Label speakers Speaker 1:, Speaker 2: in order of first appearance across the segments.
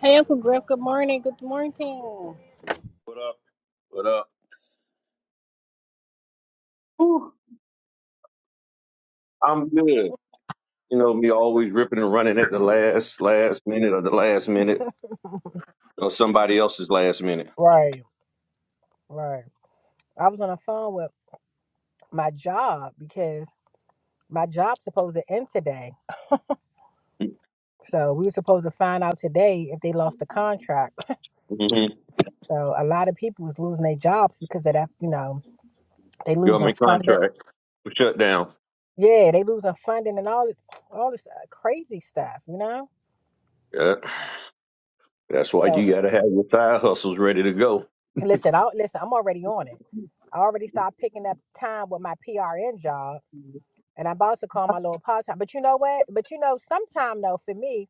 Speaker 1: Hey, Uncle Griff. Good morning. Good morning.
Speaker 2: What up? What up? Whew, I'm good. You know, me always ripping and running at the last, last minute or the last minute or somebody else's last minute.
Speaker 1: Right, right. I was on the phone with my job because my job's supposed to end today. So we were supposed to find out today if they lost the contract.
Speaker 2: hmm
Speaker 1: So a lot of people was losing their jobs because of that, you know, they losing
Speaker 2: Government
Speaker 1: funding.
Speaker 2: contract for shutdown.
Speaker 1: Yeah, they losing funding and all this all this uh, crazy stuff, you know?
Speaker 2: Yeah, that's why
Speaker 1: So
Speaker 2: you got to have your side hustles ready to go.
Speaker 1: listen, I listen, I'm already on it. I already started picking up time with my PRN job And I'm about to call my Lord part time. But you know what? But you know, sometime though, for me,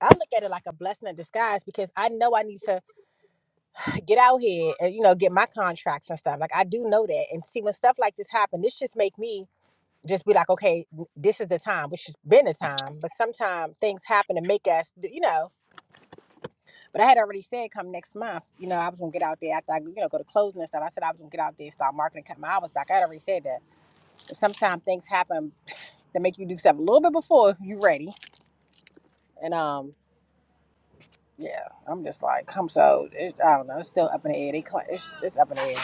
Speaker 1: I look at it like a blessing in disguise because I know I need to get out here and you know get my contracts and stuff. Like I do know that. And see, when stuff like this happen, this just make me just be like, okay, this is the time, which has been the time. But sometimes things happen to make us, you know. But I had already said come next month, you know, I was gonna get out there after I, you know, go to closing and stuff. I said I was gonna get out there, and start marketing, cut my hours back. I had already said that. But sometimes things happen to make you do something a little bit before you're ready And um, yeah, I'm just like, I'm so it, I don't know. It's still up in the air. They cla- it's, it's up in the air.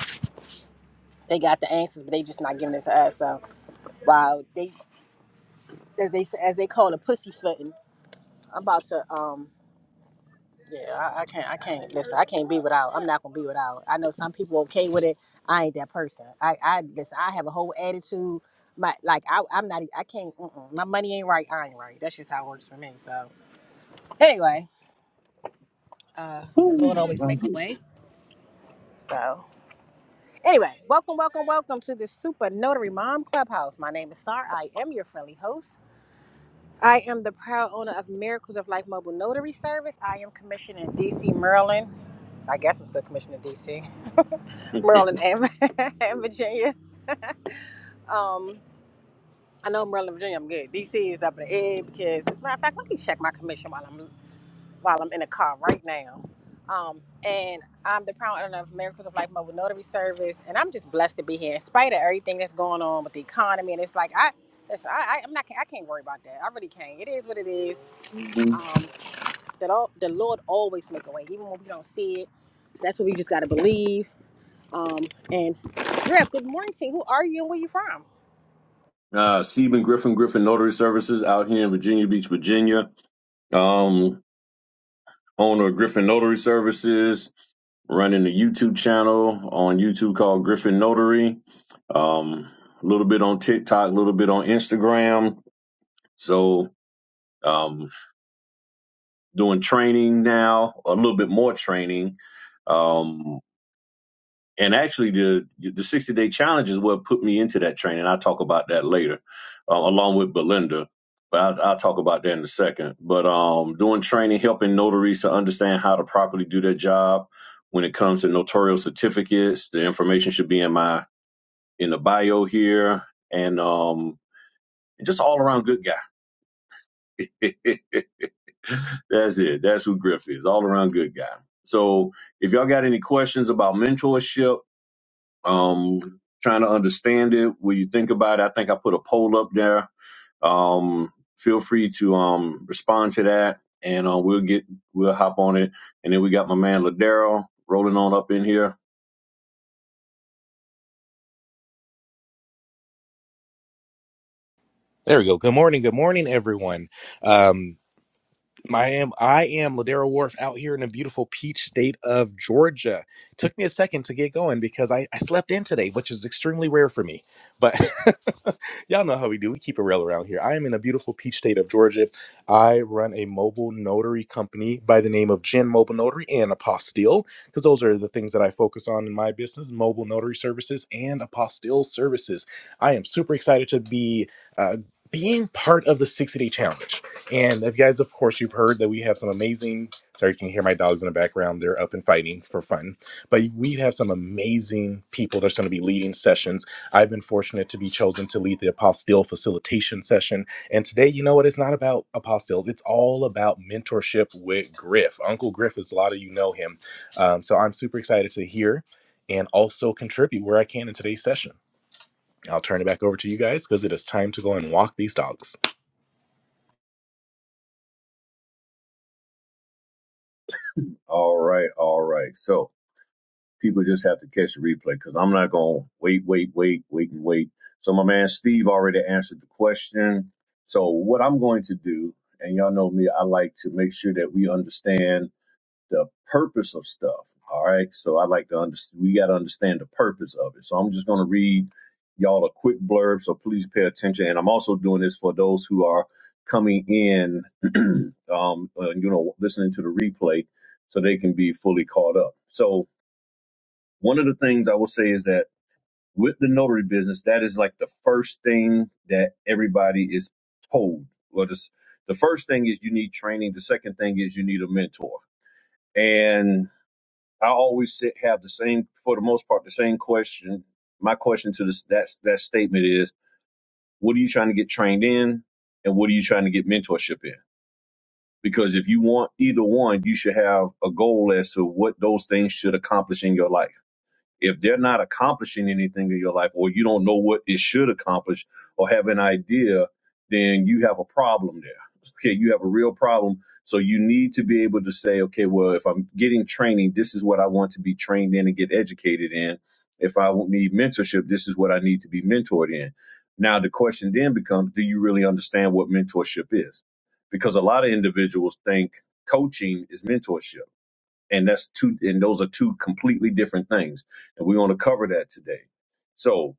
Speaker 1: They got the answers, but they just not giving it to us. So while they as they as they call it pussyfooting, I'm about to um. Yeah, I, I can't. I can't listen. I can't be without. I'm not gonna be without. I know some people okay with it. I ain't that person. I I listen. I have a whole attitude. My like I I'm not. e, I can't. Mm-mm, my money ain't right. I ain't right. That's just how it works for me. So anyway, uh, the Lord
Speaker 2: Whew,
Speaker 1: always
Speaker 2: I'm
Speaker 1: make a way. So. Anyway, welcome, welcome, welcome to the Super Notary Mom Clubhouse. My name is Star. I am your friendly host. I am the proud owner of Miracles of Life Mobile Notary Service. I am commissioned in DC, Maryland. I guess I'm still commissioned in DC,
Speaker 2: good.
Speaker 1: Maryland, and, and Virginia. Um, I know Maryland, Virginia, I'm good. DC is up in the air because, as a matter of fact, let me check my commission while I'm while I'm in the car right now. Um, and I'm the proud owner of Miracles of Life Mobile Notary Service, and I'm just blessed to be here in spite of everything that's going on with the economy. And it's like I, it's, I, I- I'm not, I can't worry about that. I really can't. It is what it is.
Speaker 2: Mhm.
Speaker 1: Um, the Lord, the Lord always make a way, even when we don't see it. So that's what we just gotta believe. Um, and Griff, good morning, team. Who are you and where you from?
Speaker 2: Uh, Stephen Griffin, Griffin Notary Services out here in Virginia Beach, Virginia. Um, owner of Griffin Notary Services, running a YouTube channel on YouTube called Griffin Notary. Um, a little bit on TikTok, a little bit on Instagram. So um, doing training now, a little bit more training. Um, and actually the the 60 day challenge is what put me into that training i'll talk about that later uh, along with belinda but I'll, I'll talk about that in a second but um doing training helping notaries to understand how to properly do their job when it comes to notarial certificates the information should be in my in the bio here and um just all around good guy that's it that's who griff is all around good guy so if y'all got any questions about mentorship um, trying to understand it. When you think about it, I think I put a poll up there. Um, feel free to um, respond to that, and uh, we'll get we'll hop on it. And then we got my man Ladero rolling on up in here.
Speaker 3: There we go. Good morning. Good morning, everyone. Um, I am I am Ladera Wharf out here in the beautiful peach state of Georgia. Took me a second to get going because I, I slept in today, which is extremely rare for me. But Y'all know how we do. We keep it real around here. I am in a beautiful peach state of Georgia. I run a mobile notary company by the name of Gen Mobile Notary and Apostille, because those are the things that I focus on in my business mobile notary services and apostille services. I am super excited to be. Uh, being part of the 60 day challenge. And if you guys, of course, you've heard that we have some amazing, sorry, you can hear my dogs in the background. They're up and fighting for fun. But we have some amazing people that's going to be leading sessions I've been fortunate to be chosen to lead the apostille facilitation session. And today, you know what? It's not about apostilles, it's all about mentorship with Griff. Uncle Griff, as a lot of you know him. Um, so I'm super excited to hear and also contribute where I can in today's session. I'll turn it back over to you guys because it is time to go and walk these dogs.
Speaker 2: All right, all right. So people just have to catch the replay because I'm not gonna wait, wait, wait, wait, and wait. So my man Steve already answered the question. So what I'm going to do, and y'all know me, I like to make sure that we understand the purpose of stuff. All right. So I like to understand, we got to understand the purpose of it. So I'm just going to read y'all a quick blurb. So please pay attention. And I'm also doing this for those who are coming in, um, uh, you know, listening to the replay so they can be fully caught up. So one of the things I will say is that with the notary business, that is like the first thing that everybody is told. Well, just the first thing is you need training. The second thing is you need a mentor. And I always sit, have the same, for the most part, the same question. My question to this that that statement is, what are you trying to get trained in, and what are you trying to get mentorship in? Because if you want either one, you should have a goal as to what those things should accomplish in your life. If they're not accomplishing anything in your life, or you don't know what it should accomplish, or have an idea, then you have a problem there. Okay, you have a real problem. So you need to be able to say, okay, well, if I'm getting training, this is what I want to be trained in and get educated in. If I need mentorship, this is what I need to be mentored in. Now, the question then becomes, do you really understand what mentorship is? Because a lot of individuals think coaching is mentorship and that's two and those are two completely different things and we want to cover that today so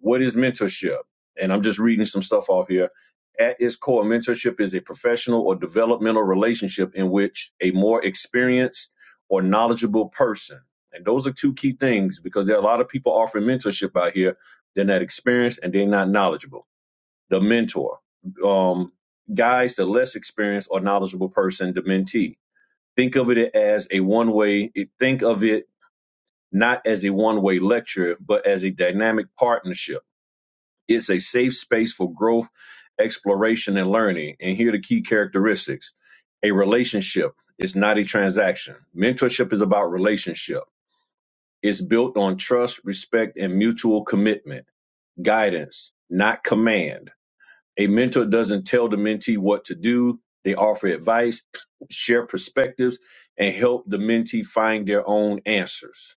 Speaker 2: what is mentorship and i'm just reading some stuff off here at its core mentorship is a professional or developmental relationship in which a more experienced or knowledgeable person and those are two key things because there are a lot of people offering mentorship out here they're not experienced and they're not knowledgeable the mentor um guys the less experienced or knowledgeable person the mentee Think of it as a one way, think of it not as a one way lecture, but as a dynamic partnership. It's a safe space for growth, exploration, and learning. And here are the key characteristics a relationship is not a transaction, mentorship is about relationship. It's built on trust, respect, and mutual commitment, guidance, not command a mentor doesn't tell the mentee what to do. They offer advice, share perspectives, and help the mentee find their own answers.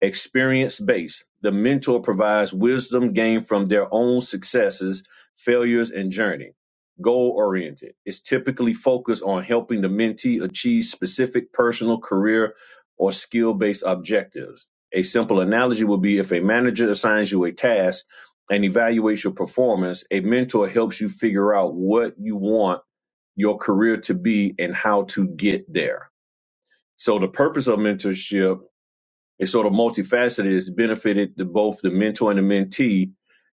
Speaker 2: Experience based. The mentor provides wisdom gained from their own successes, failures, and journey. Goal oriented. It's typically focused on helping the mentee achieve specific personal, career, or skill based objectives. A simple analogy would be if a manager assigns you a task and evaluates your performance, a mentor helps you figure out what you want your career to be and how to get there. So the purpose of mentorship it's sort of multifaceted. It's benefited to both the mentor and the mentee.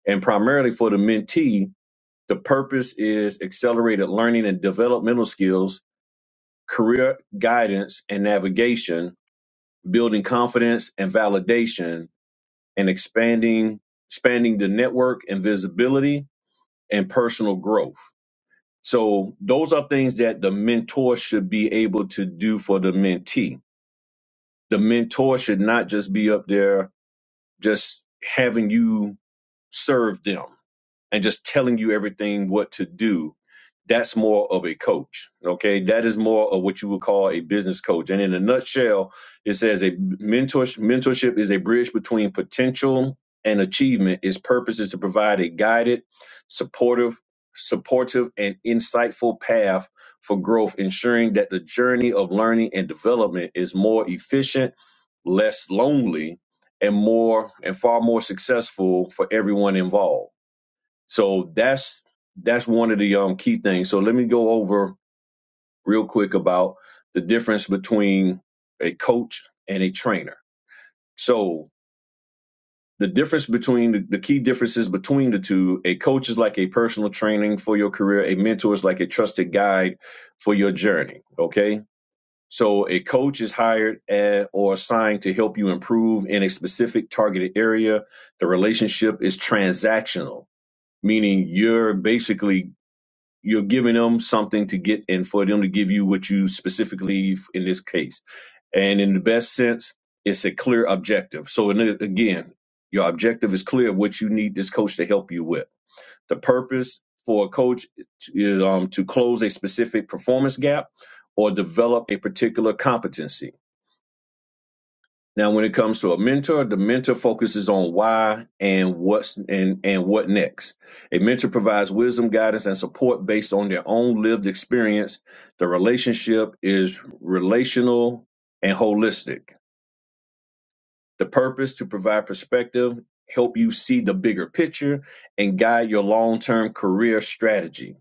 Speaker 2: And primarily for the mentee, the purpose is accelerated learning and developmental skills, career guidance and navigation, building confidence and validation, and expanding expanding the network and visibility and personal growth. So those are things that the mentor should be able to do for the mentee. The mentor should not just be up there just having you serve them and just telling you everything what to do that's more of a coach okay that is more of what you would call a business coach and in a nutshell it says a mentor mentorship is a bridge between potential and achievement its purpose is to provide a guided supportive supportive and insightful path for growth ensuring that the journey of learning and development is more efficient less lonely and more and far more successful for everyone involved so that's that's one of the um, key things. So let me go over real quick about the difference between a coach and a trainer. So the difference between the, the key differences between the two, a coach is like a personal training for your career, a mentor is like a trusted guide for your journey. Okay. So a coach is hired at, or assigned to help you improve in a specific targeted area. The relationship is transactional meaning you're basically you're giving them something to get and for them to give you what you specifically f- in this case and in the best sense it's a clear objective so in it, again your objective is clear of what you need this coach to help you with the purpose for a coach is um, to close a specific performance gap or develop a particular competency now, when it comes to a mentor, the mentor focuses on why and what's and, and what next. A mentor provides wisdom, guidance, and support based on their own lived experience. The relationship is relational and holistic. The purpose to provide perspective, help you see the bigger picture, and guide your long-term career strategy.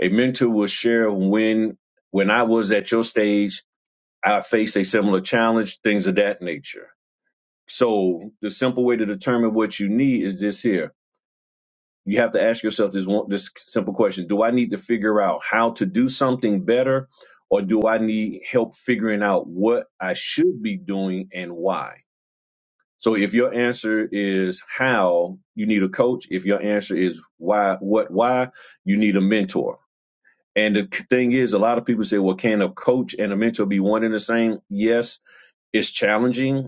Speaker 2: A mentor will share when when I was at your stage, I faced a similar challenge, things of that nature So the simple way to determine what you need is this here. You have to ask yourself this one, this simple question: Do I need to figure out how to do something better, or do I need help figuring out what I should be doing and why? So if your answer is how, you need a coach. If your answer is why, what why, you need a mentor. And the thing is, a lot of people say, well, can a coach and a mentor be one and the same? Yes, it's challenging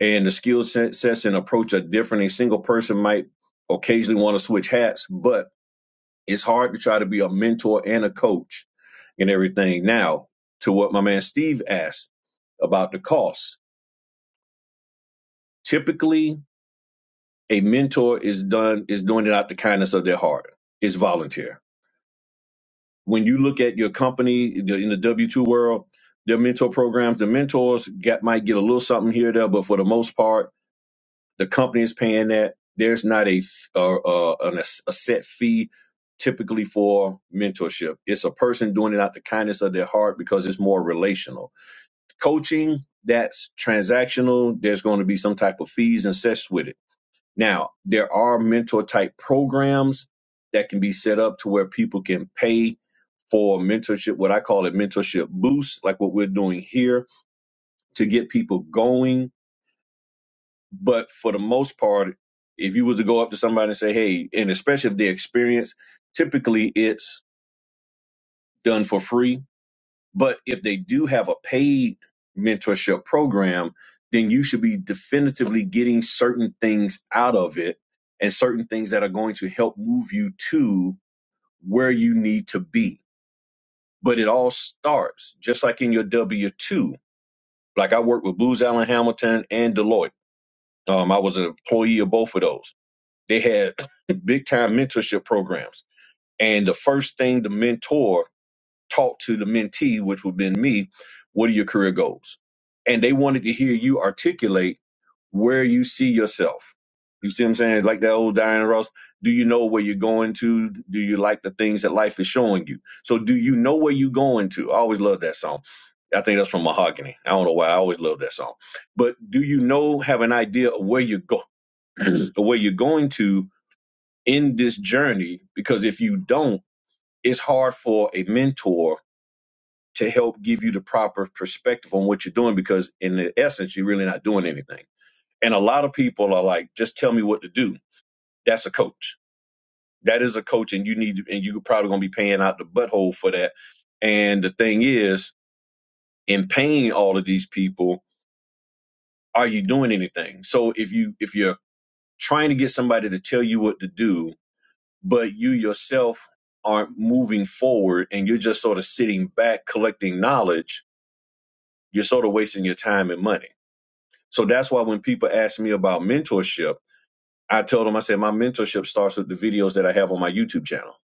Speaker 2: and the skill set- sets and approach are different. A single person might occasionally want to switch hats, but it's hard to try to be a mentor and a coach and everything. Now, to what my man Steve asked about the cost. Typically, a mentor is done is doing it out the kindness of their heart. It's volunteer. When you look at your company the- in the W two world, their mentor programs, the mentors get might get a little something here or there, but for the most part The company is paying that. There's not a f- uh, uh, an, a set fee typically for mentorship. It's a person doing it out the kindness of their heart because it's more relational. Coaching that's transactional. There's going to be some type of fees and sets with it. Now there are mentor type programs that can be set up to where people can pay for mentorship. What I call it mentorship boost, like what we're doing here, to get people going but for the most part, if you was to go up to somebody and say, "Hey," and especially if they're experienced, typically it's done for free. But if they do have a paid mentorship program, then you should be definitively getting certain things out of it and certain things that are going to help move you to where you need to be. But it all starts just like in your W 2. Like I worked with Booz Allen Hamilton and Deloitte. Um, I was an employee of both of those They had big time mentorship programs. And the first thing the mentor taught to the mentee, which would have been me, what are your career goals? And they wanted to hear you articulate where you see yourself. You see what I'm saying? Like that old Diana Ross, do you know where you're going to? Do you like the things that life is showing you? So do you know where you're going to? I always love that song. I think that's from Mahogany. I don't know why I always love that song. But do you know have an idea of where you go where you're going to in this journey because if you don't, it's hard for a mentor to help give you the proper perspective on what you're doing because in the essence you're really not doing anything. And a lot of people are like, just tell me what to do. That's a coach. That is a coach and you need and you're probably gonna be paying out the butthole for that. And the thing is, in paying all of these people, are you doing anything? So if you if you're trying to get somebody to tell you what to do, but you yourself aren't moving forward and you're just sort of sitting back collecting knowledge, you're sort of wasting your time and money. So that's why when people ask me about mentorship, I tell them, I said, my mentorship starts with the videos that I have on my YouTube channel.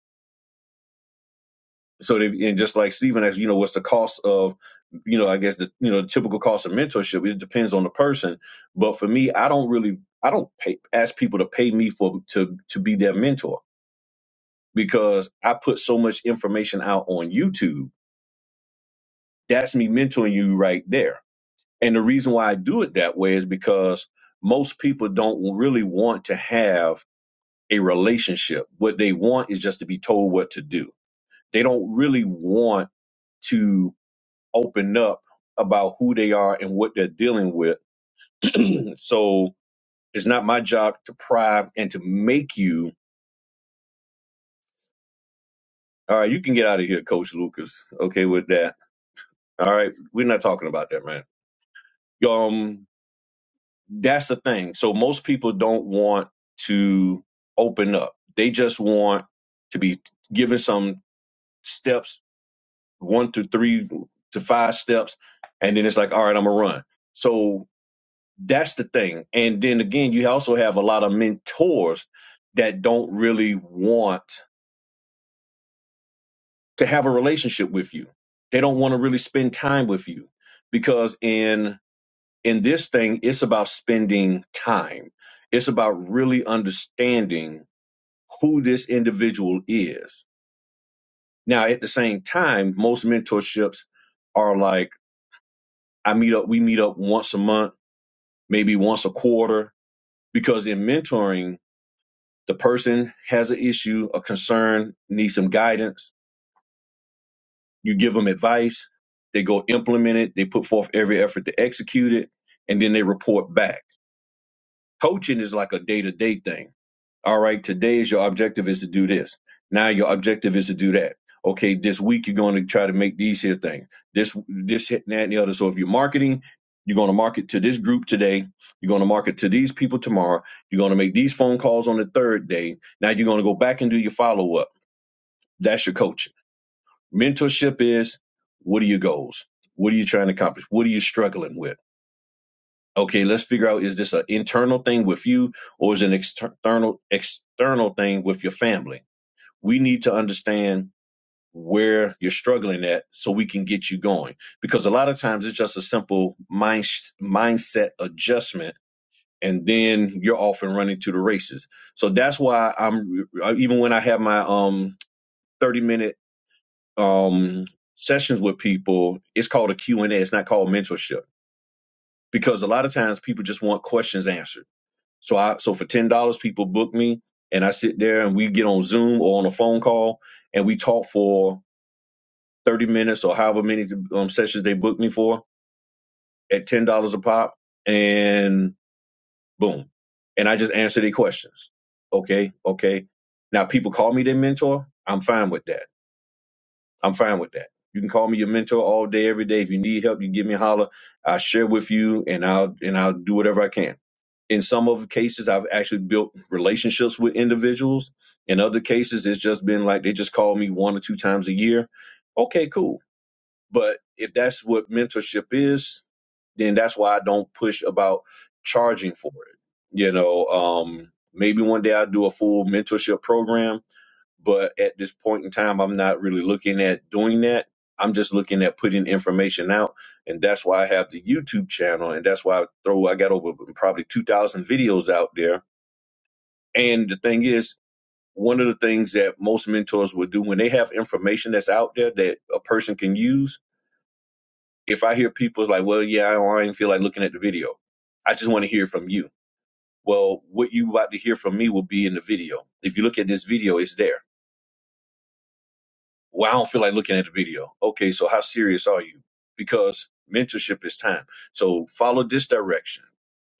Speaker 2: So, they, and just like Stephen asked, you know, what's the cost of, you know, I guess the, you know, the typical cost of mentorship, it depends on the person. But for me, I don't really, I don't pay, ask people to pay me for, to, to be their mentor because I put so much information out on YouTube That's me mentoring you right there. And the reason why I do it that way is because most people don't really want to have a relationship. What they want is just to be told what to do. They don't really want to open up about who they are and what they're dealing with. So it's not my job to pry and to make you. All right, you can get out of here, Coach Lucas. Okay, with that. All right, we're not talking about that, man. Um, that's the thing. So most people don't want to open up. They just want to be given some steps, one to three to five steps, and then it's like, all right, I'm gonna run. So that's the thing. And then again, you also have a lot of mentors that don't really want to have a relationship with you. They don't want to really spend time with you because in in this thing, it's about spending time. It's about really understanding who this individual is. Now, at the same time, most mentorships are like I meet up, we meet up once a month, maybe once a quarter, because in mentoring, the person has an issue, a concern, needs some guidance. You give them advice, they go implement it, they put forth every effort to execute it, and then they report back. Coaching is like a day to day thing All right, today is your objective is to do this. Now your objective is to do that. Okay, this week you're going to try to make these here things. This, this, hit, and that, and the other. So if you're marketing, you're going to market to this group today. You're going to market to these people tomorrow. You're going to make these phone calls on the third day. Now you're going to go back and do your follow up. That's your coaching. Mentorship is what are your goals? What are you trying to accomplish? What are you struggling with? Okay, let's figure out is this an internal thing with you or is it an external external thing with your family? we need to understand where you're struggling at so we can get you going because a lot of times it's just a simple mind mindset adjustment and then you're off and running to the races so that's why i'm even when i have my um 30 minute um sessions with people it's called a q&a it's not called mentorship because a lot of times people just want questions answered so i so for $10 people book me and i sit there and we get on zoom or on a phone call and we talk for 30 minutes or however many um, sessions they booked me for at $10 a pop and boom. And I just answer their questions. Okay. Okay. Now people call me their mentor. I'm fine with that. I'm fine with that. You can call me your mentor all day, every day. If you need help, you give me a holler. I share with you and I'll, and I'll do whatever I can. In some of the cases, I've actually built relationships with individuals. In other cases, it's just been like they just call me one or two times a year. Okay, cool But if that's what mentorship is, then that's why I don't push about charging for it. You know, um, maybe one day I'll do a full mentorship program, but at this point in time, I'm not really looking at doing that. I'm just looking at putting information out, and that's why I have the YouTube channel, and that's why I throw I got over probably 2,000 videos out there. And the thing is, one of the things that most mentors will do when they have information that's out there that a person can use if I hear people's like, well, yeah, I don't I did feel like looking at the video. I just want to hear from you. Well, what you about to hear from me will be in the video. If you look at this video, it's there. Well, I don't feel like looking at the video. Okay, so how serious are you? Because mentorship is time. So follow this direction.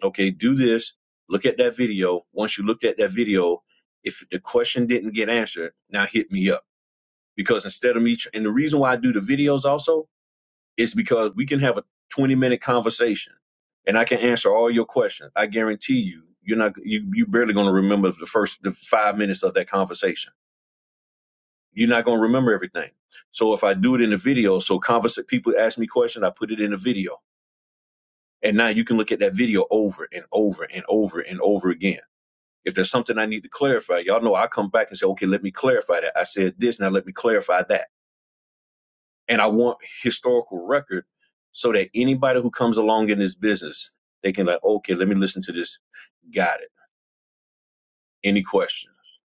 Speaker 2: Okay, do this. Look at that video. Once you looked at that video, if the question didn't get answered, now hit me up. Because instead of me, tr- and the reason why I do the videos also It's because we can have a 20 minute conversation and I can answer all your questions. I guarantee you, you're not, you, you barely going to remember the first the five minutes of that conversation. You're not going to remember everything. So if I do it in a video, so converse, people ask me questions, I put it in a video. And now you can look at that video over and over and over and over again. If there's something I need to clarify, y'all know I come back and say, okay, let me clarify that. I said this, now let me clarify that and I want historical record so that anybody who comes along in this business, they can like, okay, let me listen to this. Got it. Any questions?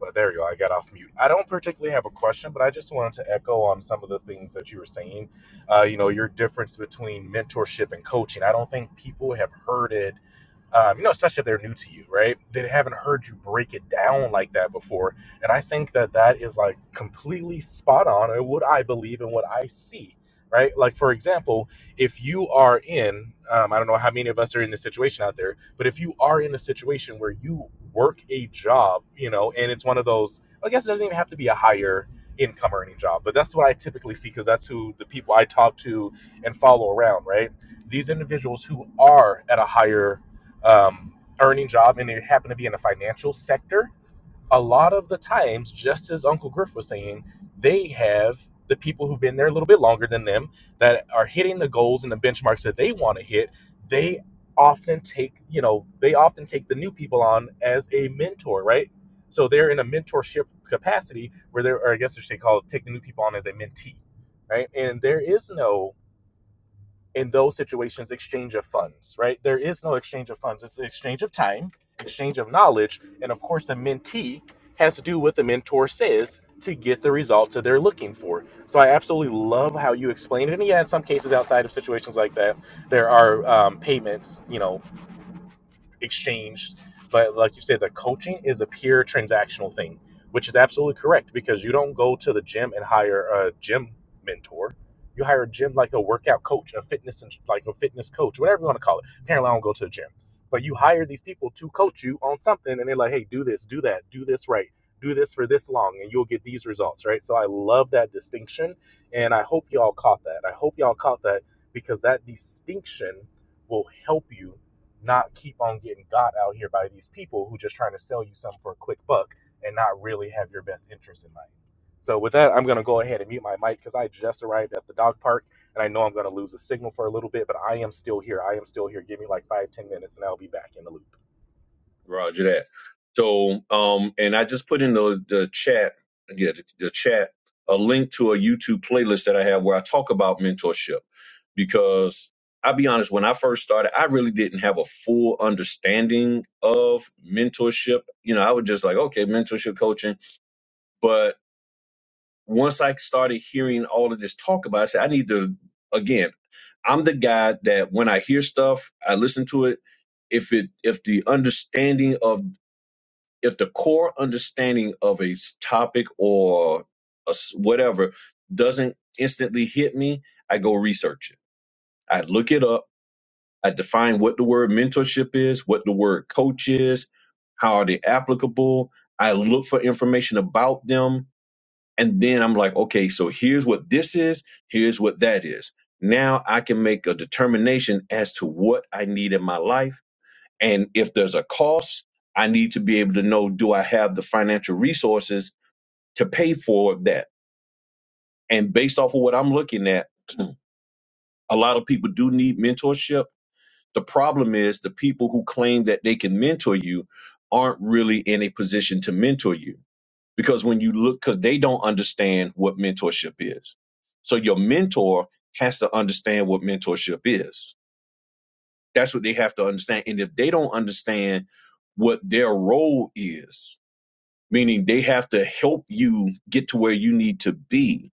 Speaker 3: But there you go. I got off mute. I don't particularly have a question, but I just wanted to echo on some of the things that you were saying. Uh, you know, your difference between mentorship and coaching. I don't think people have heard it um, you know, especially if they're new to you, right? They haven't heard you break it down like that before. And I think that that is like completely spot on in what I believe and what I see, right? Like, for example, if you are in, um, I don't know how many of us are in this situation out there, but if you are in a situation where you work a job, you know, and it's one of those, I guess it doesn't even have to be a higher income earning job, but that's what I typically see because that's who the people I talk to and follow around, right? These individuals who are at a higher um, earning job and they happen to be in the financial sector, a lot of the times, just as Uncle Griff was saying, they have the people who've been there a little bit longer than them that are hitting the goals and the benchmarks that they want to hit. They often take, you know, they often take the new people on as a mentor, right? So they're in a mentorship capacity where they're, or I guess I should call it, take the new people on as a mentee, right? And there is no in those situations exchange of funds right there is no exchange of funds it's an exchange of time exchange of knowledge and of course the mentee has to do what the mentor says to get the results that they're looking for so i absolutely love how you explain it and yeah in some cases outside of situations like that there are um, payments you know exchanged. But like you said, the coaching is a pure transactional thing, which is absolutely correct because you don't go to the gym and hire a gym mentor. You hire a gym like a workout coach, a fitness and like a fitness coach, whatever you want to call it. Apparently, I don't go to the gym, but you hire these people to coach you on something, and they're like, "Hey, do this, do that, do this right, do this for this long, and you'll get these results." Right. So I love that distinction, and I hope y'all caught that. I hope y'all caught that because that distinction will help you not keep on getting got out here by these people who just trying to sell you something for a quick buck and not really have your best interest in mind. So with that, I'm gonna go ahead and mute my mic because I just arrived at the dog park and I know I'm gonna lose a signal for a little bit, but I am still here. I am still here. Give me like five, ten minutes and I'll be back in the loop.
Speaker 2: Roger that. So, um, and I just put in the the chat, yeah, the, the chat, a link to a YouTube playlist that I have where I talk about mentorship because I'll be honest, when I first started, I really didn't have a full understanding of mentorship. You know, I was just like, okay, mentorship coaching, but once I started hearing all of this talk about, it, I said, I need to, again, I'm the guy that when I hear stuff, I listen to it. If it, if the understanding of, if the core understanding of a s- topic or a s whatever doesn't instantly hit me, I go research it. I look it up. I define what the word mentorship is, what the word coach is, how are they applicable. I look for information about them and then I'm like, okay, so here's what this is, here's what that is. Now I can make a determination as to what I need in my life. And if there's a cost, I need to be able to know do I have the financial resources to pay for that? And based off of what I'm looking at, a lot of people do need mentorship. The problem is the people who claim that they can mentor you aren't really in a position to mentor you because when you look because they don't understand what mentorship is so your mentor has to understand what mentorship is that's what they have to understand and if they don't understand what their role is meaning they have to help you get to where you need to be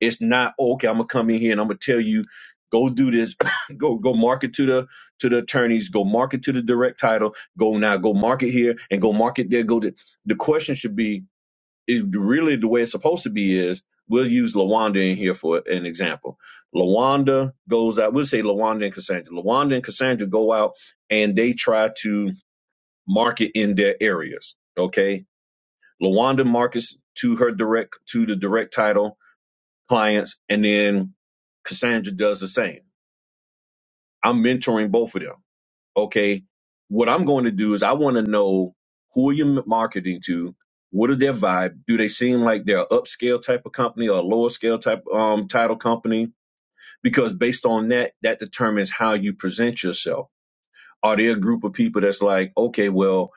Speaker 2: it's not "Oh, okay i'm gonna come in here and i'm gonna tell you go do this go go market to the to the attorneys go market to the direct title go now go market here and go market there go to the question should be it really the way it's supposed to be is we'll use Lawanda in here for an example. Lawanda goes out, we'll say Lawanda and Cassandra. Lawanda and Cassandra go out and they try to market in their areas. Okay. Lawanda markets to her direct to the direct title clients, and then Cassandra does the same. I'm mentoring both of them. okay, what I'm going to do is I want to know who are you marketing to? What is their vibe? Do they seem like they're an upscale type of company or a lower scale type um, title company? Because based on that, that determines how you present yourself. Are there a group of people that's like, okay, well,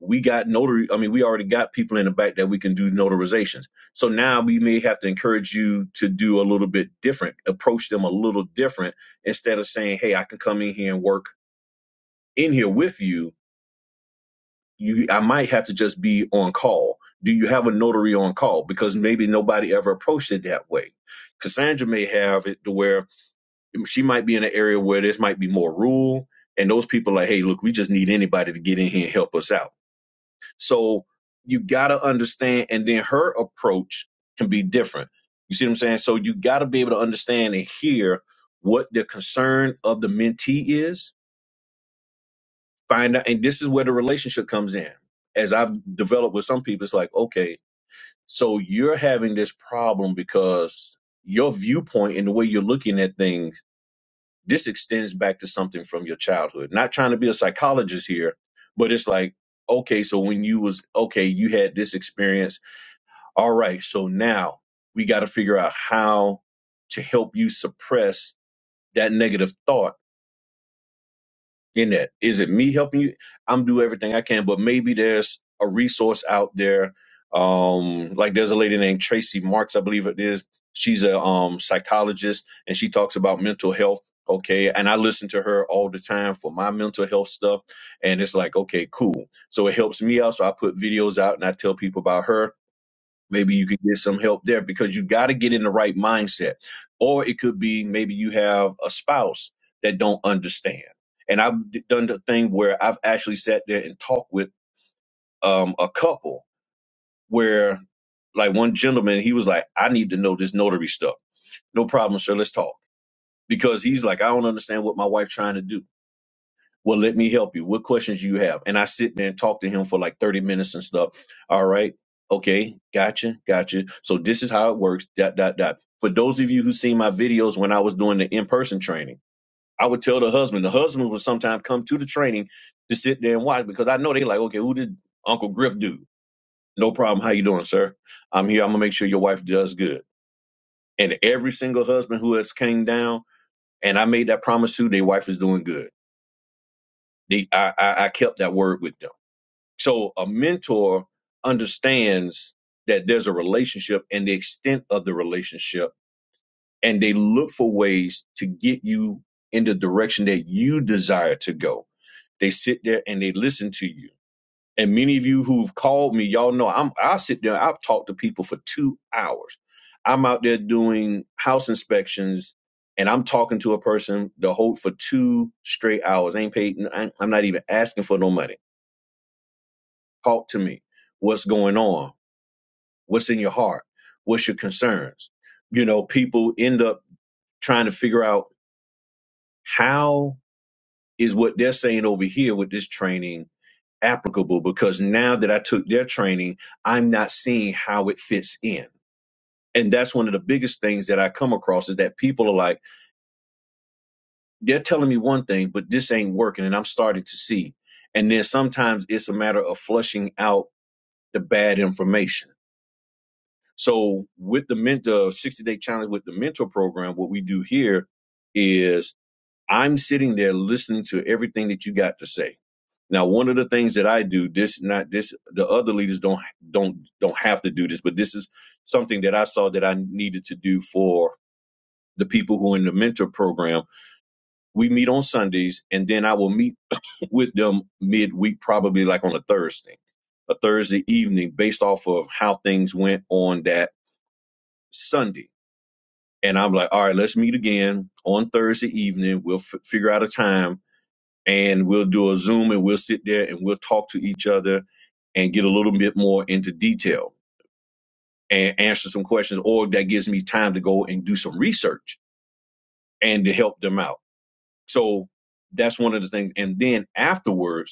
Speaker 2: we got notary. I mean, we already got people in the back that we can do notarizations. So now we may have to encourage you to do a little bit different, approach them a little different instead of saying, hey, I can come in here and work in here with you you I might have to just be on call. Do you have a notary on call? Because maybe nobody ever approached it that way. Cassandra may have it to where she might be in an area where this might be more rural, and those people are like, hey, look, we just need anybody to get in here and help us out. So you gotta understand, and then her approach can be different. You see what I'm saying? So you gotta be able to understand and hear what the concern of the mentee is find out and this is where the relationship comes in as i've developed with some people it's like okay so you're having this problem because your viewpoint and the way you're looking at things this extends back to something from your childhood not trying to be a psychologist here but it's like okay so when you was okay you had this experience all right so now we got to figure out how to help you suppress that negative thought in that. Is it me helping you? I'm do everything I can, but maybe there's a resource out there. Um, like there's a lady named Tracy Marks, I believe it is. She's a um psychologist and she talks about mental health. Okay. And I listen to her all the time for my mental health stuff. And it's like, okay, cool. So it helps me out. So I put videos out and I tell people about her maybe you could get some help there because you got to get in the right mindset or it could be maybe you have a spouse that don't understand and i've d- done the thing where i've actually sat there and talked with um, a couple where like one gentleman he was like i need to know this notary stuff no problem sir let's talk because he's like i don't understand what my wife trying to do well, let me help you. What questions you have? And I sit there and talk to him for like 30 minutes and stuff. All right. Okay. Gotcha. Gotcha. So this is how it works. Dot, dot, dot. For those of you who seen my videos when I was doing the in-person training, I would tell the husband, the husbands would sometimes come to the training to sit there and watch because I know they like, okay, who did Uncle Griff do? No problem. How you doing, sir? I'm here. I'm gonna make sure your wife does good. And every single husband who has came down and I made that promise to, their wife is doing good. They, I, I, I kept that word with them So a mentor understands that there's a relationship and the extent of the relationship, and they look for ways to get you in the direction that you desire to go. They sit there and they listen to you. And many of you who've called me, y'all know I'm I sit there, I've talked to people for two hours. I'm out there doing house inspections and I'm talking to a person the whole for two straight hours. I ain't paid I'm not even asking for no money. Talk to me. What's going on? What's in your heart? What's your concerns? You know, people end up trying to figure out how is what they're saying over here with this training applicable because now that I took their training, I'm not seeing how it fits in. And that's one of the biggest things that I come across is that people are like, they're telling me one thing, but this ain't working. And I'm starting to see. And then sometimes it's a matter of flushing out the bad information So with the mentor 60 day challenge with the mentor program, what we do here is I'm sitting there listening to everything that you got to say. Now, one of the things that I do, this not this the other leaders don't don't don't have to do this, but this is something that I saw that I needed to do for the people who are in the mentor program. We meet on Sundays and then I will meet with them midweek, probably like on a Thursday, a Thursday evening, based off of how things went on that Sunday And I'm like, all right, let's meet again on Thursday evening. We'll f- figure out a time and we'll do a Zoom and we'll sit there and we'll talk to each other and get a little bit more into detail and answer some questions. Or that gives me time to go and do some research and to help them out. So that's one of the things. And then afterwards,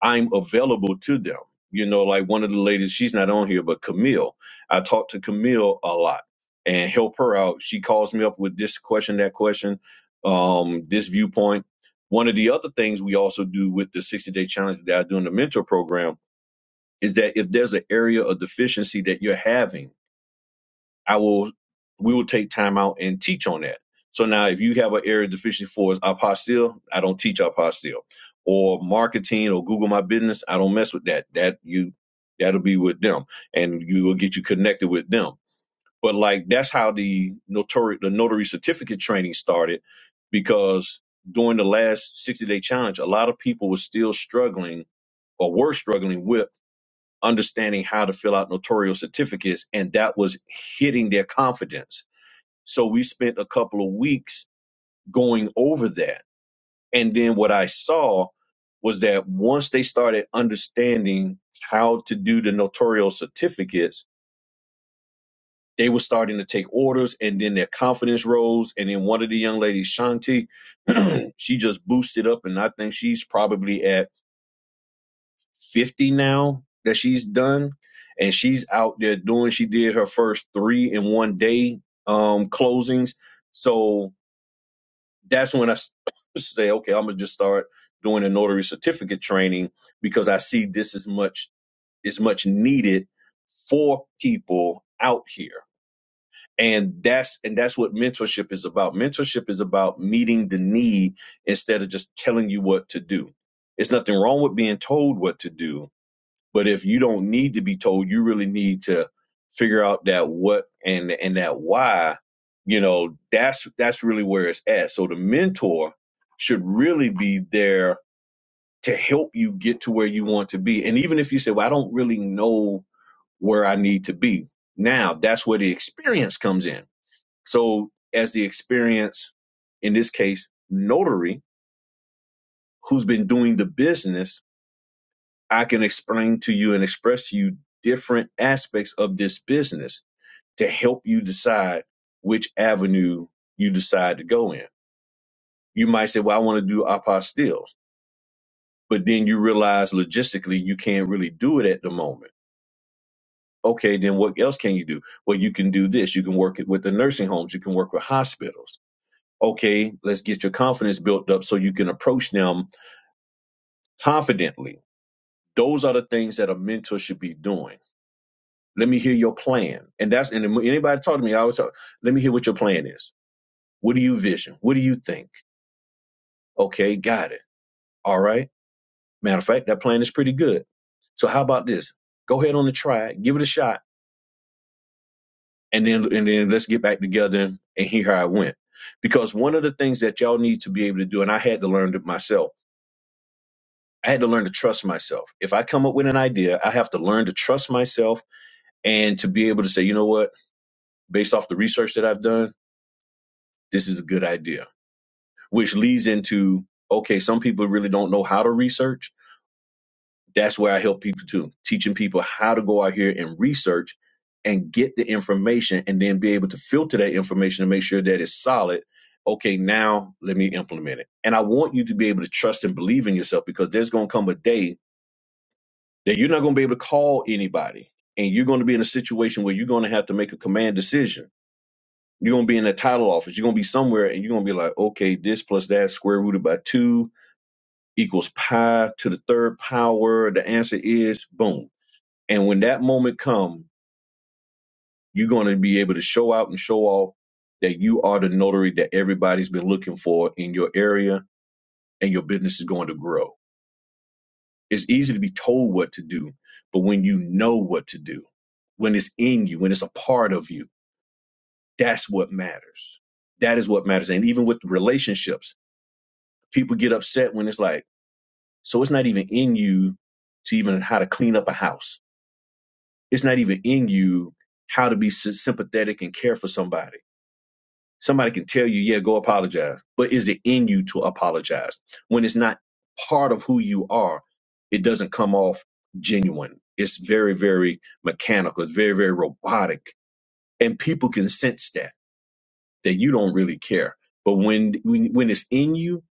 Speaker 2: I'm available to them. You know, like one of the ladies, she's not on here, but Camille. I talk to Camille a lot and help her out. She calls me up with this question, that question, um, this viewpoint. One of the other things we also do with the 60 day challenge that I do in the mentor program is that if there's an area of deficiency that you're having, I will we will take time out and teach on that. So now if you have an area of deficiency for apostille, I don't teach apostille. Or marketing or Google My Business, I don't mess with that. That you that'll be with them and you will get you connected with them. But like that's how the notary the notary certificate training started because during the last 60 day challenge, a lot of people were still struggling or were struggling with understanding how to fill out notarial certificates and that was hitting their confidence so we spent a couple of weeks going over that. And then what I saw was that once they started understanding how to do the notarial certificates, they were starting to take orders and then their confidence rose. And then one of the young ladies, Shanti, she just boosted up. And I think she's probably at 50 now that she's done. And she's out there doing, she did her first three in one day um, closings. So that's when I say, okay, I'm gonna just start doing a notary certificate training because I see this is much is much needed for people out here. And that's and that's what mentorship is about. Mentorship is about meeting the need instead of just telling you what to do. It's nothing wrong with being told what to do, but if you don't need to be told, you really need to figure out that what and and that why, you know, that's that's really where it's at. So the mentor should really be there to help you get to where you want to be. And even if you say, Well, I don't really know where I need to be, now that's where the experience comes in. So as the experience, in this case, notary, who's been doing the business I can explain to you and express to you different aspects of this business to help you decide which avenue you decide to go in. You might say, Well, I want to do apostilles, but then you realize logistically you can't really do it at the moment. Okay, then what else can you do? Well, you can do this. You can work it with the nursing homes, you can work with hospitals. Okay, let's get your confidence built up so you can approach them confidently. Those are the things that a mentor should be doing Let me hear your plan. And that's and anybody talk to me, I always talk, let me hear what your plan is. What do you vision? What do you think? Okay, got it. All right. Matter of fact, that plan is pretty good. So how about this? Go ahead on the try, give it a shot, and then and then let's get back together and hear how it went. Because one of the things that y'all need to be able to do, and I had to learn it myself. I had to learn to trust myself. If I come up with an idea, I have to learn to trust myself and to be able to say, you know what, based off the research that I've done, this is a good idea which leads into okay, some people really don't know how to research. That's where I help people too, teaching people how to go out here and research and get the information and then be able to filter that information to make sure that it's solid. Okay, now let me implement it. And I want you to be able to trust and believe in yourself because there's going to come a day that you're not going to be able to call anybody and you're going to be in a situation where you're going to have to make a command decision. You're going to be in a title office. You're going to be somewhere and you're going to be like, okay, this plus that square rooted by two equals pi to the third power. The answer is boom. And when that moment comes, you're going to be able to show out and show off that you are the notary that everybody's been looking for in your area and your business is going to grow. It's easy to be told what to do, but when you know what to do, when it's in you, when it's a part of you, that's what matters. That is what matters. And even with relationships, people get upset when it's like, so it's not even in you to even how to clean up a house it's not even in you how to be sy- sympathetic and care for somebody. Somebody can tell you, yeah, go apologize, but is it in you to apologize? When it's not part of who you are, it doesn't come off genuine. It's very, very mechanical. It's very, very robotic. And people can sense that, that you don't really care. But when, when, when it's in you,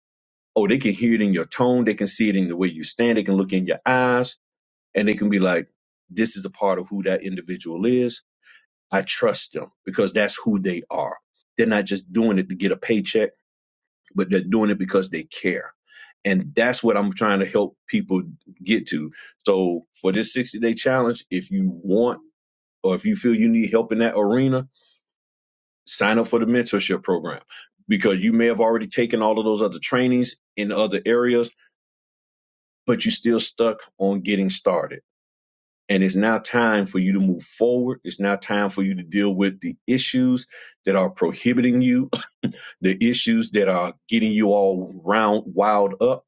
Speaker 2: oh, they can hear it in your tone. They can see it in the way you stand. They can look in your eyes and they can be like, this is a part of who that individual is I trust them because that's who they are. They're not just doing it to get a paycheck, but they're doing it because they care. And that's what I'm trying to help people get to. So for this 60 day challenge, if you want or if you feel you need help in that arena, sign up for the mentorship program because you may have already taken all of those other trainings in other areas, but you're still stuck on getting started. And it's now time for you to move forward. It's now time for you to deal with the issues that are prohibiting you the issues that are getting you all round wild up,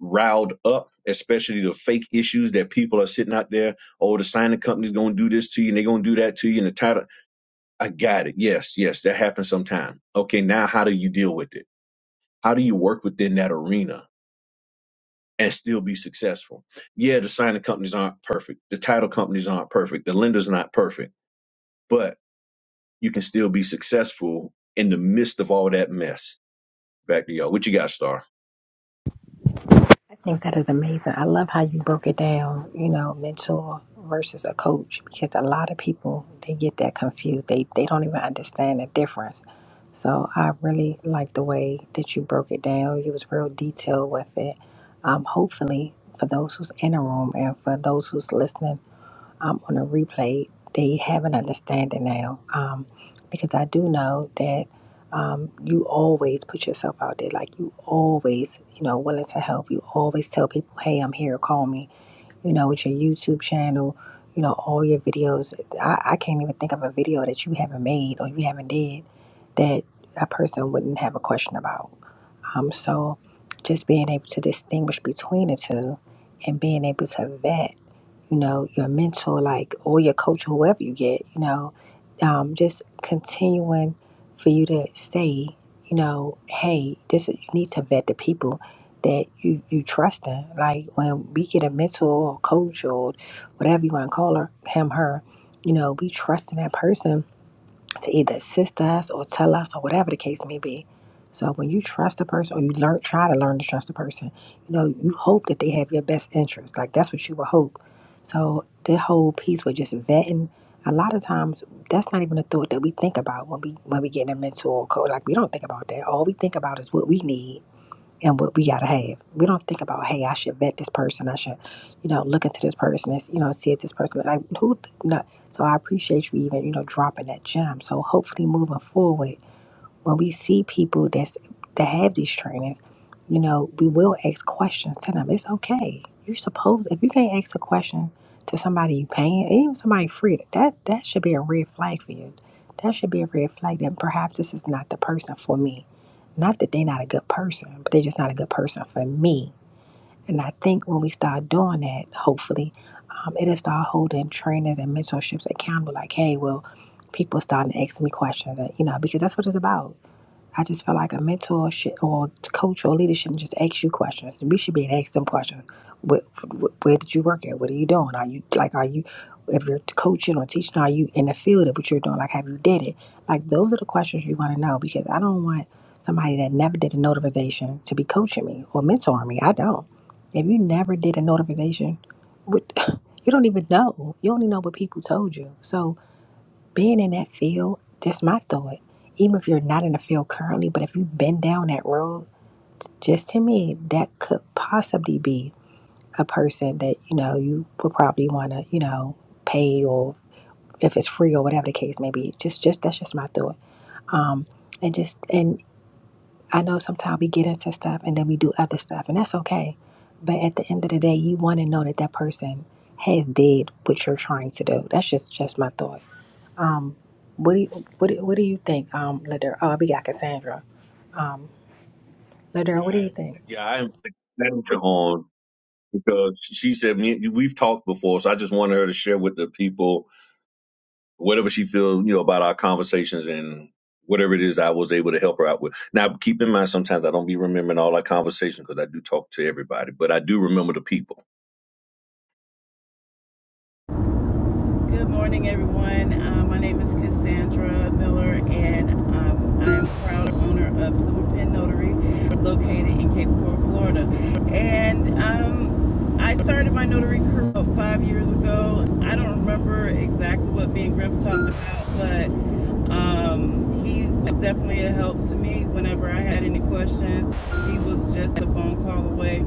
Speaker 2: riled up, especially the fake issues that people are sitting out there. Oh, the signing company's gonna do this to you and they're gonna do that to you and the title. I got it. Yes, yes, that happens sometime. Okay, now how do you deal with it? How do you work within that arena and still be successful? Yeah, the signing companies aren't perfect, the title companies aren't perfect, the lender's not perfect, but you can still be successful in the midst of all that mess. Back to y'all. What you got, Star?
Speaker 1: I think that is amazing. I love how you broke it down, you know, mentor versus a coach, because a lot of people, they get that confused. They, they don't even understand the difference. So I really like the way that you broke it down. You was real detailed with it. Um, hopefully, for those who's in the room and for those who's listening, um, on a replay, they have an understanding now. Um, because I do know that um, you always put yourself out there, like you always, you know, willing to help. You always tell people, "Hey, I'm here. Call me." You know, with your YouTube channel, you know, all your videos. I, I can't even think of a video that you haven't made or you haven't did that a person wouldn't have a question about. Um, so just being able to distinguish between the two and being able to vet you know, your mentor, like, or your coach, or whoever you get, you know, um, just continuing for you to say, you know, hey, this is, you need to vet the people that you, you trust in. Like, when we get a mentor or coach or whatever you want to call her, him, her, you know, we trust in that person to either assist us or tell us or whatever the case may be. So when you trust a person or you learn try to learn to trust a person, you know, you hope that they have your best interest. Like that's what you would hope. So the whole piece with just vetting, a lot of times that's not even a thought that we think about when we when we get in a mentor or coach. Like we don't think about that. All we think about is what we need and what we gotta have. We don't think about, hey, I should vet this person. I should, you know, look into this person and you know, see if this person like who. No. So I appreciate you even you know dropping that gem. So hopefully moving forward, when we see people that's that have these trainings, you know, we will ask questions to them. It's okay. You're supposed if you can't ask a question to somebody you paying, and even somebody free, that that should be a red flag for you. That should be a red flag that perhaps this is not the person for me not that they're not a good person, but they're just not a good person for me. And I think when we start doing that, hopefully, um, it'll start holding trainers and mentorships accountable. Like, hey, well, people starting to ask me questions, and you know, because that's what it's about I just feel like a mentor should, or coach or leader shouldn't just ask you questions. We should be asking them questions. Where, where did you work at? What are you doing? Are you like, are you, if you're coaching or teaching, are you in the field of what you're doing? Like, have you did it? Like, those are the questions you want to know because I don't want somebody that never did a notarization to be coaching me or mentoring me. I don't. If you never did a notarization, what, you don't even know. You only know what people told you. So, being in that field, just my thought, even if you're not in the field currently, but if you've been down that road, just to me, that could possibly be a person that, you know, you would probably want to, you know, pay or if it's free or whatever the case may be. Just, just, that's just my thought. Um, and just, and I know sometimes we get into stuff and then we do other stuff and that's okay. But at the end of the day, you want to know that that person has did what you're trying to do. That's just, just my thought. Um, what do you what do, what do you think, um, Ladera? Oh, we got Cassandra. Um, Ladera, what do you think?
Speaker 2: Yeah, I am that to on because she said me we've talked before, so I just wanted her to share with the people whatever she feels, you know, about our conversations and whatever it is I was able to help her out with. Now, keep in mind, sometimes I don't be remembering all our conversations because I do talk to everybody, but I do remember the people.
Speaker 4: Good morning, everyone. Uh, my name is Cassandra Miller, and um, I am proud owner of Silver Notary, located in Cape Coral, Florida. And um, I started my notary career about five years ago. I don't remember exactly what Ben and Griff talked about, but um, he was definitely a help to me whenever I had any questions. He was just a phone call away.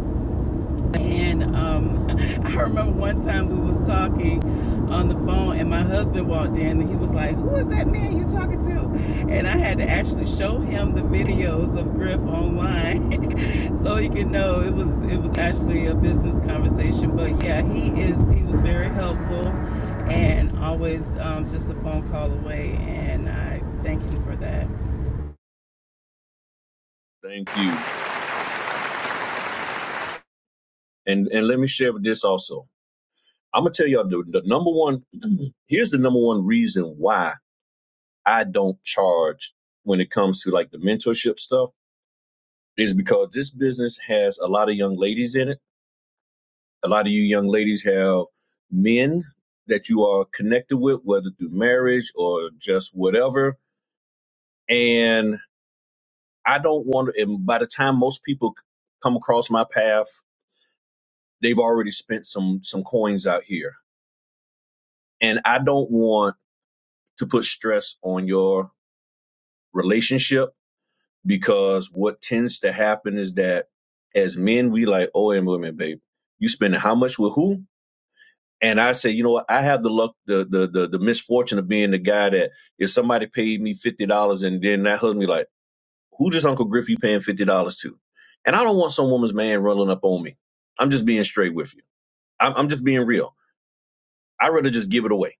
Speaker 4: And um, I remember one time we was talking on the phone, and my husband walked in, and he was like, "Who is that man you talking to?" And I had to actually show him the videos of Griff online, so he could know it was it was actually a business conversation. But yeah, he is he was very helpful, and always um, just a phone call away. And I thank him for that.
Speaker 2: Thank you, and and let me share with this also. I'm gonna tell y'all the, the number one. Here's the number one reason why I don't charge when it comes to like the mentorship stuff is because this business has a lot of young ladies in it. A lot of you young ladies have men that you are connected with, whether through marriage or just whatever. And I don't want to, and by the time most people come across my path, they've already spent some, some coins out here. And I don't want to put stress on your relationship because what tends to happen is that as men, we like, oh, and women, babe, you spending how much with who? And I said, you know what? I have the luck, the the the, the misfortune of being the guy that if somebody paid me fifty dollars and then that husband be like, who does Uncle Griff you paying fifty dollars to? And I don't want some woman's man running up on me. I'm just being straight with you. I'm, I'm just being real. I'd rather just give it away.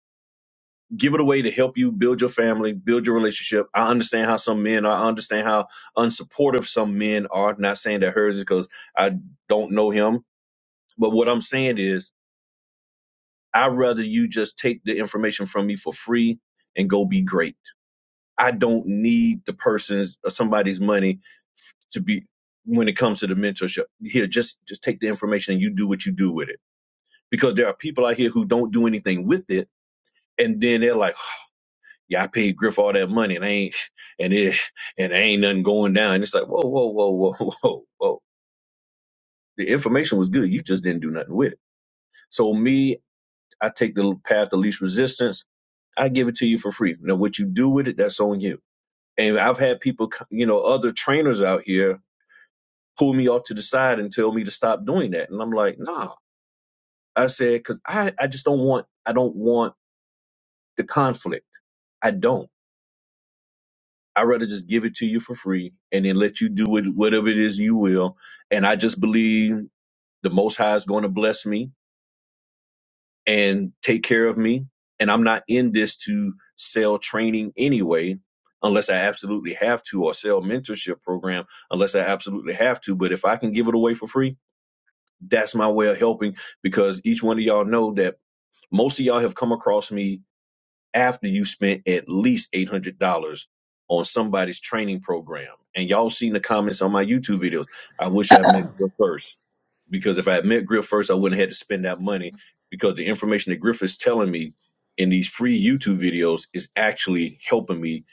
Speaker 2: Give it away to help you build your family, build your relationship. I understand how some men are. I understand how unsupportive some men are. Not saying that hers is because I don't know him. But what I'm saying is I'd rather you just take the information from me for free and go be great. I don't need the person's or somebody's money to be when it comes to the mentorship. Here, just just take the information and you do what you do with it. Because there are people out here who don't do anything with it. And then they're like, "Huh, yeah, I paid Griff all that money and I ain't and it and there ain't nothing going down. And it's like, whoa, whoa, whoa, whoa, whoa, whoa. The information was good. You just didn't do nothing with it. So me, I take the path of least resistance I give it to you for free. Now, what you do with it, that's on you. And I've had people, you know, other trainers out here pull me off to the side and tell me to stop doing that. And I'm like, nah. I said, because I, I just don't want, I don't want the conflict. I don't. I'd rather just give it to you for free and then let you do it, whatever it is you will. And I just believe the Most High is going to bless me and take care of me. And I'm not in this to sell training anyway, unless I absolutely have to, or sell mentorship program unless I absolutely have to. But if I can give it away for free, that's my way of helping because each one of y'all know that most of y'all have come across me after you spent at least $800 on somebody's training program. And y'all seen the comments on my YouTube videos. I wish I met Griff first because if I had met Griff first, I wouldn't have had to spend that money because the information that Griff is telling me in these free YouTube videos is actually helping me,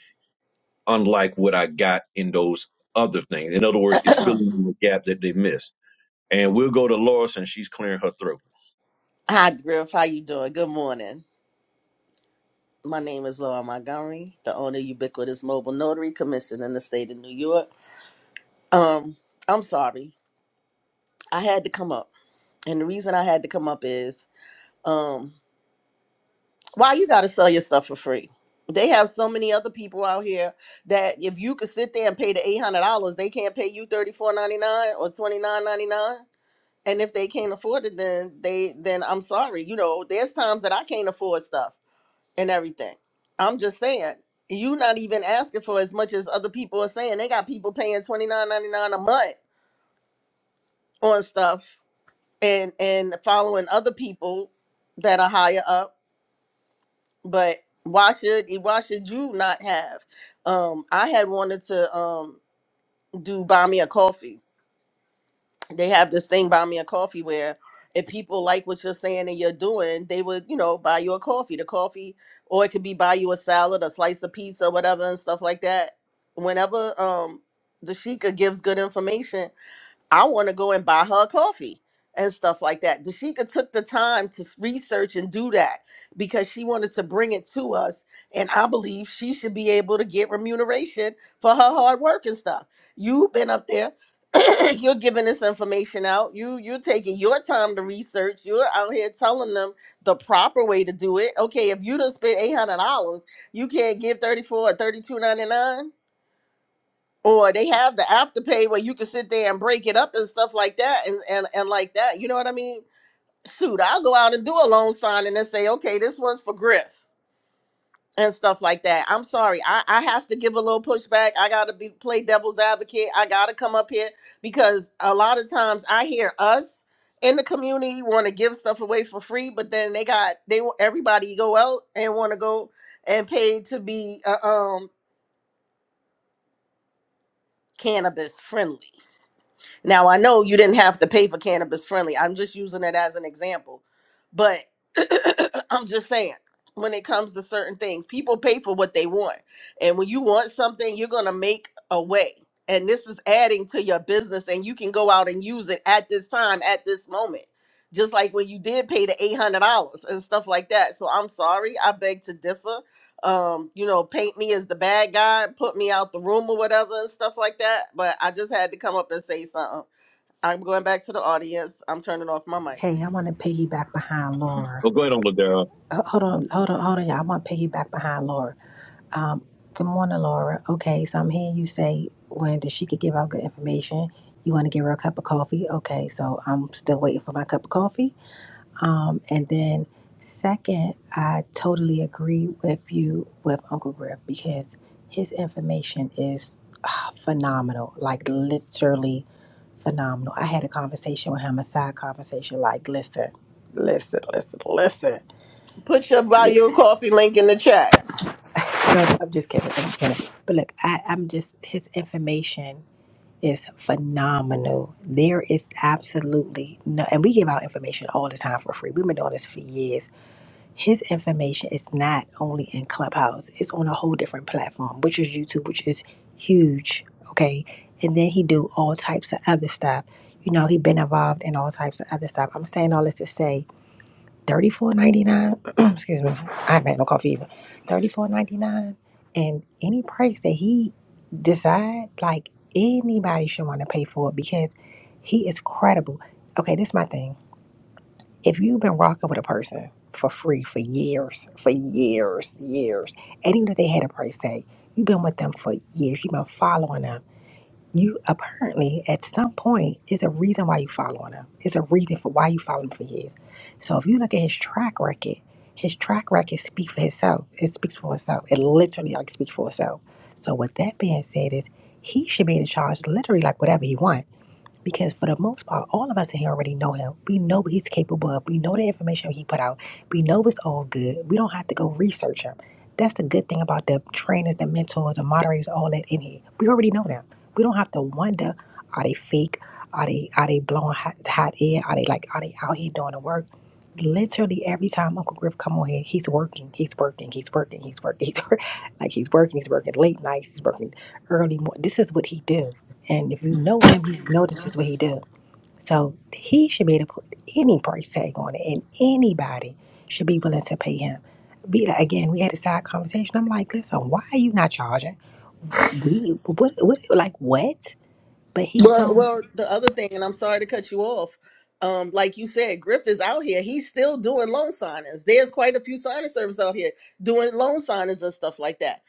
Speaker 2: unlike what I got in those other things. In other words, it's filling in the gap that they missed. And we'll go to Lois and she's clearing her throat.
Speaker 5: Hi, Griff. How you doing? Good morning. My name is Laura Montgomery, the owner of Ubiquitous Mobile Notary, commissioned in the state of New York. Um, I'm sorry. I had to come up. And the reason I had to come up is um, why you got to sell your stuff for free? They have so many other people out here that if you could sit there and pay the $800, they can't pay you $34.99 or $29.99. And if they can't afford it, then they then I'm sorry. You know, there's times that I can't afford stuff and everything. I'm just saying, you're not even asking for as much as other people are saying. They got people paying twenty nine ninety nine a month on stuff and and following other people that are higher up. But why should why should you not have? Um, I had wanted to um do buy me a coffee they have this thing buy me a coffee where if people like what you're saying and you're doing, they would, you know, buy you a coffee. The coffee, or it could be buy you a salad, a slice of pizza, whatever, and stuff like that. Whenever um the Sheikah gives good information, I want to go and buy her a coffee and stuff like that. Dashika took the time to s- research and do that because she wanted to bring it to us. And I believe she should be able to get remuneration for her hard work and stuff. You've been up there. you're giving this information out. You you're taking your time to research. You're out here telling them the proper way to do it. Okay, if you done spent eight hundred dollars, you can't give thirty four or thirty two ninety nine or they have the afterpay where you can sit there and break it up and stuff like that and and, and like that you know what i mean shoot i'll go out and do a loan signing and say okay this one's for griff and stuff like that i'm sorry i, I have to give a little pushback i gotta be play devil's advocate i gotta come up here because a lot of times i hear us in the community want to give stuff away for free but then they got they want everybody go out and want to go and pay to be uh, um cannabis friendly Now I know you didn't have to pay for cannabis friendly. I'm just using it as an example. But I'm just saying when it comes to certain things, people pay for what they want. And when you want something, you're going to make a way. And this is adding to your business and you can go out and use it at this time, at this moment. Just like when you did pay the $800 and stuff like that. So I'm sorry, I beg to differ. Um, you know, paint me as the bad guy, put me out the room or whatever and stuff like that, but I just had to come up and say something. I'm going back to the audience. I'm turning off my mic.
Speaker 1: Hey, I want to piggyback behind Laura.
Speaker 2: Well, go ahead on, Ladera.
Speaker 1: Uh, hold on, hold on, hold on, y'all. I want to piggyback behind Laura. Um, good morning, Laura. Okay, so I'm hearing you say when that she could give out good information. You want to give her a cup of coffee. Okay, so I'm still waiting for my cup of coffee. Um, and then, second, I totally agree with you with Uncle Griff because his information is ah, phenomenal, like literally phenomenal. I had a conversation with him, a side conversation, like, listen, listen, listen, listen.
Speaker 5: Put your buy
Speaker 1: li-
Speaker 5: your coffee link in the chat.
Speaker 1: No, I'm just kidding. I'm just kidding. But look, I, I'm just, his information is phenomenal. There is absolutely no, and we give out information all the time for free. We've been doing this for years his information is not only in Clubhouse, it's on a whole different platform, which is YouTube, which is huge. Okay. And then he do all types of other stuff. You know, he been involved in all types of other stuff. I'm saying all this to say thirty four ninety nine, excuse me, I haven't had no coffee even. Thirty four ninety nine and any price that he decide, like anybody should want to pay for it because he is credible. Okay, this is my thing if you've been rocking with a person for free for years, for years, years, and even if they had a price tag, you've been with them for years, you've been following them. You apparently, at some point, is a reason why you following him. It's a reason for why you follow him for years. So if you look at his track record, his track record speaks for itself. It speaks for itself. It literally like speaks for itself. So with that being said, is he should be in charge literally like whatever he wants because for the most part, all of us in here already know him. We know what he's capable of. We know the information he put out. We know it's all good. We don't have to go research him. That's the good thing about the trainers, the mentors, the moderators, all that in here. We already know them. We don't have to wonder, are they fake? Are they are they blowing hot, hot air? Are they like are they out here doing the work? Literally every time Uncle Griff come on here, he's working, he's working, he's working, he's working, he's working, like he's working, he's working late nights, he's working early morning. This is what he do and if you know him, you know this is what he do. So he should be able to put any price tag on it, and anybody should be willing to pay him. Be like, again, we had a side conversation. I'm like, listen, why are you not charging? We, what, what, like what? But he's
Speaker 5: Well,
Speaker 1: so
Speaker 5: well, the other thing, and I'm sorry to cut you off. Um, like you said, Griff is out here. He's still doing loan signings. There's quite a few signing services out here doing loan signings and stuff like that.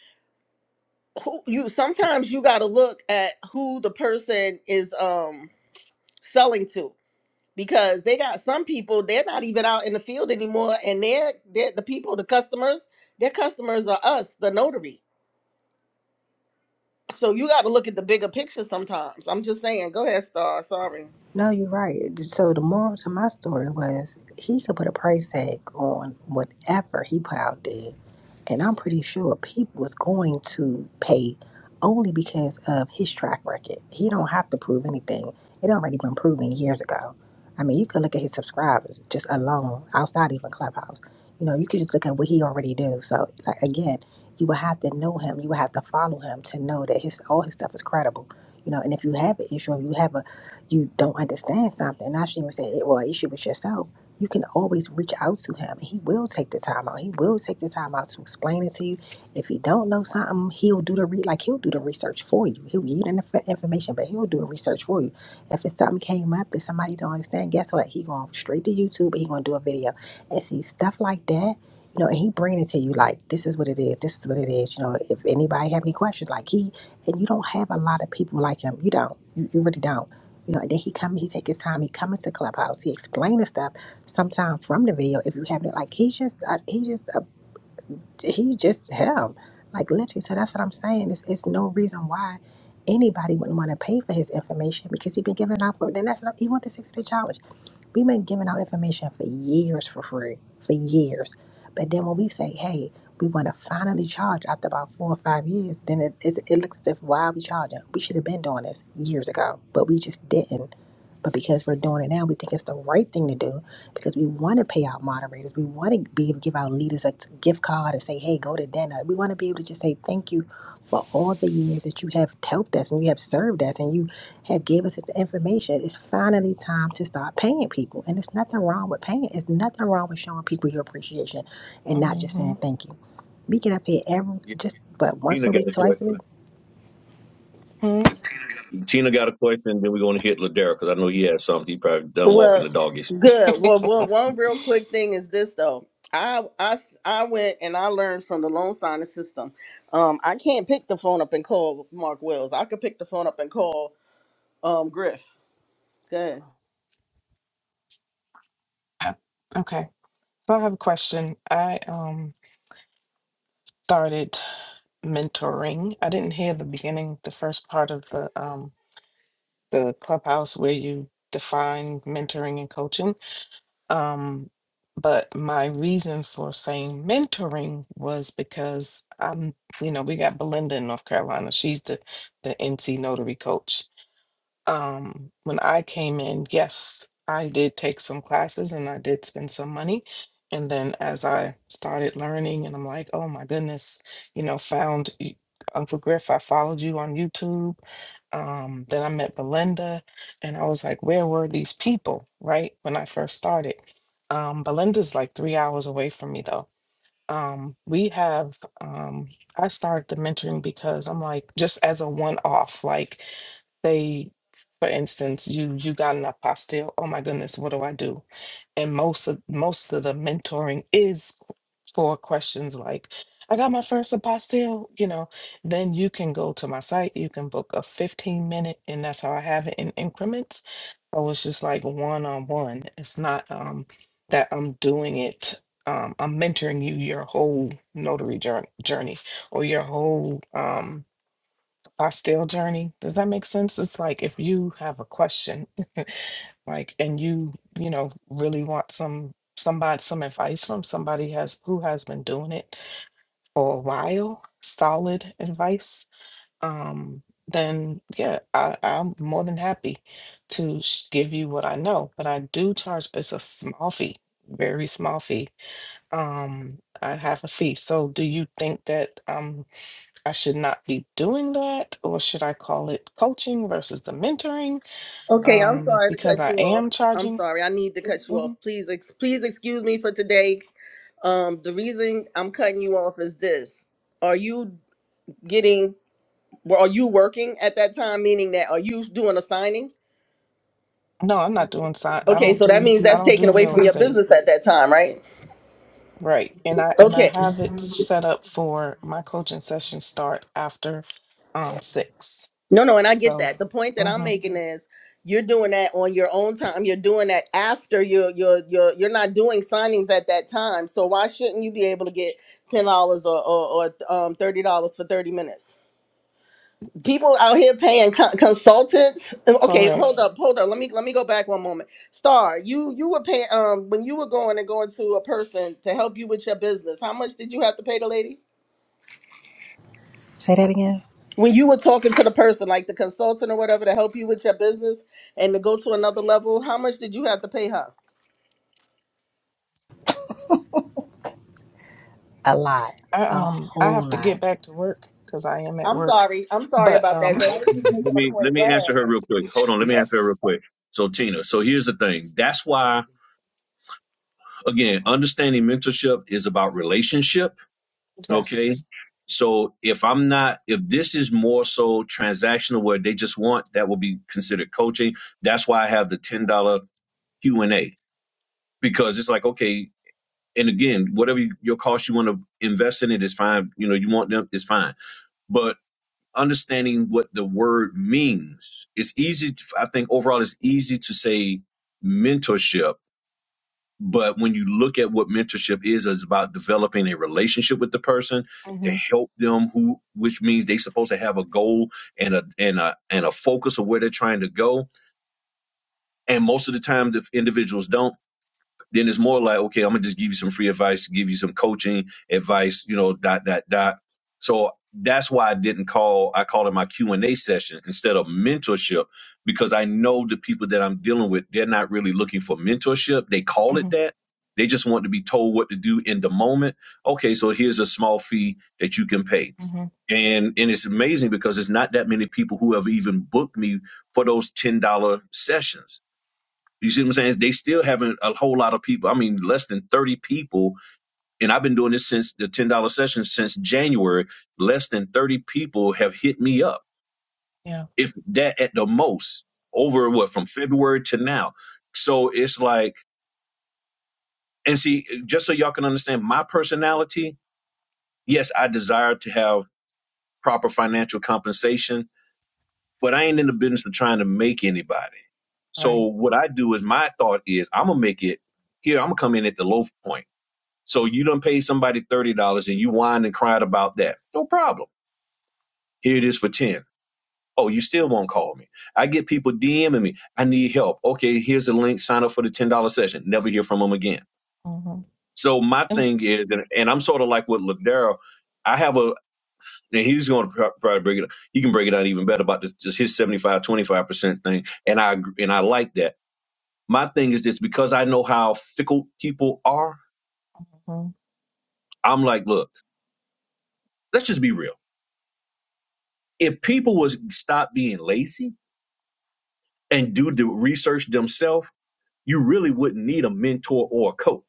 Speaker 5: Who you sometimes you gotta look at who the person is um selling to because they got some people they're not even out in the field anymore, and they're, they're the people, the customers, their customers are us, the notary So you got to look at the bigger picture sometimes. I'm just saying. Go ahead, Star. Sorry.
Speaker 1: No, you're right. So the moral to my story was he could put a price tag on whatever he put out there. And I'm pretty sure people was going to pay only because of his track record. He don't have to prove anything. It already been proven years ago. I mean, you could look at his subscribers just alone, outside even Clubhouse. You know, you could just look at what he already do. So, like again, you would have to know him. You would have to follow him to know that his all his stuff is credible. You know, and if you have an issue, if you have a you don't understand something, and I should even say it or an issue with yourself, you can always reach out to him. and He will take the time out. He will take the time out to explain it to you. If he don't know something, he'll do the re- like he'll do the research for you. He'll give you the inf- information, but he'll do the research for you. If it's something came up that somebody don't understand, guess what? He going straight to YouTube. and He gonna do a video and see stuff like that. You know, and he bring it to you like this is what it is. This is what it is. You know, if anybody have any questions, like he and you don't have a lot of people like him. You don't. You, you really don't you know, and then he come, he take his time, he come into Clubhouse, he explain the stuff sometimes from the video if you have it, like he just uh, he just uh, he just him. Like literally, so that's what I'm saying. It's it's no reason why anybody wouldn't want to pay for his information because he been giving it out for then that's not even with the sixty day challenge. We've been giving out information for years for free. For years. But then when we say, hey, we want to finally charge after about four or five years, then it, it, it looks as if why are we charging? We should have been doing this years ago, but we just didn't but because we're doing it now, we think it's the right thing to do because we want to pay out moderators. We want to be able to give our leaders a gift card and say, hey, go to dinner. We want to be able to just say thank you for all the years that you have helped us and you have served us and you have gave us the information. It's finally time to start paying people. And there's nothing wrong with paying. There's nothing wrong with showing people your appreciation and not just
Speaker 6: Mm-hmm.
Speaker 1: saying thank you. We get up here every
Speaker 2: Yeah,
Speaker 1: just but once
Speaker 2: Tina
Speaker 1: a
Speaker 2: got
Speaker 1: week,
Speaker 2: a
Speaker 1: twice
Speaker 2: question.
Speaker 1: a week.
Speaker 2: Tina got a question, then we're going to hit Ladera because I know he has something. He probably done walking
Speaker 5: Well,
Speaker 2: the doggies.
Speaker 5: Good. Well, well, one real quick thing is this though. I, I, s- I went and I learned from the loan signing system. Um, I can't pick the phone up and call Mark Wells. I could pick the phone up and call um Griff. Good.
Speaker 6: I, okay. So I have a question. I um started mentoring. I didn't hear the beginning, the first part of the um the clubhouse where you define mentoring and coaching. Um, but my reason for saying mentoring was because I'm, you know, we got Belinda in North Carolina. She's the the NC notary coach. um, when I came in, yes, I did take some classes and I did spend some money. And then as I started learning, and I'm like, oh my goodness, you know, found y- Uncle Griff, I followed you on YouTube. Um, then I met Belinda, and I was like, where were these people, right? When I first started. Um, Belinda's like three hours away from me, though um we have um i started the mentoring because i'm like just as a one-off like they for instance you you got an apostille oh my goodness what do i do and most of most of the mentoring is for questions like I got my first apostille, you know, then you can go to my site, you can book a 15 minute, and that's how I have it in increments. So it's just like one on one. It's not um that I'm doing it, um, I'm mentoring you your whole notary jour- journey or your whole um apostille journey. Does that make sense? It's like if you have a question, like and you, you know, really want some somebody some advice from somebody has who has been doing it for a while, solid advice, um, then yeah, I, I'm more than happy to sh- give you what I know. But I do charge, it's a small fee, very small fee. Um, I have a fee. So do you think that um, I should not be doing that, or should I call it coaching versus the mentoring?
Speaker 5: Okay, I'm
Speaker 6: Um,
Speaker 5: sorry to
Speaker 6: because
Speaker 5: cut
Speaker 6: I
Speaker 5: you off.
Speaker 6: am
Speaker 5: I'm
Speaker 6: charging.
Speaker 5: sorry. I need to cut you off.
Speaker 6: Mhm.
Speaker 5: Please, ex- please excuse me for today. Um, the reason I'm cutting you off is this: Are you getting? Well, are you working at that time? Meaning that are you doing a signing?
Speaker 6: No, I'm not doing sign. I
Speaker 5: Okay,
Speaker 6: don't
Speaker 5: so that
Speaker 6: do.
Speaker 5: means
Speaker 6: I
Speaker 5: that's
Speaker 6: don't
Speaker 5: taken
Speaker 6: do
Speaker 5: away
Speaker 6: real
Speaker 5: from your
Speaker 6: estate.
Speaker 5: business at that time, right?
Speaker 6: Right. And I and I
Speaker 5: Okay.
Speaker 6: have it set up for my coaching sessions start after um six.
Speaker 5: No, no, and I get
Speaker 6: So
Speaker 5: that. The point that I'm
Speaker 6: hmm
Speaker 5: making is you're doing that on your own time. You're doing that after you're you're you're you're not doing signings at that time. So why shouldn't you be able to get ten dollars or, or or um thirty dollars for thirty minutes? people out here paying co- consultants. Okay, hold Right.
Speaker 6: correct.
Speaker 5: up, hold up. Let me let me go back one moment. Star, you you were paying um when you were going and going to a person to help you with your business. How much did you have to pay the lady?
Speaker 1: Say that again.
Speaker 5: When you were talking to the person, like the consultant or whatever, to help you with your business and to go to another level, how much did you have to pay her?
Speaker 1: A lot.
Speaker 6: I
Speaker 1: A
Speaker 6: um I
Speaker 1: whole
Speaker 6: have to
Speaker 1: lot.
Speaker 6: get back to work because I am at
Speaker 5: I'm
Speaker 6: work.
Speaker 5: sorry. I'm sorry
Speaker 6: But
Speaker 5: about that,
Speaker 6: um
Speaker 5: but I
Speaker 2: Hold-
Speaker 5: was just making
Speaker 2: Let
Speaker 5: a
Speaker 2: me let
Speaker 5: point. Go
Speaker 2: me
Speaker 5: ahead.
Speaker 2: answer her real quick. Hold on, let me answer her real
Speaker 6: yes,
Speaker 2: quick. So Tina, so here's the thing. That's why again, understanding mentorship is about relationship. Okay.
Speaker 6: yes.
Speaker 2: So if I'm not, if this is more so transactional where they just want, that will be considered coaching. That's why I have the ten dollar Q and A because it's like okay, and again, whatever you- your cost you want to invest in it is fine. You know, you want them, it's fine but understanding what the word means it's easy to- i think overall it's easy to say mentorship but when you look at what mentorship is it's about developing a relationship with the person to
Speaker 6: Mm-hmm.
Speaker 2: help them who which means they're supposed to have a goal and a and a and a focus of where they're trying to go and most of the time the individuals don't then it's more like, okay, I'm gonna just give you some free advice, give you some coaching advice, you know, dot dot dot. So that's why I didn't call. I called it my Q and A session instead of mentorship because I know the people that I'm dealing with, they're not really looking for mentorship. They call it
Speaker 6: Mm-hmm.
Speaker 2: that. They just want to be told what to do in the moment. Okay, so here's a small fee that you can pay,
Speaker 6: Mm-hmm.
Speaker 2: and and it's amazing because it's not that many people who have even booked me for those ten dollar sessions you see what I'm saying? They still haven't a whole lot of people. I mean, less than 30 people. And I've been doing this since the $10 session since January. Less than 30 people have hit me up,
Speaker 6: Yeah.
Speaker 2: if that at the most, over what, from February to now. So it's like, and see, just so y'all can understand my personality, yes, I desire to have proper financial compensation, but I ain't in the business of trying to make anybody.
Speaker 6: All right.
Speaker 2: So what I do is my thought is I'm going to make it here. I'm going to come in at the low point So you don't pay somebody thirty dollars and you whined and cried about that. No problem. Here it is for ten. Oh, you still won't call me. I get people DMing me. I need help. Okay, here's the link. Sign up for the ten dollar session. Never hear from them again.
Speaker 6: Mm-hmm.
Speaker 2: So my thing
Speaker 6: Mm-hmm.
Speaker 2: is, and I'm sort of like with Ladero. I have a, and he's going to probably break it. up. He can break it out even better about this, just his 75 25 percent thing. And I agree- and I like that. My thing is this because I know how fickle people are. I'm like, look, let's just be real if people would stop being lazy and do the research themselves, you really wouldn't need a mentor or a coach.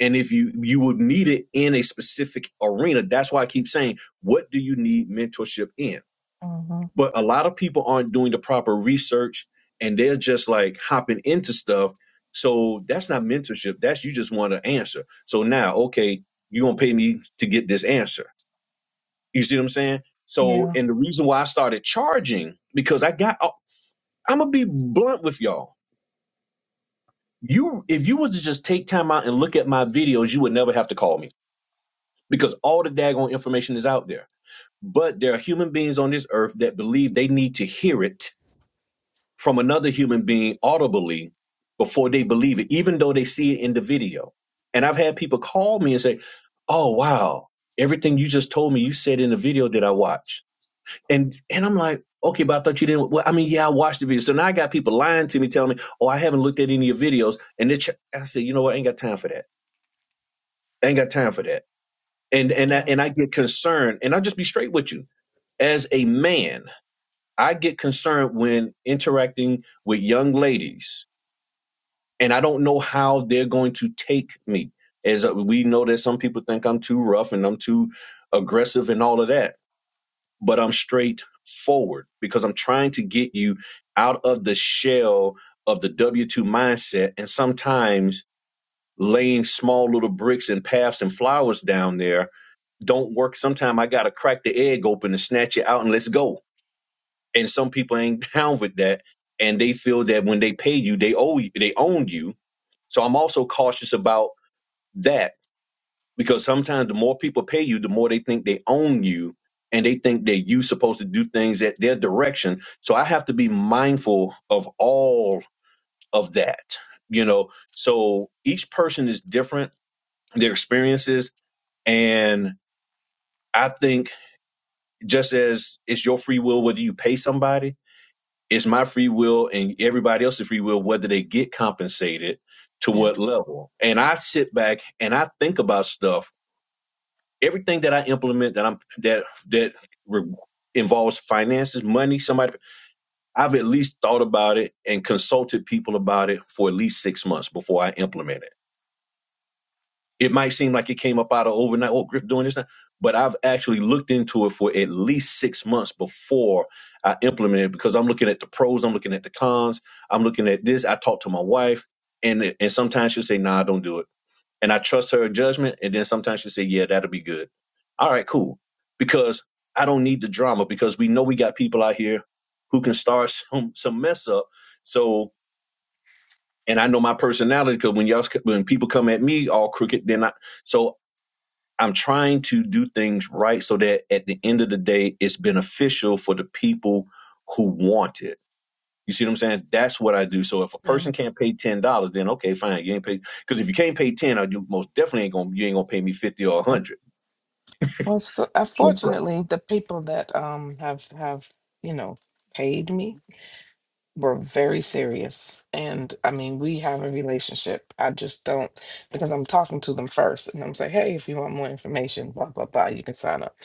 Speaker 2: And if you you would need it in a specific arena, that's why I keep saying, what do you need mentorship in?
Speaker 6: Mm-hmm.
Speaker 2: But a lot of people aren't doing the proper research and they're just like hopping into stuff. So that's not mentorship. That's you just want an answer. So now, okay, you're gonna pay me to get this answer. You see what I'm saying? So,
Speaker 6: Yeah.
Speaker 2: and the reason why I started charging because I got I'm gonna be blunt with y'all. You, if you was to just take time out and look at my videos, you would never have to call me because all the daggone information is out there. But there are human beings on this earth that believe they need to hear it from another human being audibly before they believe it, even though they see it in the video. And I've had people call me and say, "Oh wow, everything you just told me, you said in the video that I watched." And and I'm like, okay, but I thought you didn't. Well, I mean, yeah, I watched the video. So now I got people lying to me, telling me, oh, I haven't looked at any of your videos. And they ch- I said, you know what? I ain't got time for that. I ain't got time for that. And and I,
Speaker 6: Yeah.
Speaker 2: and I get concerned. And I'll just be straight with you. As a man, I get concerned when interacting with young ladies, and I don't know how they're going to take me. As uh, we know that some people think I'm too rough and I'm too aggressive and all of that but I'm straightforward because I'm trying to get you out of the shell of the W 2 mindset. And sometimes laying small little bricks and paths and flowers down there don't work. Sometimes I got to crack the egg open and snatch it out and let's go. And some people ain't down with that. And they feel that when they pay you, they owe you, they own you. So I'm also cautious about that because sometimes the more people pay you, the more they think they own you and they think that you supposed to do things at their direction. So I have to be mindful of all of that, you know. So each person is different, their experiences. And I think just as it's your free will, whether you pay somebody, it's my free will and everybody else's free will, whether they get compensated to
Speaker 6: Yeah.
Speaker 2: what level. And I sit back and I think about stuff everything that I implement that I'm that that re- involves finances, money, somebody, I've at least thought about it and consulted people about it for at least six months before I implement it. It might seem like it came up out of overnight. Oh, Griff doing this now, but I've actually looked into it for at least six months before I implement it because I'm looking at the pros, I'm looking at the cons, I'm looking at this. I talk to my wife, and and sometimes she'll say, "Nah, don't do it." and I trust her judgment. And then sometimes she say, "Yeah, that'll be good." All right, cool. Because I don't need the drama because we know we got people out here who can start some some mess up. So, and I know my personality because when y'all when people come at me all crooked, then I so I'm trying to do things right so that at the end of the day, it's beneficial for the people who want it you see what I'm saying? That's what I do. So if a
Speaker 6: Yeah.
Speaker 2: person can't pay ten dollars, then okay, fine, you ain't pay. Because if you can't pay ten, I you most definitely ain't gonna you ain't gonna pay me fifty or a
Speaker 6: Uh,
Speaker 2: hundred.
Speaker 6: Well, so, uh,
Speaker 2: Yes, sir.
Speaker 6: fortunately, the people that um have have, you know, paid me We're very serious. And I mean, we have a relationship. I just don't, because I'm talking to them first and I'm like, hey, if you want more information, blah, blah, blah, you can sign up.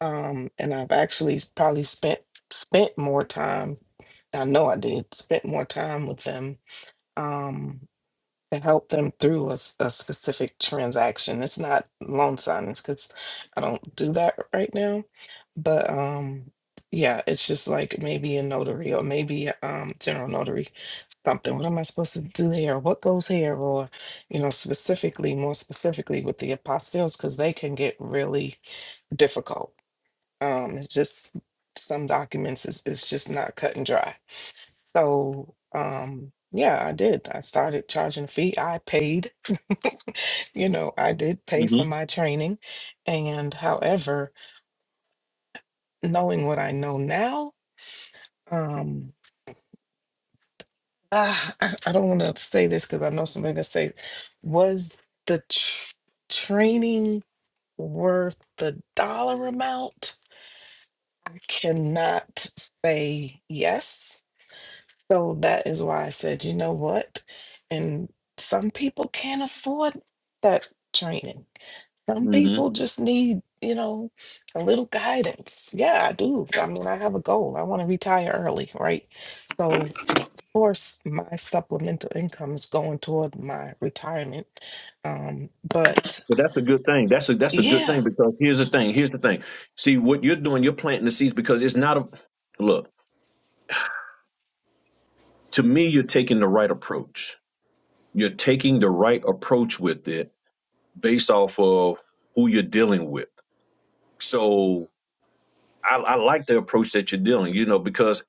Speaker 6: Um, and I've actually s- probably spent spent more time, I know I did, spent more time with them. Um, to help them through a, s- a specific transaction. It's not loan signings because I don't do that right now. But um, yeah, it's just like maybe a notary or maybe um, general notary, something. What am I supposed to do there? What goes here? Or, you know, specifically, more specifically with the apostilles because they can get really difficult. Um, it's just some documents is it's just not cut and dry so, um, yeah, I did. I started charging a fee. I paid, you know, I did pay for
Speaker 2: Mm-hmm.
Speaker 6: my training. And however, knowing what I know now, um, ah, I, I don't want to say this because I know somebody gonna say, was the tr- training worth the dollar amount? I cannot say yes So that is why I said, you know what? And some people can't afford that training. Some
Speaker 2: Mm-hmm.
Speaker 6: people just need, you know, a little guidance. Yeah, I do. I mean, I have a goal. I want to retire early, right? So, of course, my supplemental income is going toward my retirement. Um, but
Speaker 2: But that's a good thing. That's a that's a good
Speaker 6: yeah,
Speaker 2: thing because here's the thing. Here's the thing. See what you're doing. You're planting the seeds because it's not a look. To me, you're taking the right approach. You're taking the right approach with it based off of who you're dealing with. So I, I like the approach that you're dealing. You know because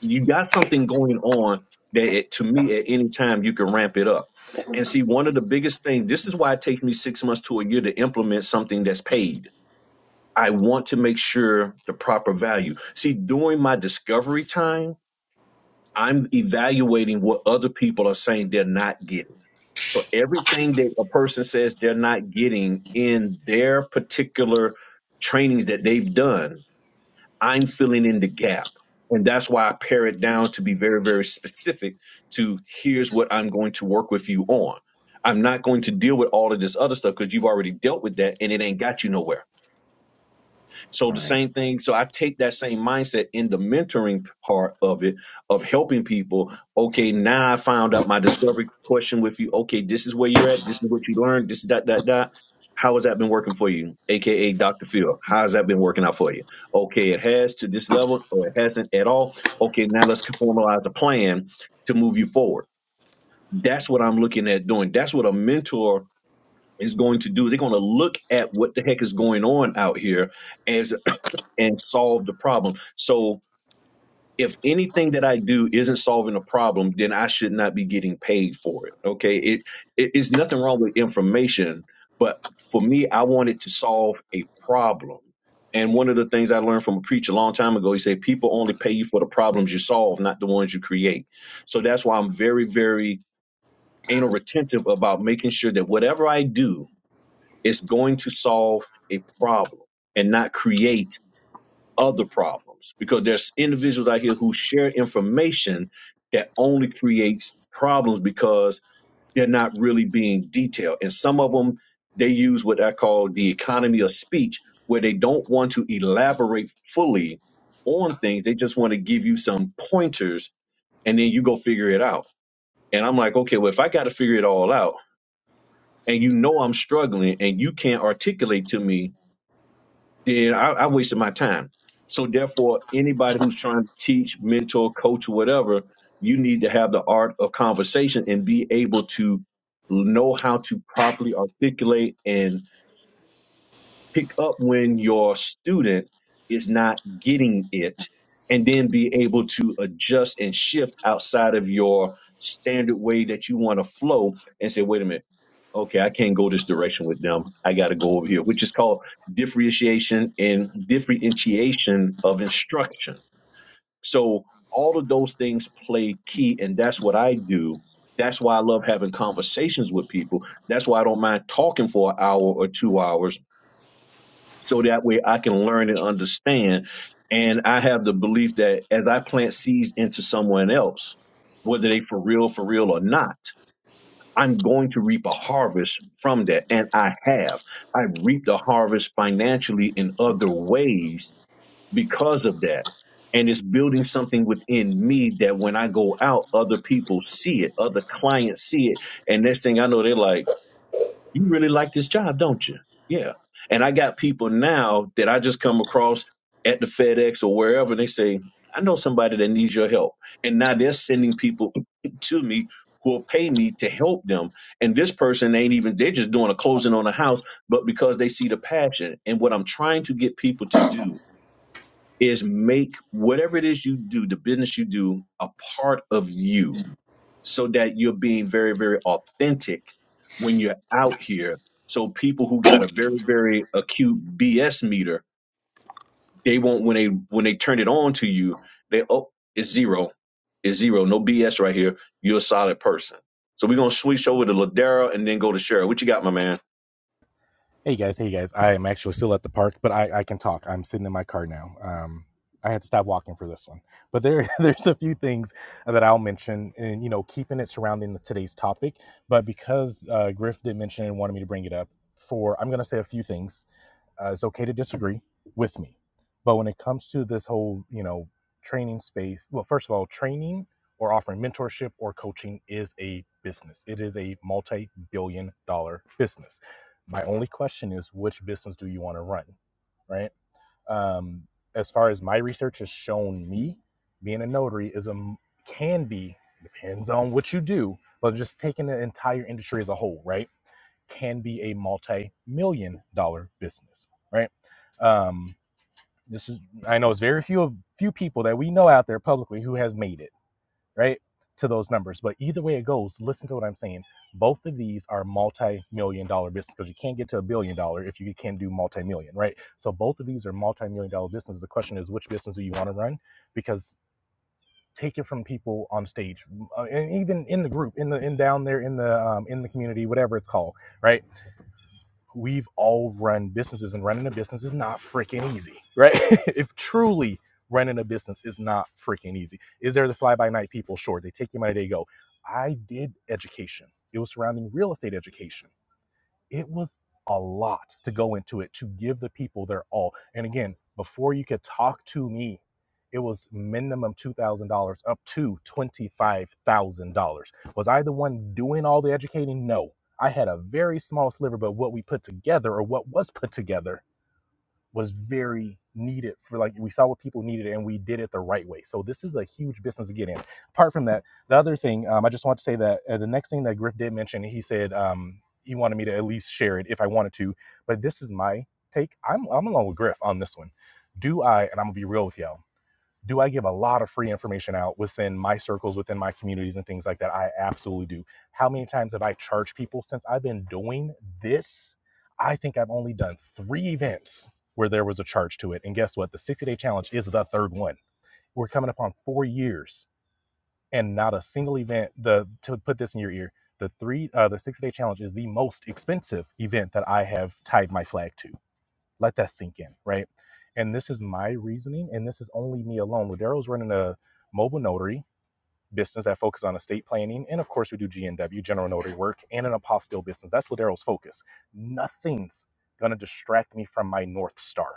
Speaker 2: you got something going on that it, to me at any time you can ramp it up and see one of the biggest things this is why it takes me six months to a year to implement something that's paid i want to make sure the proper value see during my discovery time i'm evaluating what other people are saying they're not getting so everything that a person says they're not getting in their particular trainings that they've done I'm filling in the gap. And that's why I pare it down to be very, very specific to here's what I'm going to work with you on. I'm not going to deal with all of this other stuff because you've already dealt with that and it ain't got you nowhere. So
Speaker 6: all
Speaker 2: the
Speaker 6: right.
Speaker 2: same thing. So I take that same mindset in the mentoring part of it, of helping people. Okay, now I found out my discovery question with you. Okay, this is where you're at. This is what you learned. This that that that. How has that been working for you, aka Dr. Phil? How has that been working out for you? Okay, it has to this level, or it hasn't at all. Okay, now let's formalize a plan to move you forward. That's what I'm looking at doing. That's what a mentor is going to do. They're going to look at what the heck is going on out here as and solve the problem. So if anything that I do isn't solving a problem, then I should not be getting paid for it. Okay. It, it it's nothing wrong with information, but for me, I wanted to solve a problem. And one of the things I learned from a preacher a long time ago, he said, people only pay you for the problems you solve, not the ones you create. So that's why I'm very, very anal retentive about making sure that whatever I do is going to solve a problem and not create other problems because there's individuals out here who share information that only creates problems because they're not really being detailed. And some of them, they use what I call the economy of speech, where they don't want to elaborate fully on things. They just want to give you some pointers and then you go figure it out. And I'm like, okay, well, if I got to figure it all out and you know I'm struggling and you can't articulate to me then I, I wasted my time. So therefore, anybody who's trying to teach, mentor, coach, or whatever, you need to have the art of conversation and be able to know how to properly articulate and pick up when your student is not getting it and then be able to adjust and shift outside of your standard way that you want to flow and say wait a minute okay, I can't go this direction with them. I got to go over here, which is called differentiation and differentiation of instruction. So all of those things play key, and that's what I do. That's why I love having conversations with people. That's why I don't mind talking for an hour or two hours, so that way I can learn and understand. And I have the belief that as I plant seeds into someone else, whether they for real, for real or not, I'm going to reap a harvest from that. And I have. I reaped a harvest financially in other ways because of that. And it's building something within me that when I go out, other people see it, other clients see it. And next thing I know, they're like, you really like this job, don't you? Yeah. And I got people now that I just come across at the FedEx or wherever, and they say, I know somebody that needs your help. And now they're sending people to me who will pay me to help them. And this person ain't even, they're just doing a closing on a house, but because they see the passion. And what I'm trying to get people to do is make whatever it is you do, the business you do, a part of you so that you're being very, very authentic when you're out here. So people who got a very, very acute BS meter, they won't when they when they turn it on to you, they oh, it's zero. It's zero. No BS right here. You're a solid person. So we're gonna switch over to Ladera and then go to Cheryl. What you got, my man?
Speaker 3: Hey guys, hey guys. I am actually still at the park, but I, I can talk. I'm sitting in my car now. Um, I had to stop walking for this one, but there there's a few things that I'll mention, and you know, keeping it surrounding the, today's topic. But because uh, Griff did mention it and wanted me to bring it up, for I'm going to say a few things uh, it's okay to disagree with me. But when it comes to this whole, you know, training space, well, first of all, training or offering mentorship or coaching is a business. It is a multi billion dollar business. My only question is which business do you want to run? Right. Um, as far as my research has shown me, being a notary is a m- can be depends on what you do, but just taking the entire industry as a whole, right? can be a multi-million dollar business right um this is i know it's very few of few people that we know out there publicly who has made it right to those numbers but either way it goes listen to what i'm saying both of these are multi-million dollar business because you can't get to a billion dollar if you can do multi-million right so both of these are multi-million dollar businesses the question is which business do you want to run because take it from people on stage uh, and even in the group in the in down there in the um, in the community whatever it's called right we've all run businesses and running a business is not freaking easy, right? if truly running a business is not freaking easy. Is there the fly by night people? Sure. They take your money, they go. I did education. It was surrounding real estate education it was a lot to go into it to give the people their all. And again, before you could talk to me, it was minimum $2,000 up to $25,000. Was I the one doing all the educating? No. I had a very small sliver, but what we put together or what was put together was very needed for like we saw what people needed and we did it the right way so this is a huge business to get in apart from that the other thing um, i just want to say that uh, the next thing that griff did mention he said um, he wanted me to at least share it if i wanted to but this is my take i'm, I'm along with griff on this one do i and i'm gonna be real with y'all do I give a lot of free information out within my circles, within my communities, and things like that? I absolutely do. How many times have I charged people since I've been doing this? I think I've only done three events where there was a charge to it. And guess what? The 60 day challenge is the third one. We're coming upon four years and not a single event. The to put this in your ear, the three uh, the 60 day challenge is the most expensive event that I have tied my flag to let that sink in, right? And this is my reasoning, and this is only me alone. Daryl was running a mobile notary business that focuses on estate planning. And of course, we do GNW, general notary work, and an apostille business. That's Ladero's focus. Nothing's going to distract me from my North Star,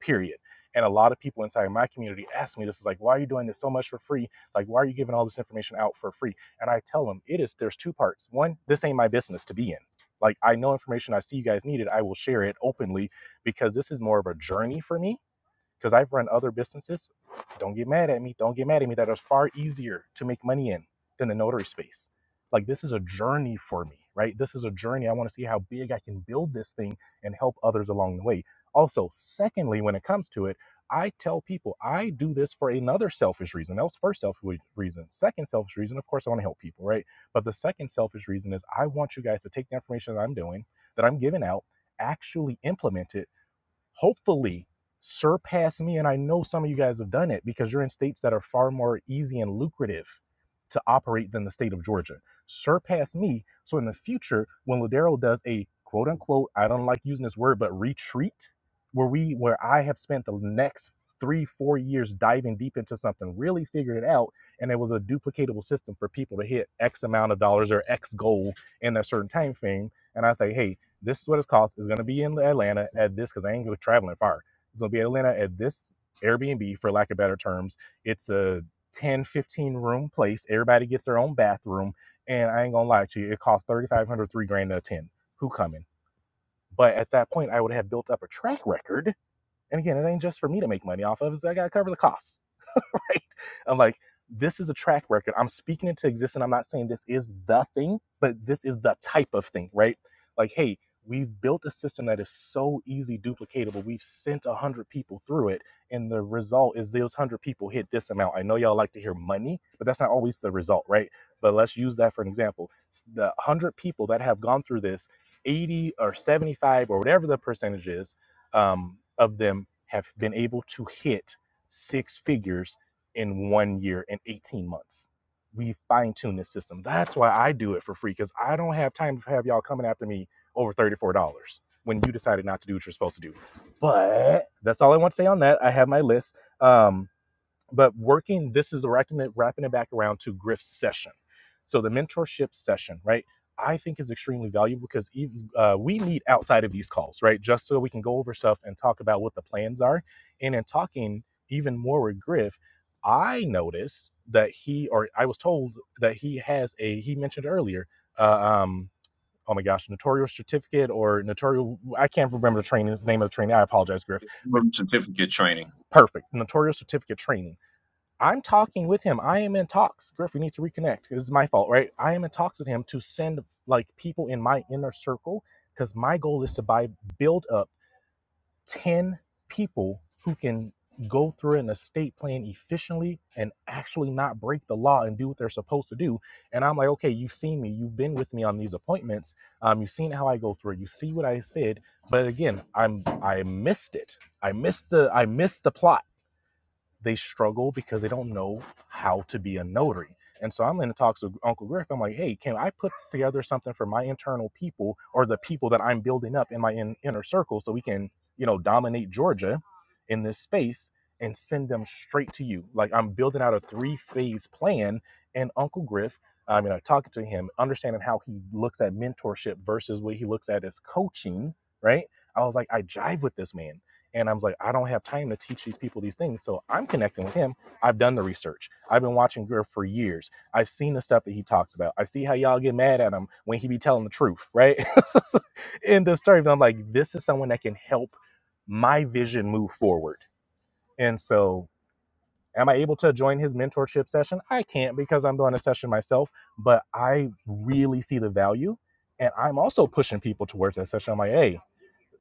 Speaker 3: period. And a lot of people inside my community ask me this is like, why are you doing this so much for free? Like, why are you giving all this information out for free? And I tell them it is, there's two parts. One, this ain't my business to be in. Like, I know information I see you guys needed. I will share it openly because this is more of a journey for me because I've run other businesses. Don't get mad at me. Don't get mad at me. That is far easier to make money in than the notary space. Like this is a journey for me, right? This is a journey. I want to see how big I can build this thing and help others along the way. Also, secondly, when it comes to it, I tell people I do this for another selfish reason. That was first selfish reason. Second selfish reason, of course, I want to help people, right? But the second selfish reason is I want you guys to take the information that I'm doing, that I'm giving out, actually implement it hopefully surpass me. And I know some of you guys have done it because you're in states that are far more easy and lucrative to operate than the state of Georgia. Surpass me. So in the future, when Ladero does a quote unquote, I don't like using this word, but retreat, where we where I have spent the next three, four years diving deep into something, really figured it out, and it was a duplicatable system for people to hit X amount of dollars or X goal in a certain time frame. And I say, hey, this is what it's cost. It's gonna be in Atlanta at this because I ain't gonna traveling far. It's gonna be in Atlanta at this Airbnb for lack of better terms. It's a 10 15 room place. Everybody gets their own bathroom. And I ain't gonna lie to you, it costs 3500 three grand to attend. Who coming? But at that point, I would have built up a track record. And again, it ain't just for me to make money off of, it's I gotta cover the costs right? I'm like, this is a track record. I'm speaking into existence. I'm not saying this is the thing, but this is the type of thing, right? Like, hey, we've built a system that is so easy duplicatable. We've sent a hundred people through it, and the result is those one hundred people hit this amount. I know y'all like to hear money, but that's not always the result, right? But let's use that for an example. The one hundred people that have gone through this, 80 or 75 or whatever the percentage is um, of them have been able to hit six figures in one year and 18 months. We fine tune this system. That's why I do it for free because I don't have time to have y'all coming after me over $34 when you decided not to do what you're supposed to do. But that's all I want to say on that. I have my list. Um, but working this is wrapping it, wrapping it back around to griff's session so the mentorship session right i think is extremely valuable because even, uh, we meet outside of these calls right just so we can go over stuff and talk about what the plans are and in talking even more with griff i noticed that he or i was told that he has a he mentioned earlier uh, um, oh my gosh notarial certificate or notarial, i can't remember the training the name of the training i apologize griff but
Speaker 2: Certificate training.
Speaker 3: perfect notarial certificate training I'm talking with him. I am in talks. Griff, we need to reconnect. This is my fault, right? I am in talks with him to send like people in my inner circle because my goal is to buy build up 10 people who can go through an estate plan efficiently and actually not break the law and do what they're supposed to do. And I'm like, okay, you've seen me, you've been with me on these appointments. Um, you've seen how I go through it, you see what I said. But again, I'm I missed it. I missed the I missed the plot they struggle because they don't know how to be a notary. And so I'm in talks with Uncle Griff. I'm like, hey, can I put together something for my internal people or the people that I'm building up in my in- inner circle so we can, you know, dominate Georgia in this space and send them straight to you? Like I'm building out a three phase plan. And Uncle Griff, I mean, I'm talking to him, understanding how he looks at mentorship versus what he looks at as coaching, right? I was like, I jive with this man and I was like, I don't have time to teach these people these things. So I'm connecting with him. I've done the research. I've been watching Griff for years. I've seen the stuff that he talks about. I see how y'all get mad at him when he be telling the truth, right? In the story, but I'm like, this is someone that can help my vision move forward. And so, am I able to join his mentorship session? I can't because I'm doing a session myself, but I really see the value. And I'm also pushing people towards that session. I'm like, hey,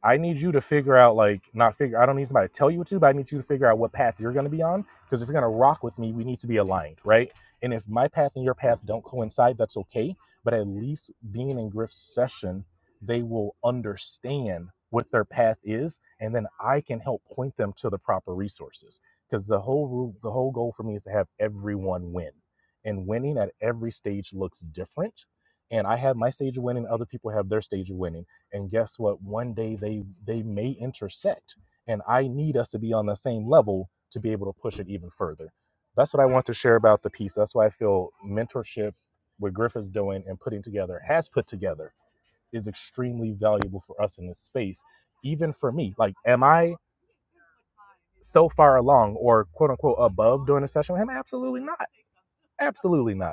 Speaker 3: I need you to figure out like not figure. I don't need somebody to tell you what to do, but I need you to figure out what path you're going to be on. Because if you're going to rock with me, we need to be aligned, right? And if my path and your path don't coincide, that's okay. But at least being in Griff's session, they will understand what their path is, and then I can help point them to the proper resources. Because the whole ru- the whole goal for me is to have everyone win, and winning at every stage looks different. And I have my stage of winning, other people have their stage of winning and guess what one day they they may intersect and i need us to be on the same level to be able to push it even further that's what i want to share about the piece that's why i feel mentorship what griff is doing and putting together has put together is extremely valuable for us in this space even for me like am i so far along or quote unquote above doing a session with him absolutely not absolutely not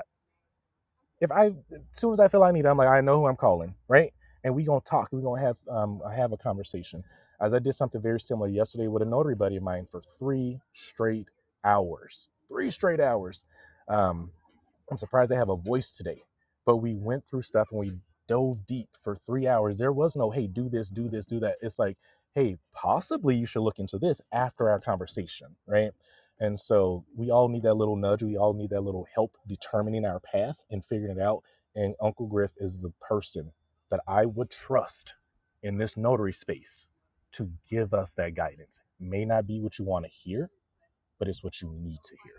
Speaker 3: if I as soon as I feel I need it, I'm like, I know who I'm calling, right? And we gonna talk. We gonna have um have a conversation. As I did something very similar yesterday with a notary buddy of mine for three straight hours. Three straight hours. Um, I'm surprised they have a voice today. But we went through stuff and we dove deep for three hours. There was no, hey, do this, do this, do that. It's like, hey, possibly you should look into this after our conversation, right? And so we all need that little nudge. We all need that little help determining our path and figuring it out. And Uncle Griff is the person that I would trust in this notary space to give us that guidance. May not be what you want to hear, but it's what you need to hear.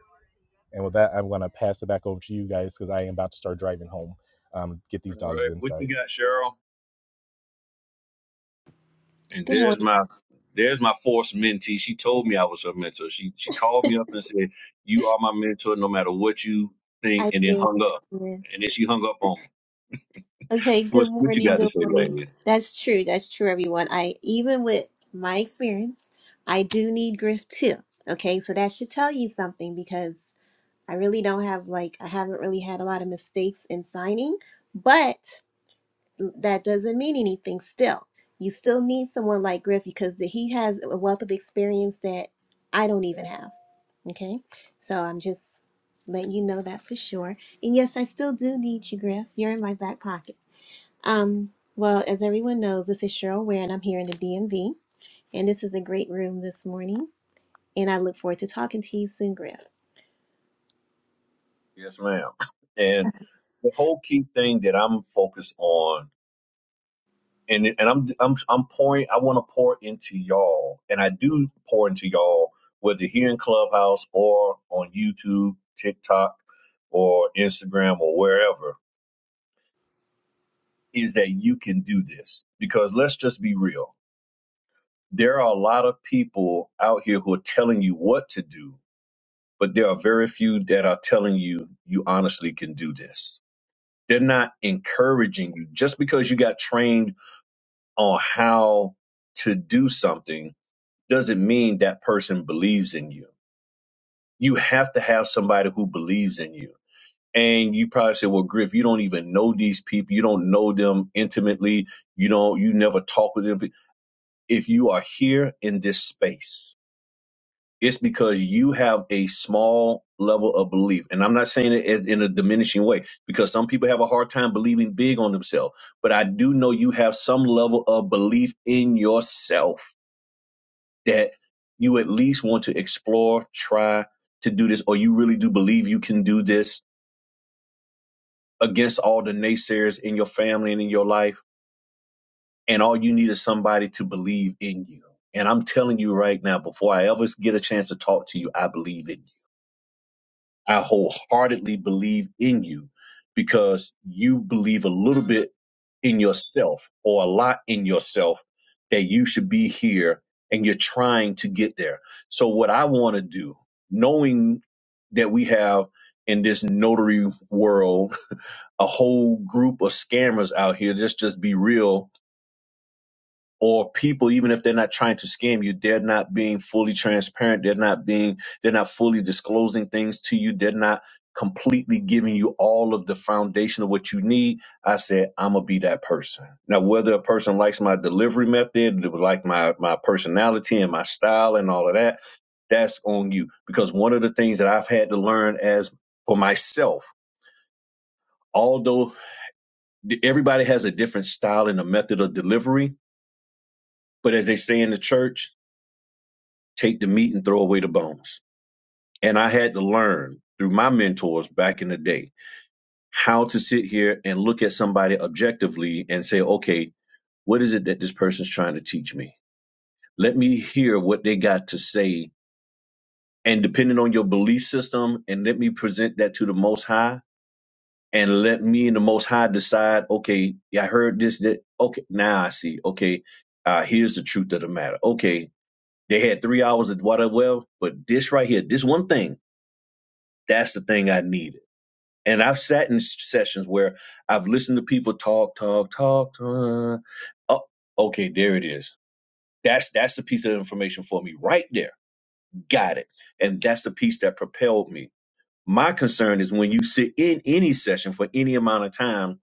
Speaker 3: And with that, I'm going to pass it back over to you guys because I am about to start driving home. Um, get these
Speaker 2: All
Speaker 3: dogs
Speaker 2: right, what
Speaker 3: inside.
Speaker 2: you got, Cheryl? And
Speaker 7: Good
Speaker 2: there's
Speaker 7: morning.
Speaker 2: my there's my forced mentee. She told me I was her mentor. She she called me up and said, "You are my mentor, no matter what you think,"
Speaker 7: I
Speaker 2: and then
Speaker 7: did.
Speaker 2: hung
Speaker 7: I
Speaker 2: up.
Speaker 7: did.
Speaker 2: And then she hung up on me.
Speaker 7: Okay.
Speaker 2: What
Speaker 7: Good
Speaker 2: what you
Speaker 7: morning.
Speaker 2: got to
Speaker 7: Good
Speaker 2: say,
Speaker 7: morning.
Speaker 2: lady?
Speaker 7: That's true. That's true, everyone. I even with my experience, I do need grief too. Okay, so that should tell you something because I really don't have like I haven't really had a lot of mistakes in signing, but that doesn't mean anything. Still, you still need someone like Griff because he has a wealth of experience that I don't even have. Okay, so I'm just letting you know that for sure. And yes, I still do need you, Griff. You're in my back pocket. Um, well, as everyone knows, this is Cheryl Ware, and I'm here in the DMV. And this is a great room this morning. And I look forward to talking to you soon, Griff.
Speaker 2: Yes, ma'am. And the whole key thing that I'm focused on, and and I'm I'm I'm pouring. I want to pour into y'all, and I do pour into y'all, whether here in Clubhouse or on YouTube, TikTok, or Instagram or wherever is that you can do this. Because let's just be real. There are a lot of people out here who are telling you what to do, but there are very few that are telling you you honestly can do this. They're not encouraging you. Just because you got trained on how to do something doesn't mean that person believes in you. You have to have somebody who believes in you. And you probably say, well, Griff, you don't even know these people. You don't know them intimately you don't. you never talk with them if you are here in this space, it's because you have a small level of belief. And I'm not saying it in in a diminishing way because some people have a hard time believing big on themselves. But I do know you have some level of belief in yourself that you at least want to explore, try to do this, or you really do believe you can do this against all the naysayers in your family and in your life and all you need is somebody to believe in you. And I'm telling you right now, before I ever get a chance to talk to you, I believe in you. I wholeheartedly believe in you because you believe a little bit in yourself or a lot in yourself that you should be here and you're trying to get there. So, what I want to do, knowing that we have in this notary world a whole group of scammers out here, let's just be real or people even if they're not trying to scam you they're not being fully transparent they're not being they're not fully disclosing things to you they're not completely giving you all of the foundation of what you need i said i'm gonna be that person now whether a person likes my delivery method like my my personality and my style and all of that that's on you because one of the things that i've had to learn as for myself although th- everybody has a different style and a method of delivery but as they say in the church take the meat and throw away the bones. And I had to learn through my mentors back in the day how to sit here and look at somebody objectively and say, okay, what is it that this person's trying to teach me? Let me hear what they got to say. And depending on your belief system, and let me present that to the Most High. And let me and the Most High decide, okay, yeah, I heard this, that, okay, now I see, okay, uh, here's the truth of the matter. Okay, they had three hours of water well, but this right here, this one thing That's the thing I needed. And I've sat in s- sessions where I've listened to people talk, talk, talk, talk. Oh, okay, there it is. That's that's the piece of information for me right there. Got it. And that's the piece that propelled me. My concern is when you sit in any session for any amount of time,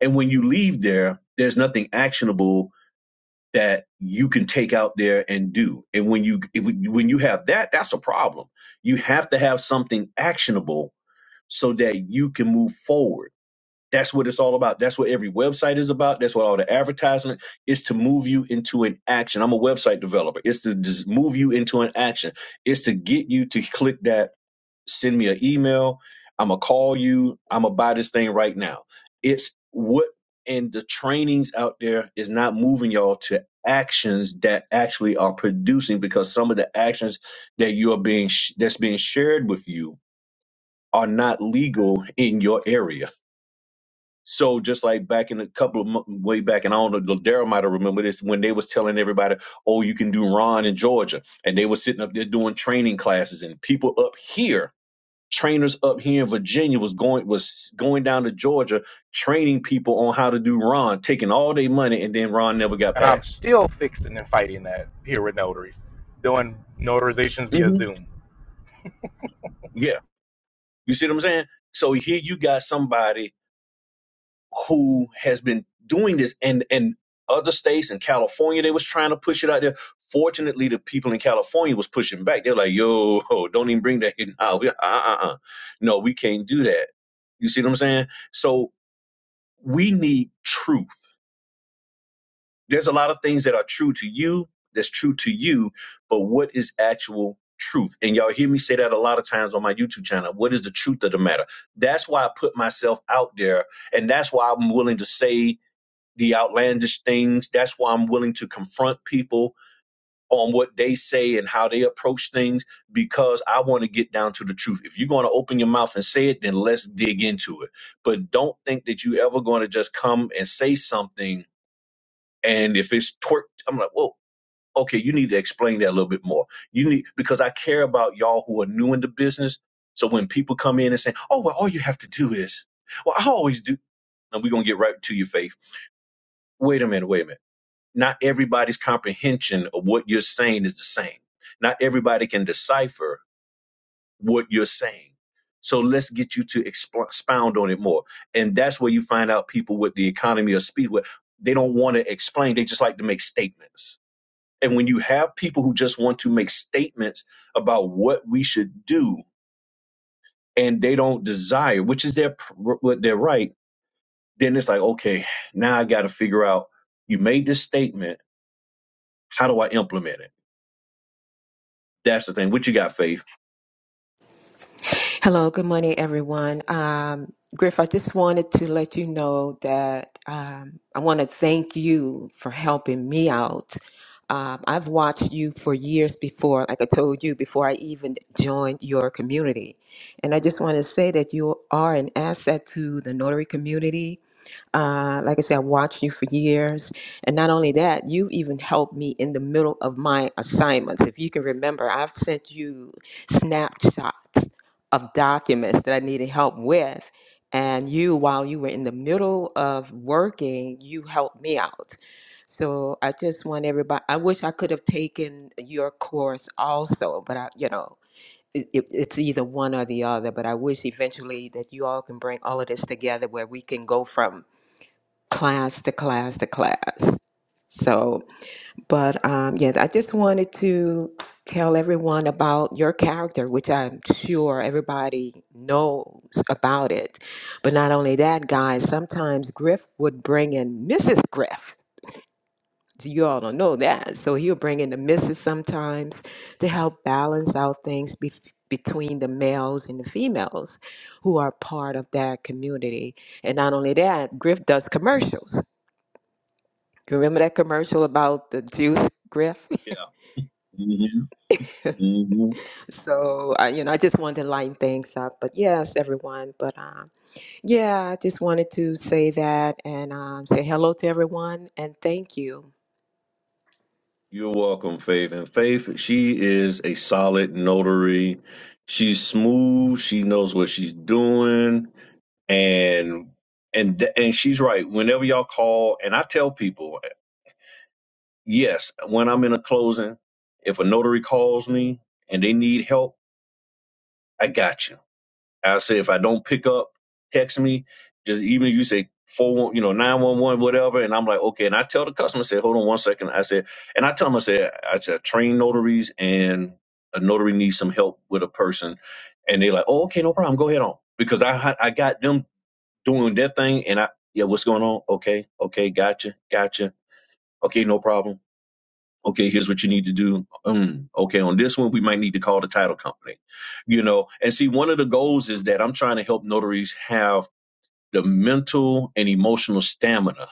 Speaker 2: and when you leave there, there's nothing actionable that you can take out there and do. And when you if, when you have that, that's a problem. You have to have something actionable so that you can move forward. That's what it's all about. That's what every website is about. That's what all the advertisement is to move you into an action. I'm a website developer. It's to just move you into an action. It's to get you to click that send me an email. I'm gonna call you. I'm gonna buy this thing right now. It's what and the trainings out there is not moving y'all to actions that actually are producing because some of the actions that you are being sh- that's being shared with you are not legal in your area. So just like back in a couple of mo- way back, and I don't know, Daryl might have remember this when they was telling everybody, "Oh, you can do Ron in Georgia," and they were sitting up there doing training classes, and people up here, trainers up here in Virginia, was going was going down to Georgia training people on how to do Ron, taking all their money, and then Ron never got
Speaker 3: And I'm
Speaker 2: passed.
Speaker 3: still fixing and fighting that here with notaries, doing notarizations via
Speaker 2: hmm
Speaker 3: Zoom.
Speaker 2: Yeah, you see what I'm saying? So here you got somebody who has been doing this and and other states in California they was trying to push it out there. Fortunately, the people in California was pushing back. They're like, "Yo, don't even bring that here now. We, uh, uh, uh. No, we can't do that." You see what I'm saying? So we need truth. There's a lot of things that are true to you, that's true to you, but what is actual truth? And y'all hear me say that a lot of times on my YouTube channel. What is the truth of the matter? That's why I put myself out there, and that's why I'm willing to say the outlandish things. That's why I'm willing to confront people on what they say and how they approach things because I want to get down to the truth. If you're going to open your mouth and say it, then let's dig into it. But don't think that you ever going to just come and say something and if it's twerked, I'm like, whoa. Okay, you need to explain that a little bit more. You need because I care about y'all who are new in the business. So when people come in and say, "Oh, well, all you have to do is," well, I always do. And we're gonna get right to your faith. Wait a minute. Wait a minute not everybody's comprehension of what you're saying is the same. Not everybody can decipher what you're saying. So let's get you to expl- expound on it more. And that's where you find out people with the economy of speed, where they don't want to explain, they just like to make statements. And when you have people who just want to make statements about what we should do and they don't desire, which is their pr- what are right, then it's like, okay, now I got to figure out you made this statement, how do I implement it? That's the thing. What you got, Faith?
Speaker 8: Hello, good morning, everyone. Um, Griff, I just wanted to let you know that um, I want to thank you for helping me out. Um, I've watched you for years before, like I told you, before I even joined your community. And I just want to say that you are an asset to the notary community uh, like I said, I watched you for years. And not only that, you even helped me in the middle of my assignments. If you can remember, I've sent you snapshots of documents that I needed help with. And you, while you were in the middle of working, you helped me out. So I just want everybody, I wish I could have taken your course also, but I, you know, it, it, it's either one or the other. But I wish eventually that you all can bring all of this together where we can go from class to class to class. So, but um, yeah, I just wanted to tell everyone about your character, which I'm sure everybody knows about it. But not only that, guys, sometimes Griff would bring in Mrs. Griff. So, You all don't know that. So he'll bring in the missus sometimes to help balance out things be- between the males and the females who are part of that community. And not only that, Griff does commercials. You Remember that commercial about the juice, Griff?
Speaker 2: Yeah. hmm hmm
Speaker 8: so, uh, you know, I just wanted to lighten things up. But yes, everyone. But um, yeah, I just wanted to say that and um, say hello to everyone and thank you.
Speaker 2: You're welcome, Faith. And Faith, she is a solid notary. She's smooth. She knows what she's doing, and and th- and she's right. Whenever y'all call, and I tell people, yes, when I'm in a closing, if a notary calls me and they need help, I got you. I say if I don't pick up, text me. Just even if you say four, you know, nine one one, whatever, and I'm like, okay. And I tell the customer, I say, hold on one second. I said, and I tell them, I said, I said, train notaries, and a notary needs some help with a person, and they like, oh, okay, no problem, go ahead on, because I I got them doing their thing, and I yeah, what's going on? Okay, okay, gotcha, gotcha. Okay, no problem okay, here's what you need to do. Um, okay, on this one, we might need to call the title company, you know. And see, one of the goals is that I'm trying to help notaries have the mental and emotional stamina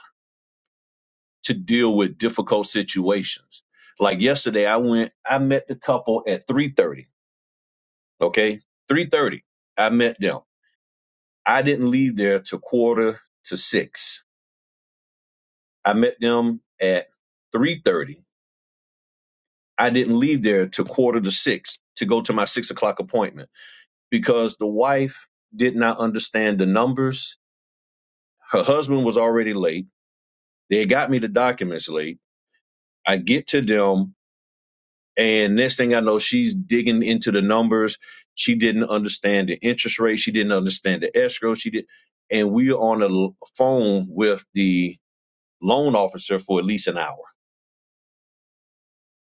Speaker 2: to deal with difficult situations. Like yesterday, I went, I met the couple at 3:30. Okay, 3:30, I met them. I didn't leave there till quarter to six. I met them at 3:30. I didn't leave there till quarter to six to go to my six o'clock appointment. because the wife did not understand the numbers. Her husband was already late. They had got me the documents late. I get to them, and next thing I know, she's digging into the numbers. She didn't understand the interest rate. She didn't understand the escrow. She did, and we were on the l- phone with the loan officer for at least an hour.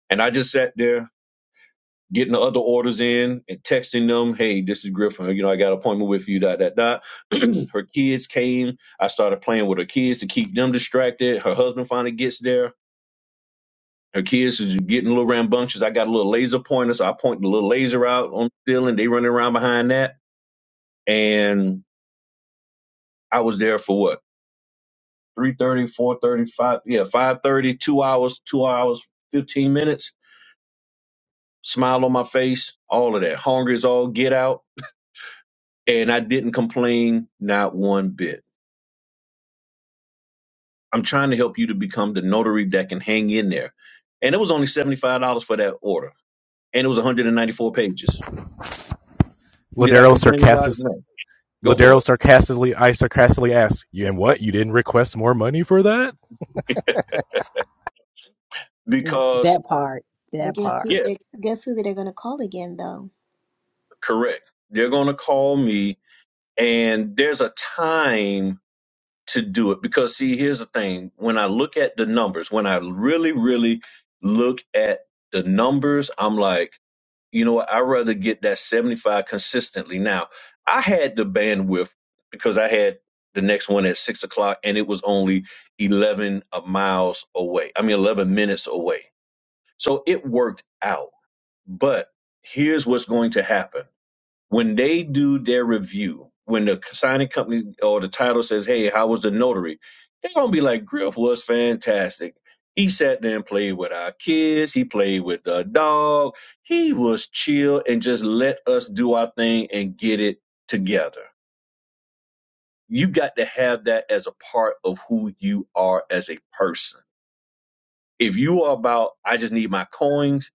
Speaker 2: And I just sat there getting the other orders in and texting them, hey, this is Griffin. You know, I got an appointment with you, dot, dot, dot. her kids came. I started playing with her kids to keep them distracted. Her husband finally gets there. Her kids is getting a little rambunctious. I got a little laser pointer, so I point the little laser out on the ceiling. They running around behind that. And I was there for what? three thirty, four thirty, five, yeah, 5.30, 2 hours, 2 hours, 15 minutes. Smile on my face, all of that. Hungry as all get out and I didn't complain not one bit. I'm trying to help you to become the notary that can hang in there. And it was only $75 for that order. And it was 194 pages. Did I
Speaker 3: Ladero
Speaker 2: complain about
Speaker 3: sarcastic,
Speaker 2: it? No. Go for
Speaker 3: Ladero
Speaker 2: it.
Speaker 3: sarcastically, I sarcastically asked, "You and what? You didn't request more money for that?"
Speaker 1: Like
Speaker 2: Because,
Speaker 1: Bart.
Speaker 7: But guess who's
Speaker 2: yeah,
Speaker 7: guess who they're gonna call again though?
Speaker 2: correct. They're going to call me and there's a time to do it. Because, see, here's the thing. When I look at the numbers, when I really, really look at the numbers, I'm like, you know what, I'd rather get that 75 consistently. Now, I had the bandwidth because I had the next one at six o'clock and it was only 11 uh, miles away. I mean, 11 minutes away. So it worked out. But here's what's going to happen when they do their review, when the signing company or the title says, "Hey, how was the notary?" They're gonna be like, "Griff was fantastic. He sat there and played with our kids. He played with the dog. He was chill and just let us do our thing and get it together." You got to have that as a part of who you are as a person. If you are about, I just need my coins.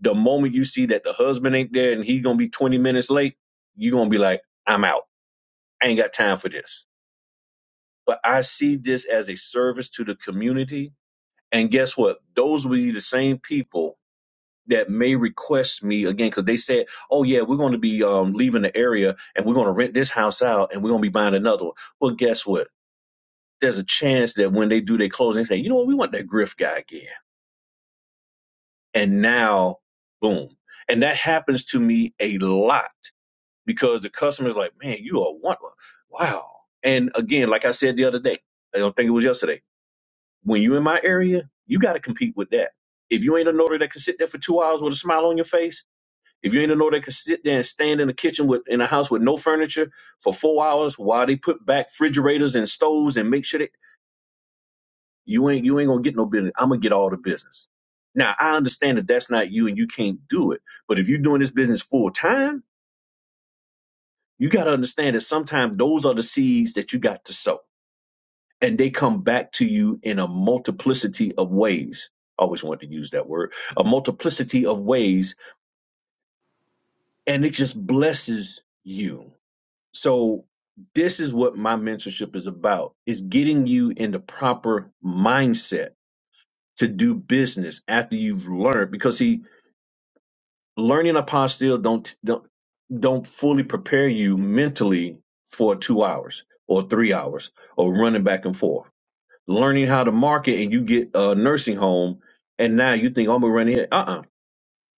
Speaker 2: The moment you see that the husband ain't there and he's gonna be 20 minutes late, you're gonna be like, I'm out I ain't got time for this. But I see this as a service to the community. And guess what? Those will be the same people that may request me again because they said, "Oh yeah, we're going to be um, leaving the area and we're going to rent this house out and we're going to be buying another one." Well, guess what? There's a chance that when they do their closing, they say, "You know what? We want that Griff guy again." And now, boom. And that happens to me a lot because the customer's like, "Man, you are one. Wow." And again, like I said the other day, I don't think it was yesterday When you in my area, you got to compete with that. If you ain't a notary that can sit there for two hours with a smile on your face, if you ain't a notary that can sit there and stand in the kitchen with in a house with no furniture for four hours while they put back refrigerators and stoves and make sure that you ain't you ain't gonna get no business. I'm gonna get all the business. Now I understand that that's not you and you can't do it. But if you're doing this business full time, you got to understand that sometimes those are the seeds that you got to sow and they come back to you in a multiplicity of ways. I always wanted to use that word, a multiplicity of ways, and it just blesses you. So this is what my mentorship is about is getting you in the proper mindset to do business after you've learned because see learning apostille don't don't don't fully prepare you mentally for two hours or three hours or running back and forth learning how to market and you get a nursing home and now you think oh, I'm gonna run here. Uh uh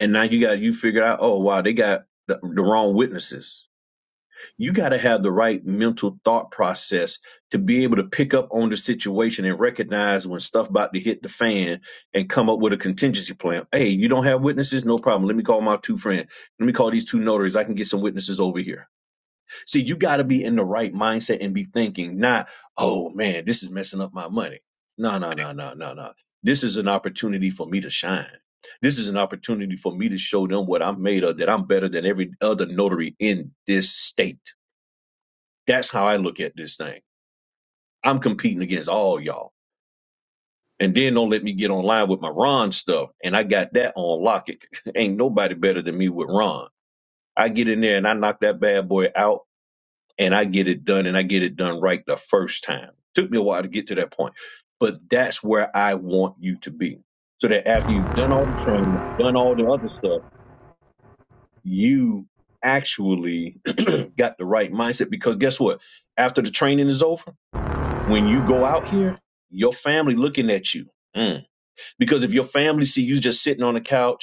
Speaker 2: And now you got you figured out, oh wow, they got the, the wrong witnesses. You gotta have the right mental thought process to be able to pick up on the situation and recognize when stuff about to hit the fan and come up with a contingency plan. Hey, you don't have witnesses? No problem. Let me call my two friends. Let me call these two notaries. I can get some witnesses over here See, you got to be
Speaker 7: Mm,
Speaker 2: in the right mindset and be thinking, not, oh man, this is messing up my money. No, no, no, no, no, no. This is an opportunity for me to shine. This is an opportunity for me to show them what I'm made of, that I'm better than every other notary in this state. That's how I look at this thing. I'm competing against all y'all. And then don't let me get online with my Ron stuff. And I got that on lock. It Ain't nobody better than me with Ron. I get in there and I knock that bad boy out and I get it done and I get it done right the first time. Took me a while to get to that point, but that's where I want you to be. So that after you've done all the training, done all the other stuff, you actually got the right mindset because guess what? After the training is over, when you go out here, your family looking at you. Mm. Because if your family see you just sitting on the couch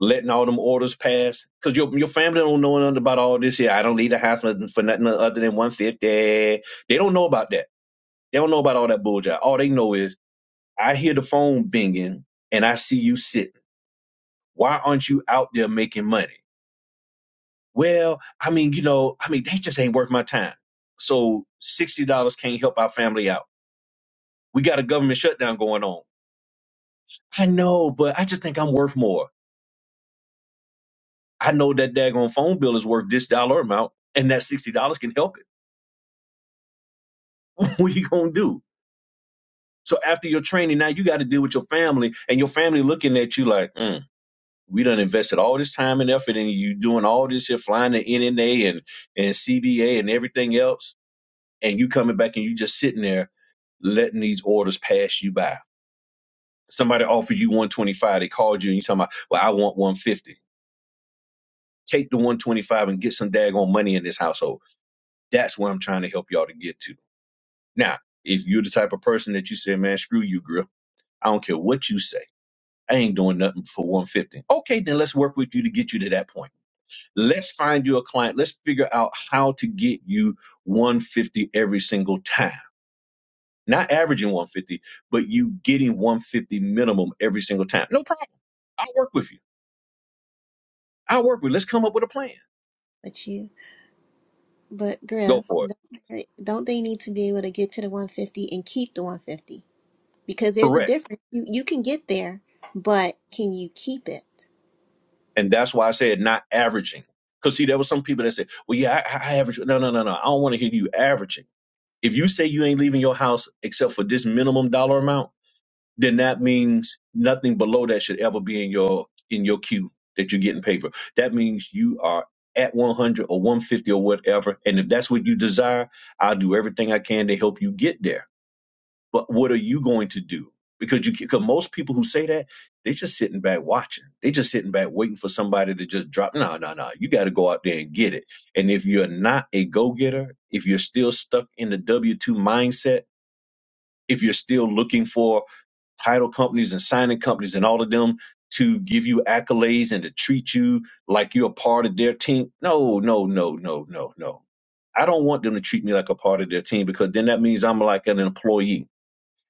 Speaker 2: letting all them orders pass because your your family don't know nothing about all this here. I don't need a house for for nothing other than one fifty. They don't know about that. They don't know about all that bullshit. All they know is I hear the phone binging and I see you sitting. Why aren't you out there making money? Well, I mean, you know, I mean, they just ain't worth my time. So sixty dollars can't help our family out. We got a government shutdown going on. I know, but I just think I'm worth more. I know that daggone phone bill is worth this dollar amount, and that sixty dollars can help it. what are you gonna do? So after your training, now you got to deal with your family, and your family looking at you like, mm, we done invested all this time and effort, and you doing all this here, flying to NNA and and CBA and everything else, and you coming back and you just sitting there letting these orders pass you by. Somebody offered you 125, they called you and you talking about, well, I want 150. Take the 125 and get some daggone money in this household. That's where I'm trying to help y'all to get to. Now, if you're the type of person that you say, man, screw you, girl, I don't care what you say I ain't doing nothing for 150. Okay, then let's work with you to get you to that point. Let's find you a client. Let's figure out how to get you 150 every single time. Not averaging 150, but you getting 150 minimum every single time. No problem. I'll work with you. I'll work with you. Let's come up with a plan.
Speaker 7: But you, but
Speaker 2: Go
Speaker 7: Griff,
Speaker 2: for it.
Speaker 7: don't they, don't they need to be able to get to the 150 and keep the 150? Because there's a
Speaker 2: Correct.
Speaker 7: difference. You you can get there, but can you keep it?
Speaker 2: And that's why I said not averaging. Because see, there were some people that said, well, yeah, I, I average. No, no, no, no. I don't want to hear you averaging. If you say you ain't leaving your house except for this minimum dollar amount, then that means nothing below that should ever be in your in your queue that you're getting paid for. That means you are at 100 or 150 or whatever. And if that's what you desire, I'll do everything I can to help you get there. But what are you going to do? Because you because most people who say that, they just sitting back watching. They just sitting back waiting for somebody to just drop. No, no, no. You got to go out there and get it. And if you're not a go-getter, if you're still stuck in the W-2 mindset, if you're still looking for title companies and signing companies and all of them to give you accolades and to treat you like you're a part of their team. No, no, no, no, no, no. I don't want them to treat me like a part of their team because then that means I'm like an employee.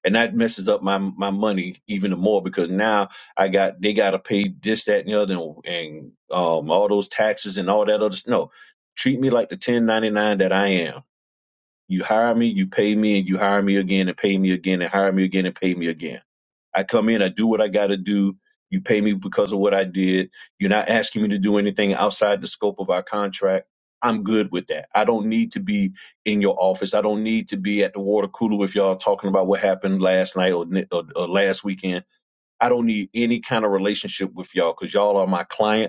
Speaker 2: And that messes up my my money even more because now I got they gotta pay this, that, and the other and, and um all those taxes and all that other s- no. Treat me like the ten ninety nine that I am you hire me, you pay me, and you hire me again and pay me again and hire me again and pay me again. I come in, I do what I got to do. You pay me because of what I did. You're not asking me to do anything outside the scope of our contract. I'm good with that. I don't need to be in your office. I don't need to be at the water cooler with y'all talking about what happened last night or, or, or last weekend. I don't need any kind of relationship with y'all because y'all are my client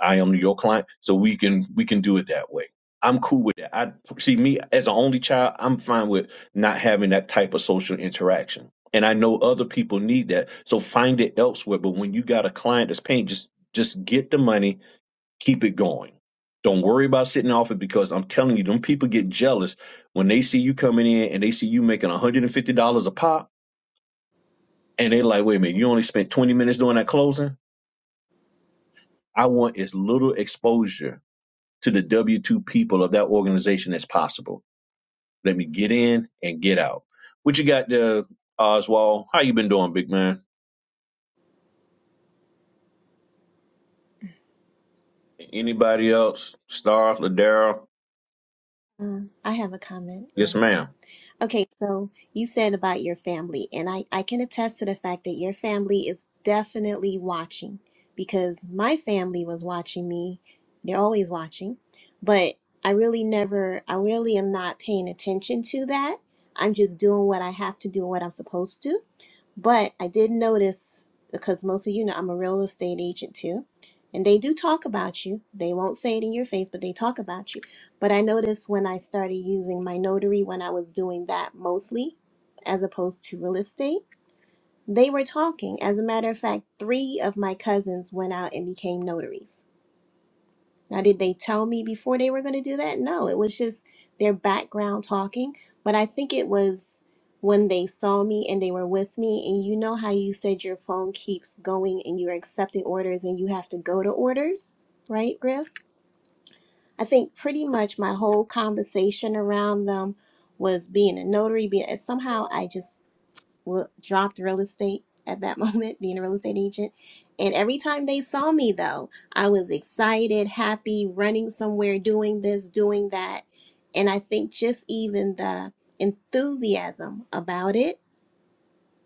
Speaker 2: I am your client. So we can we can do it that way. I'm cool with that. I see me as an only child, I'm fine with not having that type of social interaction. And I know other people need that. So find it elsewhere. But when you got a client that's paying, just just get the money, keep it going. Don't worry about sitting off it because I'm telling you, them people get jealous when they see you coming in and they see you making $150 a pop and they're like, wait a minute, you only spent 20 minutes doing that closing? I want as little exposure to the W 2 people of that organization as possible. Let me get in and get out. What you got there, Oswald? How you been doing, big man? Anybody else? Star, Ladera?
Speaker 7: Um, I have a comment,
Speaker 2: Yes,
Speaker 7: Griff.
Speaker 2: ma'am.
Speaker 7: Okay, so you said about your family, and I, I can attest to the fact that your family is definitely watching because my family was watching me. They're always watching, but I really never, I really am not paying attention to that. I'm just doing what I have to do and what I'm supposed to. But I did notice because most of you know I'm a real estate agent too, and they do talk about you. They won't say it in your face, but they talk about you. But I noticed when I started using my notary when I was doing that mostly as opposed to real estate, they were talking. As a matter of fact, three of my cousins went out and became notaries. Now, did they tell me before they were going to do that? No, it was just their background talking. But I think it was when they saw me and they were with me. And you know how you said your phone keeps going and you're accepting orders and you have to go to orders, right, Griff? I think pretty much my whole conversation around them was being a notary, being, and somehow I just w- dropped real estate at that moment, being a real estate agent. And every time they saw me, though, I was excited, happy, running somewhere, doing this, doing that. And I think just even the enthusiasm about it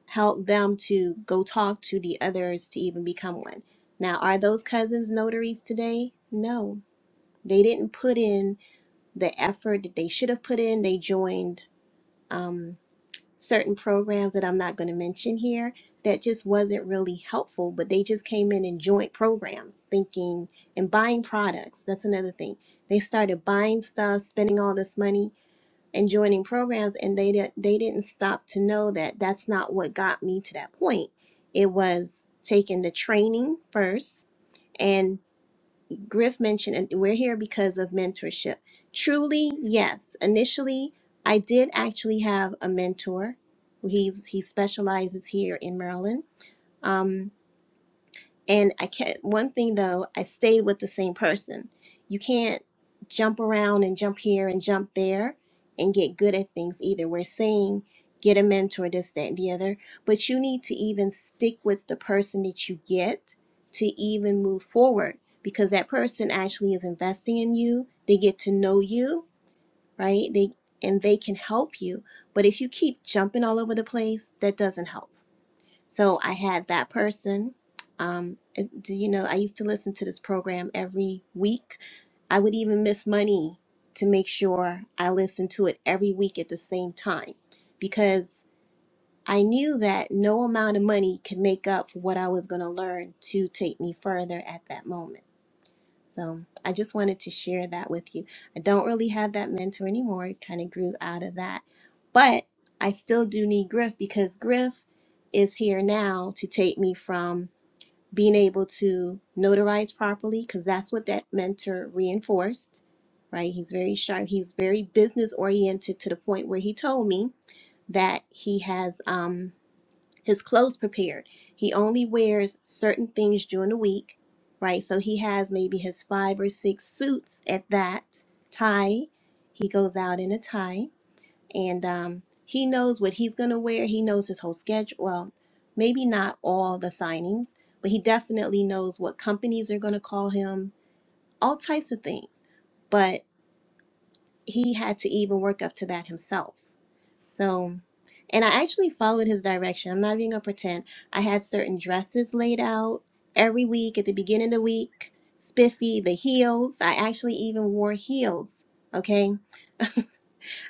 Speaker 7: helped them to go talk to the others to even become one. Now, are those cousins notaries today? No, they didn't put in the effort that they should have put in. They joined. Um, certain programs that I'm not going to mention here that just wasn't really helpful, but they just came in and joint programs thinking and buying products. That's another thing. They started buying stuff, spending all this money and joining programs and they didn't they didn't stop to know that that's not what got me to that point. It was taking the training first and. Griff mentioned, and we're here because of mentorship. Truly, yes. Initially, I did actually have a mentor. He's he specializes here in Maryland. Um, and I can't, one thing though, I stayed with the same person. You can't jump around and jump here and jump there and get good at things either. We're saying get a mentor, this, that, and the other, but you need to even stick with the person that you get to even move forward because that person actually is investing in you. They get to know you, right? They, and they can help you. But if you keep jumping all over the place, that doesn't help. So I had that person. Um, it- do you know, I used to listen to this program every week. I would even miss money to make sure I listened to it every week at the same time because I knew that no amount of money could make up for what I was going to learn to take me further at that moment. So I just wanted to share that with you. I don't really have that mentor anymore. It kind of grew out of that. But I still do need Griff because Griff is here now to take me from being able to notarize properly, because that's what that mentor reinforced, right? He's very sharp. He's very business oriented to the point where he told me that he has. Um, his clothes prepared. He only wears certain things during the week, right? So he has maybe his five or six suits at that tie. He goes out in a tie, and um, he knows what he's gonna wear. He knows his whole schedule. Well, maybe not all the signings, but he definitely knows what companies are gonna call him. All types of things. but he had to even work up to that himself. So, and I actually followed his direction. I'm not even gonna pretend. I had certain dresses laid out every week at the beginning of the week, spiffy, the heels. I actually even wore heels. Okay,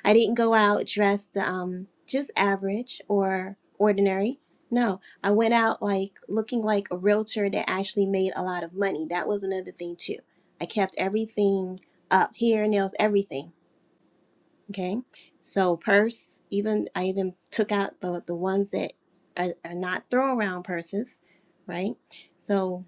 Speaker 7: I didn't go out dressed um just average or ordinary. No, I went out like looking like a realtor that actually made a lot of money. That was another thing too. I kept everything up, hair, nails, everything. Okay. So purse, even I even took out the the ones that are, are not throw around purses, right? So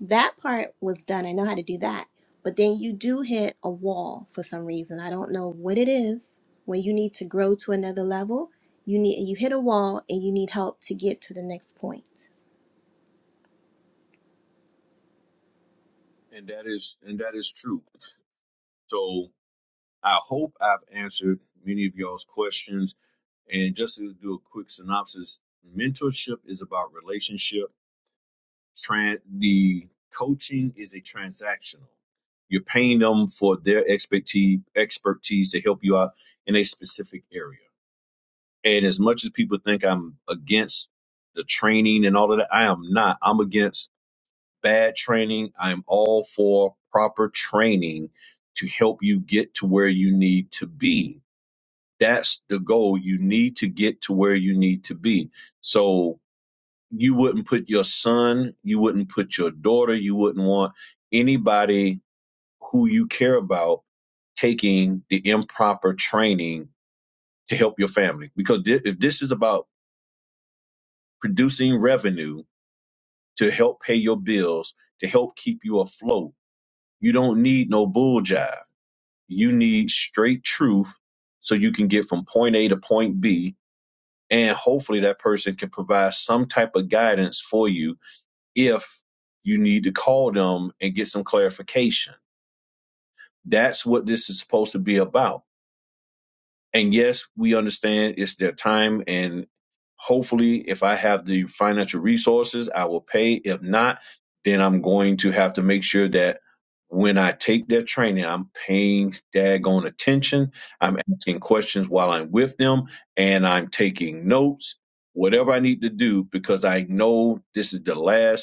Speaker 7: that part was done. I know how to do that. But then you do hit a wall for some reason. I don't know what it is. When you need to grow to another level, you need you hit a wall and you need help to get to the next point.
Speaker 2: And that is and that is true. So I hope I've answered many of y'all's questions. And just to do a quick synopsis, mentorship is about relationship Tran the coaching is a transactional. You're paying them for their expertise expertise to help you out in a specific area. And as much as people think I'm against the training and all of that, I am not. I'm against bad training. I'm all for proper training to help you get to where you need to be. That's the goal. You need to get to where you need to be. So you wouldn't put your son, you wouldn't put your daughter, you wouldn't want anybody who you care about taking the improper training to help your family. Because thi- if this is about producing revenue to help pay your bills, to help keep you afloat, you don't need no bull jive. You need straight truth so you can get from point A to point B. And hopefully that person can provide some type of guidance for you if you need to call them and get some clarification. That's what this is supposed to be about. And yes, we understand it's their time. And hopefully, if I have the financial resources, I will pay. If not, then I'm going to have to make sure that when I take their training, I'm paying daggone attention. I'm asking questions while I'm with them and I'm taking notes, whatever I need to do, because I know this is the last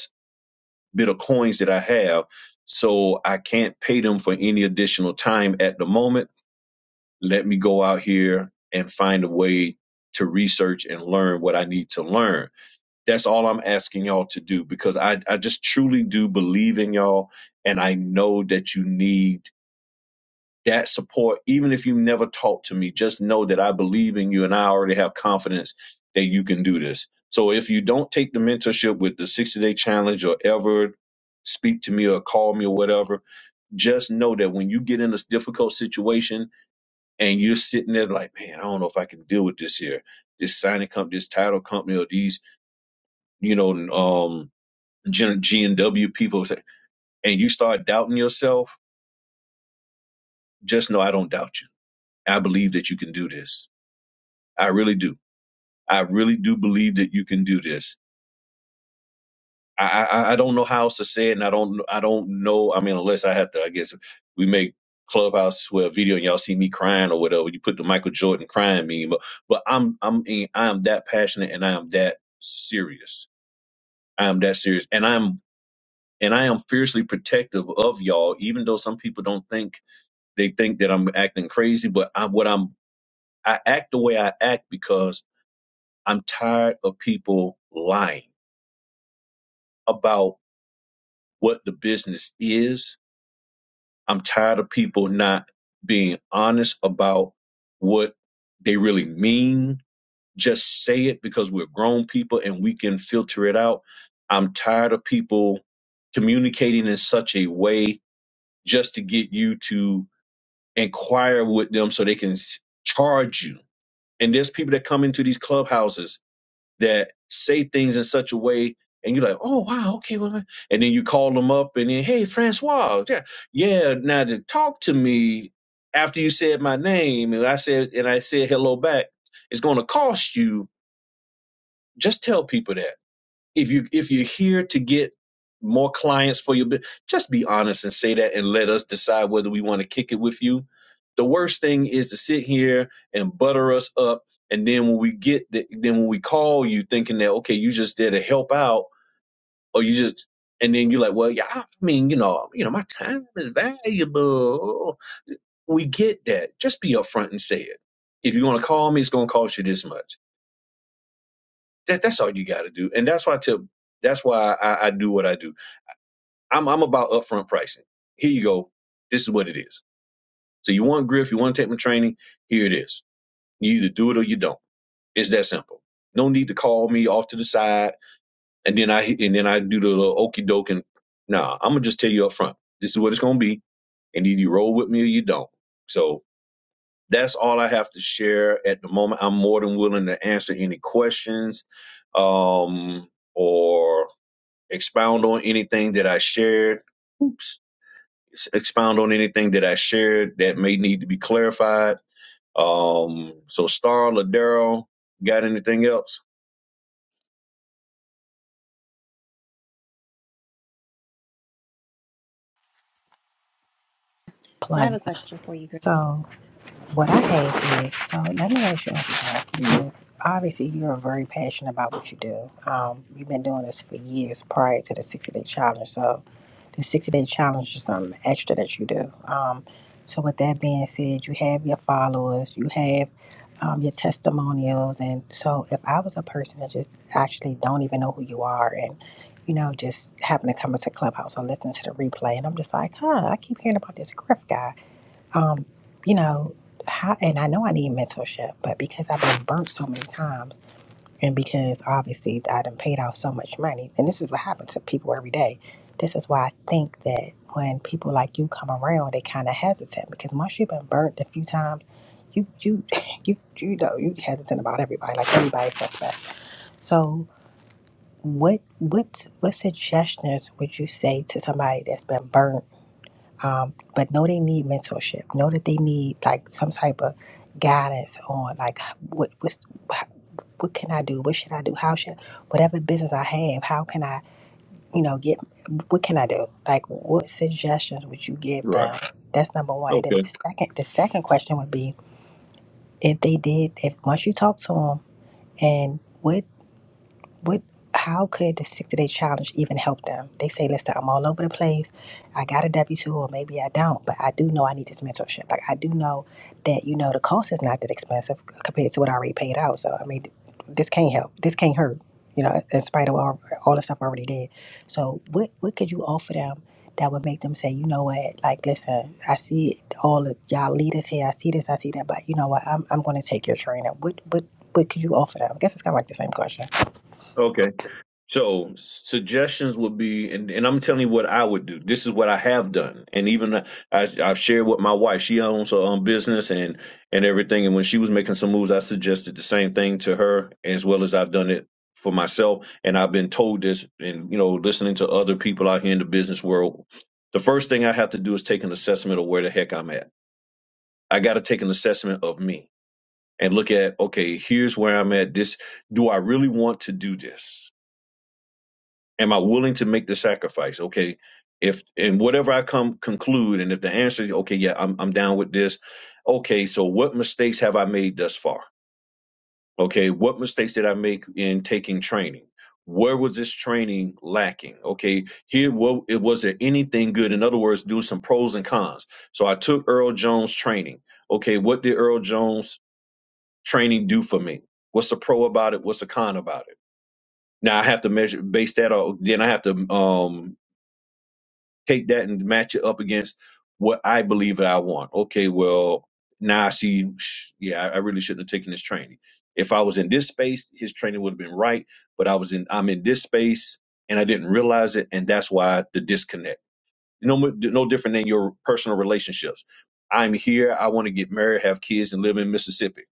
Speaker 2: bit of coins that I have. So I can't pay them for any additional time at the moment. Let me go out here and find a way to research and learn what I need to learn. That's all I'm asking y'all to do because I, I just truly do believe in y'all. And I know that you need that support, even if you never talk to me, just know that I believe in you and I already have confidence that you can do this. So if you don't take the mentorship with the 60 day challenge or ever speak to me or call me or whatever, just know that when you get in a difficult situation and you're sitting there like, man, I don't know if I can deal with this here, this signing company, this title company, or these, you know, um, G and W people, and you start doubting yourself, just know I don't doubt you. I believe that you can do this. I really do I really do believe that you can do this. I, I I don't know how else to say it, and I don't I don't know. I mean, unless I have to, I guess we make Clubhouse where a video and y'all see me crying or whatever. You put the Michael Jordan crying meme, but, but I'm I'm I am that passionate and I am that serious. I am that serious, and I'm and I am fiercely protective of y'all, even though some people don't think they think that I'm acting crazy. But I'm what I'm I act the way I act because I'm tired of people lying about what the business is. I'm tired of people not being honest about what they really mean. Just say it because we're grown people and we can filter it out. I'm tired of people communicating in such a way just to get you to inquire with them so they can s- charge you. And there's people that come into these clubhouses that say things in such a way and you're like, oh wow, okay, well, and then you call them up and then, hey, Francois, yeah, yeah, now to talk to me after you said my name and I said and I said hello back, it's gonna cost you. Just tell people that if you if you're here to get more clients for your business, just be honest and say that, and let us decide whether we want to kick it with you. The worst thing is to sit here and butter us up, and then when we get the, then when we call you, thinking that okay, you just there to help out, or you just and then you're like, well, yeah, I mean, you know, you know, my time is valuable. We get that. Just be upfront and say it. If you want to call me, it's gonna cost you this much that, that's all you got to do, and that's why I tell. That's why I, I do what I do. I'm I'm about upfront pricing. Here you go. This is what it is. So you want Griff? You want to take my training? Here it is. You either do it or you don't. It's that simple. No need to call me off to the side, and then I and then I do the little okey doke and nah. I'm gonna just tell you up front. This is what it's gonna be, and either you roll with me or you don't. So that's all I have to share at the moment. I'm more than willing to answer any questions. Um, or Expound on anything that I shared. Oops. Expound on anything that I shared that may need to be clarified. Um, so Star Ladero, got anything else?
Speaker 7: I
Speaker 1: like
Speaker 7: have a
Speaker 1: that.
Speaker 7: question for you, girl.
Speaker 1: So what I had is so let me ask you about
Speaker 2: Mhm.
Speaker 1: because obviously you're very passionate about what you do. Um, you've been doing this for years prior to the sixty day challenge. So the sixty day challenge is something extra that you do. Um, so with that being said, you have your followers, you have um, your testimonials, and so if I was a person that just actually don't even know who you are and you know, just happen to come into Clubhouse or listen to the replay, and I'm just like, huh, I keep hearing about this Griff guy um, you know, how, and I know I need mentorship, but because I've been burnt so many times, and because obviously I done paid off so much money, and this is what happens to people every day. This is why I think that when people like you come around, they kind of hesitant because once you've been burnt a few times, you you you you know you hesitant about everybody, like everybody's suspect. So. What what what suggestions would you say to somebody that's been burnt? Um, but know they need mentorship. Know that they need like some type of guidance on like what what's, what can I do? What should I do? How should whatever business I have? How can I you know get what can I do? Like what suggestions would you give
Speaker 2: Right.
Speaker 1: them? That's number one. And then
Speaker 2: Okay.
Speaker 1: the second the second question would be if they did if once you talk to them and what what how could the 60 day challenge even help them? They say, listen, I'm all over the place. I got a W two or maybe I don't, but I do know I need this mentorship. Like I do know that, you know, the cost is not that expensive compared to what I already paid out. So I mean this can't help. This can't hurt, you know, in spite of all, all the stuff I already did. So what what could you offer them that would make them say, you know what, like listen, I see all of y'all leaders here, I see this, I see that, but you know what, I'm I'm gonna take your training. What what what could you offer them? I guess it's kinda like the same question.
Speaker 2: Okay. So suggestions would be, and, and I'm telling you what I would do. This is what I have done, and even I, I've shared with my wife. She owns her own business and and everything. And when she was making some moves, I suggested the same thing to her, as well as I've done it for myself. And I've been told this, and you know, listening to other people out here in the business world, the first thing I have to do is take an assessment of where the heck I'm at. I got to take an assessment of me and look at, okay, here's where I'm at. This, do I really want to do this? am I willing to make the sacrifice? Okay, if and whatever I come conclude, and if the answer is okay, yeah, I'm I'm down with this. Okay, so what mistakes have I made thus far? Okay, what mistakes did I make in taking training? Where was this training lacking? Okay, here what it was there anything good? In other words, do some pros and cons. So I took Earl Jones training. Okay, what did Earl Jones training do for me? What's the pro about it? What's the con about it? Now I have to measure base that on. Then I have to um take that and match it up against what I believe that I want. Okay, well, now I see, sh- yeah, I I really shouldn't have taken this training. If I was in this space, his training would have been right, but I was in, I'm in this space and I didn't realize it. And that's why the disconnect, no, mo- no different than your personal relationships. I'm here. I want to get married, have kids and live in Mississippi.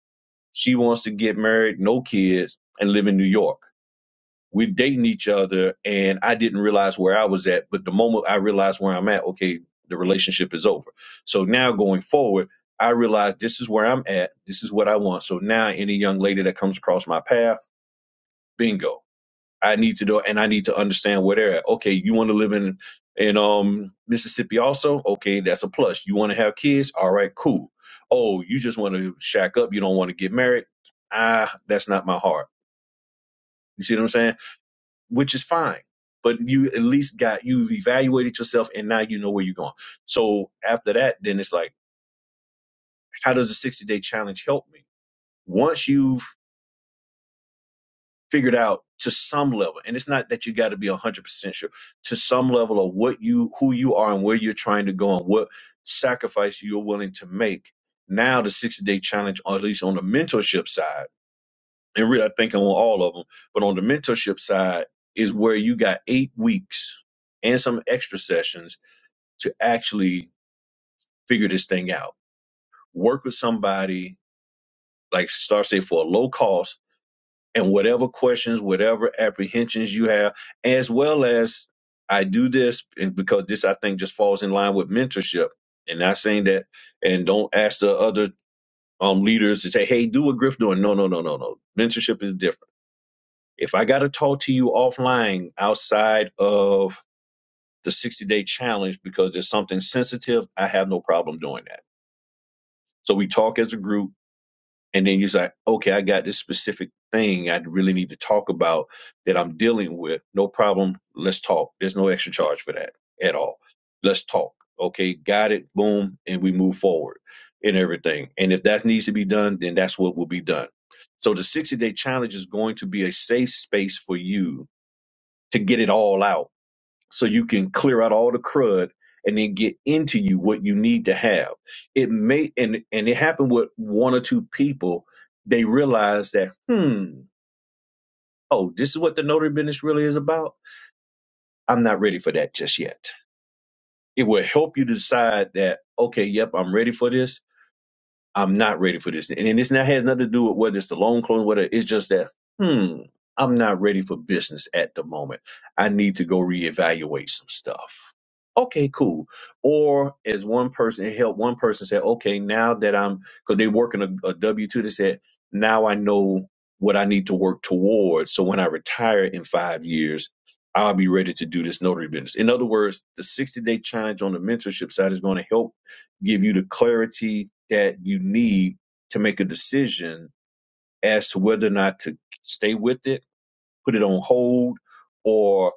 Speaker 2: She wants to get married, no kids and live in New York we're dating each other and I didn't realize where I was at, but the moment I realized where I'm at, okay, the relationship is over. So now going forward, I realize this is where I'm at, this is what I want. So now any young lady that comes across my path, bingo. I need to do and I need to understand where they're at. Okay, you want to live in in um Mississippi also? Okay, that's a plus. You want to have kids? All right, cool. Oh, you just want to shack up, you don't want to get married? Ah, that's not my heart. You see what I'm saying? which is fine. But you at least got you've evaluated yourself and now you know where you're going. So after that, then it's like, how does the 60 day challenge help me? Once you've figured out to some level, and it's not that you got to be hundred percent sure, to some level of what you who you are and where you're trying to go and what sacrifice you're willing to make. Now the 60 day challenge, or at least on the mentorship side And really, I think on all of them. But on the mentorship side is where you got eight weeks and some extra sessions to actually figure this thing out. Work with somebody, like Star said, for a low cost and whatever questions, whatever apprehensions you have, as well as I do this and because this, I think, just falls in line with mentorship. And not saying that, and don't ask the other um, leaders to say, hey, do what Griff doing. No, no, no, no, no. Mentorship is different If I got to talk to you offline outside of the 60 day challenge because there's something sensitive, I have no problem doing that. So we talk as a group. And then you say, okay, I got this specific thing I really need to talk about that I'm dealing with. No problem. Let's talk. There's no extra charge for that at all. Let's talk. Okay, got it. Boom. And we move forward and everything. And if that needs to be done, then that's what will be done. So the 60 day challenge is going to be a safe space for you to get it all out so you can clear out all the crud and then get into you what you need to have it may and and it happened with one or two people they realized that hmm oh this is what the notary business really is about i'm not ready for that just yet it will help you decide that okay yep i'm ready for this I'm not ready for this. And, and this now has nothing to do with whether it's the loan closing, whether it's just that, hmm, I'm not ready for business at the moment. I need to go reevaluate some stuff. Okay, cool. Or as one person it helped one person say, okay, now that I'm because they work in a, a W two, they said, now I know what I need to work towards. So when I retire in five years, I'll be ready to do this notary business. In other words, the 60 day challenge on the mentorship side is going to help give you the clarity that you need to make a decision as to whether or not to stay with it, put it on hold, or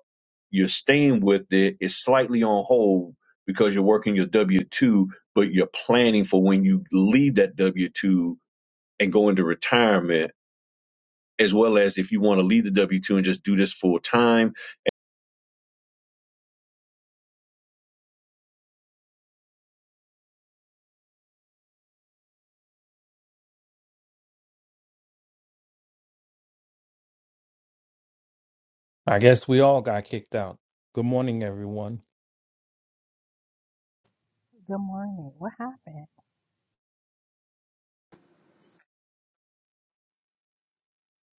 Speaker 2: you're staying with it, it's slightly on hold because you're working your W 2, but you're planning for when you leave that W 2 and go into retirement, as well as if you want to leave the W 2 and just do this full time.
Speaker 9: I guess we all got kicked out. Good morning, everyone.
Speaker 1: Good morning. What happened?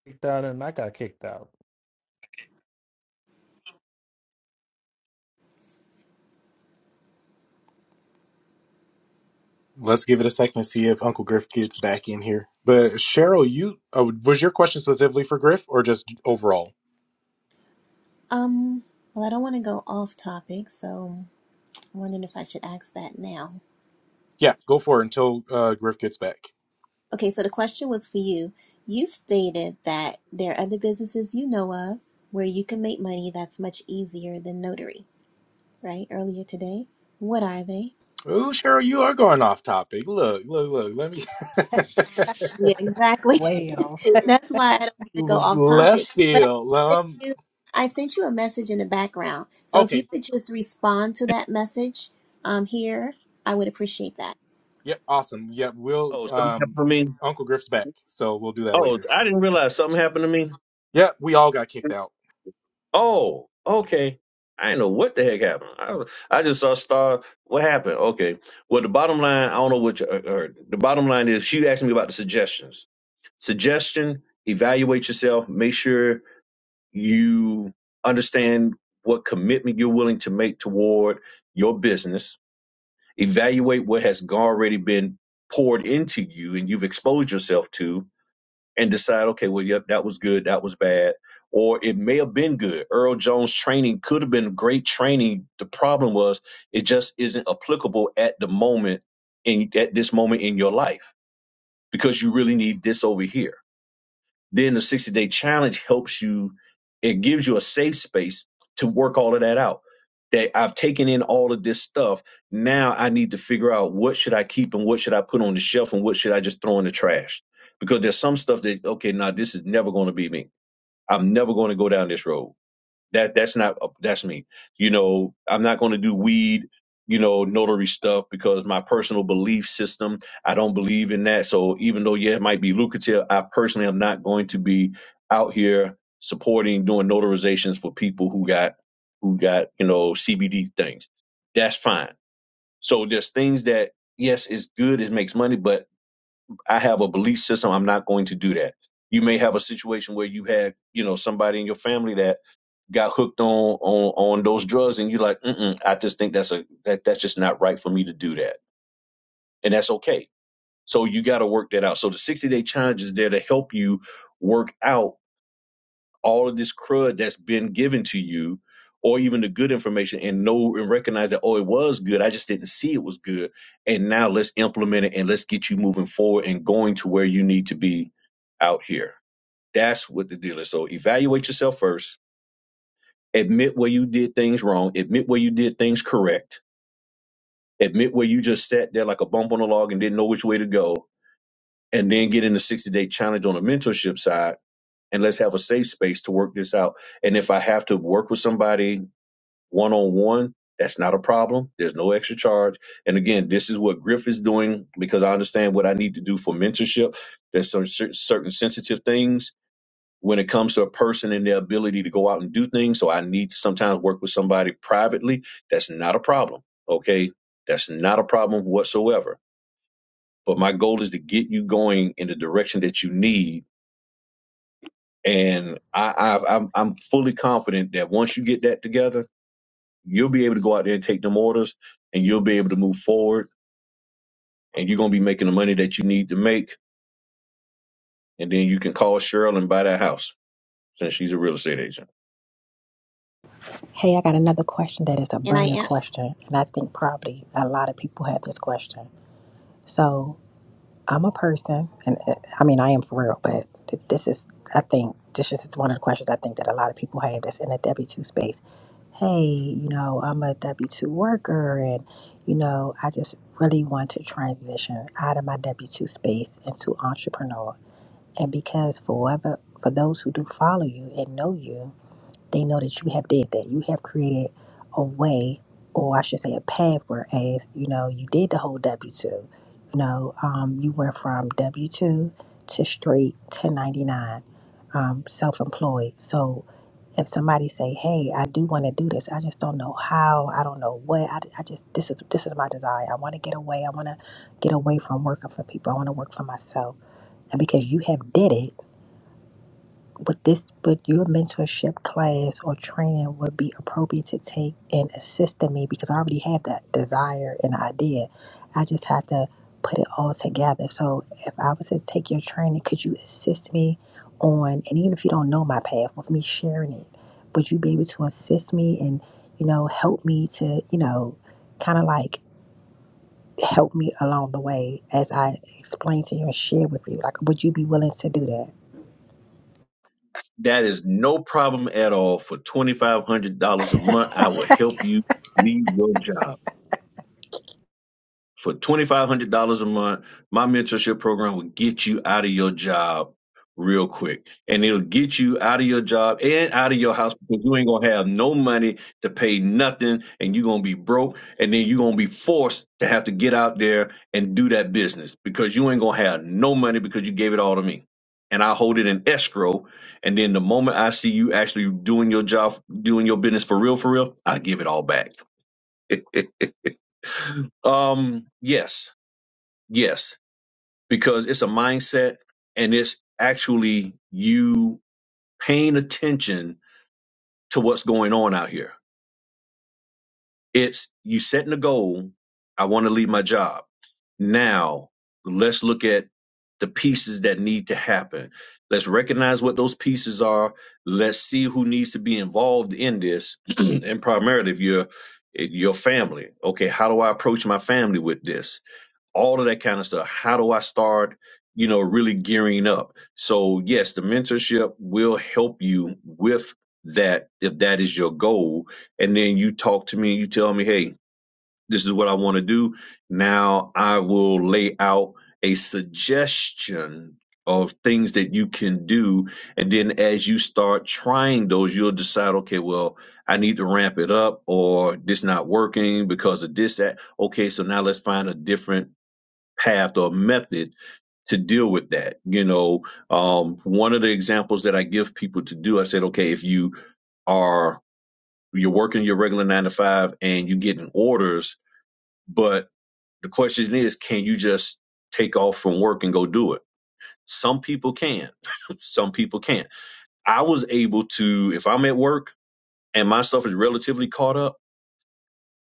Speaker 9: Kicked out, and I got kicked out.
Speaker 3: Let's give it a second to see if Uncle Griff gets back in here. But Cheryl, you uh, was your question specifically for Griff or just overall?
Speaker 7: Um, well, I don't want to go off topic, so I'm wondering if I should ask that now.
Speaker 3: Yeah, go for it until uh, Griff gets back.
Speaker 7: Okay, so the question was for you. You stated that there are other businesses you know of where you can make money that's much easier than notary, right? Earlier today. What are they?
Speaker 3: Ooh, Cheryl, you are going off topic. Look, look, look. Let me
Speaker 7: Yeah, exactly.
Speaker 1: Well,
Speaker 7: That's why I don't want to go off
Speaker 3: left
Speaker 7: topic. But I
Speaker 3: field.
Speaker 7: sent
Speaker 3: Um,
Speaker 7: you I sent you a message in the background. So if you
Speaker 3: okay.
Speaker 7: could just respond to that message um here, I would appreciate that.
Speaker 3: Yep. Awesome. Yep. We'll
Speaker 2: Oh, something
Speaker 3: um,
Speaker 2: happened to me.
Speaker 3: Uncle Griff's back, so we'll do that
Speaker 2: Oh,
Speaker 3: later.
Speaker 2: I didn't realize something happened to me.
Speaker 3: Yep. We all got kicked out.
Speaker 2: Oh, okay. I didn't know what the heck happened. I, I just saw Star. What happened? Okay. Well, the bottom line, I don't know what you uh, heard. The bottom line is she asked me about the suggestions. Suggestion, evaluate yourself, make sure you understand what commitment you're willing to make toward your business, evaluate what has already been poured into you and you've exposed yourself to, and decide, okay, well, yep, that was good, that was bad, or it may have been good. Earl Jones' training could have been great training. The problem was it just isn't applicable at the moment in at this moment in your life because you really need this over here then the 60 day challenge helps you, it gives you a safe space to work all of that out. That I've taken in all of this stuff. Now I need to figure out what should I keep and what should I put on the shelf and what should I just throw in the trash. Because there's some stuff that, okay, now this is never going to be me. I'm never going to go down this road that that's not uh, that's me. You know, I'm not going to do weed, you know, notary stuff because my personal belief system, I don't believe in that. So even though yeah, it might be lucrative, I personally am not going to be out here supporting doing notarizations for people who got who got, you know, CBD things. That's fine. So there's things that yes, it's good, it makes money, but I have a belief system, I'm not going to do that. You may have a situation where you had, you know, somebody in your family that got hooked on on on those drugs and you're like Mm-mm, i just think that's a that that's just not right for me to do that and that's okay so you got to work that out so the 60 day challenge is there to help you work out all of this crud that's been given to you or even the good information and know and recognize that oh it was good i just didn't see it was good and now let's implement it and let's get you moving forward and going to where you need to be out here that's what the deal is so evaluate yourself first admit where you did things wrong, admit where you did things correct, admit where you just sat there like a bump on a log and didn't know which way to go, and then get in the 60 day challenge on the mentorship side. And let's have a safe space to work this out. And if I have to work with somebody one on one, that's not a problem. There's no extra charge. And again, this is what Griff is doing because I understand what I need to do for mentorship. There's some cer- certain sensitive things when it comes to a person and their ability to go out and do things. So I need to sometimes work with somebody privately. That's not a problem. Okay. That's not a problem whatsoever. But my goal is to get you going in the direction that you need. And I, I, I'm, I'm fully confident that once you get that together, you'll be able to go out there and take them orders and you'll be able to move forward and you're going to be making the money that you need to make. And then you can call Cheryl and buy that house since she's a real estate agent.
Speaker 1: Hey, I got another question that is a
Speaker 7: And I
Speaker 1: burning
Speaker 7: am
Speaker 1: question, and I think probably a lot of people have this question. So, I'm a person, and uh, I mean, I am for real, but th- this is, I think, this is one of the questions I think that a lot of people have that's in the W 2 space. Hey, you know, I'm a W 2 worker, and, you know, I just really want to transition out of my W 2 space into entrepreneur. And because for whatever, for those who do follow you and know you, They know that you have did that. You have created a way, or I should say, a path. Whereas you know you did the whole W two. You know, um, you went from W two to straight ten ninety nine, um, self employed. So if somebody say, "Hey, I do want to do this. I just don't know how. I don't know what. I, I just this is this is my desire. I want to get away. I want to get away from working for people. I want to work for myself." And because you have did it but this, but your mentorship class or training would be appropriate to take and assist in me because I already have that desire and idea. I just have to put it all together. So if I was to take your training, could you assist me on, and even if you don't know my path, with me sharing it, would you be able to assist me and, you know, help me to, you know, kind of like help me along the way as I explain to you and share with you? Like, would you be willing to do that?
Speaker 2: That is no problem at all. For $2,500 a month, I will help you leave your job for $2500 a month my mentorship program will get you out of your job real quick and it'll get you out of your job and out of your house because you ain't gonna have no money to pay nothing and you're gonna be broke and then you're gonna be forced to have to get out there and do that business because you ain't gonna have no money because you gave it all to me and i hold it in escrow and then the moment i see you actually doing your job doing your business for real for real i give it all back um yes Yes, because it's a mindset and it's actually you paying attention to what's going on out here. It's you setting a goal. I want to leave my job. Now let's look at the pieces that need to happen. Let's recognize what those pieces are. Let's see who needs to be involved in this. and primarily if you're if your family. Okay, how do I approach my family with this? all of that kind of stuff. How do I start, you know, really gearing up? So, yes, the mentorship will help you with that if that is your goal. And then you talk to me and you tell me, hey, this is what I want to do. Now I will lay out a suggestion of things that you can do. And then as you start trying those, you'll decide, okay, well, I need to ramp it up or this not working because of this, that. Okay, so now let's find a different path or method to deal with that. You know, um, one of the examples that I give people to do, I said, okay, if you are you're working your regular nine to five and you're getting orders, but the question is, can you just take off from work and go do it? Some people can, some people can't. I was able to, if I'm at work and my stuff is relatively caught up.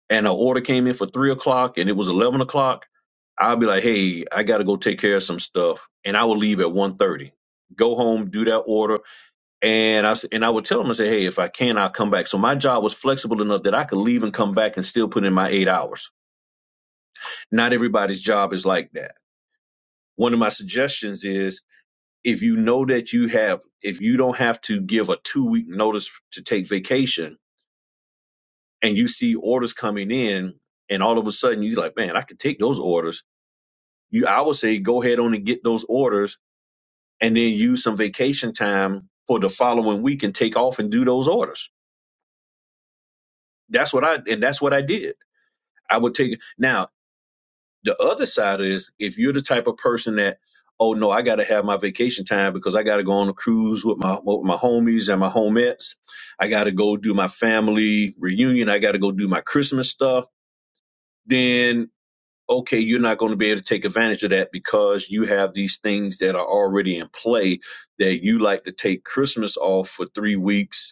Speaker 2: and an order came in for three o'clock and it was eleven o'clock, I'll be like, hey, I gotta go take care of some stuff, and I will leave at one thirty, Go home, do that order, and I s- and I would tell them I say, hey, if I can, I'll come back. So my job was flexible enough that I could leave and come back and still put in my eight hours. Not everybody's job is like that. One of my suggestions is if you know that you have, if you don't have to give a two week notice to take vacation, and you see orders coming in, and all of a sudden you're like, man, I could take those orders you I would say go ahead on and get those orders and then use some vacation time for the following week and take off and do those orders. That's what I and that's what I did. I would take now the other side is if you're the type of person that oh no I got to have my vacation time because I got to go on a cruise with my with my homies and my homettes. I got to go do my family reunion. I got to go do my Christmas stuff. Then okay, you're not going to be able to take advantage of that because you have these things that are already in play that you like to take Christmas off for three weeks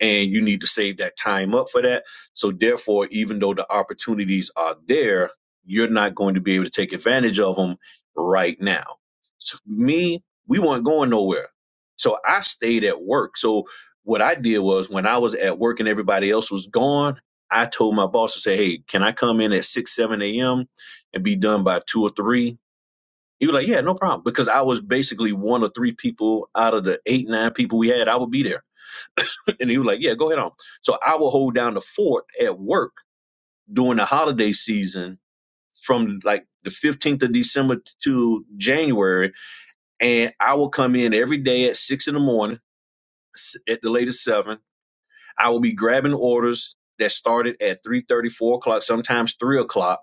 Speaker 2: and you need to save that time up for that. So therefore, even though the opportunities are there, you're not going to be able to take advantage of them right now. So me, we weren't going nowhere. So I stayed at work. So what I did was when I was at work and everybody else was gone, I told my boss to say, Hey, can I come in at six, seven AM and be done by two or three?" He was like, Yeah, no problem. Because I was basically one or three people out of the eight, nine people we had, I would be there. And he was like, Yeah, go ahead on. So I would hold down the fort at work during the holiday season from like the 15th of December to January. And I will come in every day at six in the morning, s- at the latest seven. I will be grabbing orders that started at three thirty, four o'clock, sometimes three o'clock,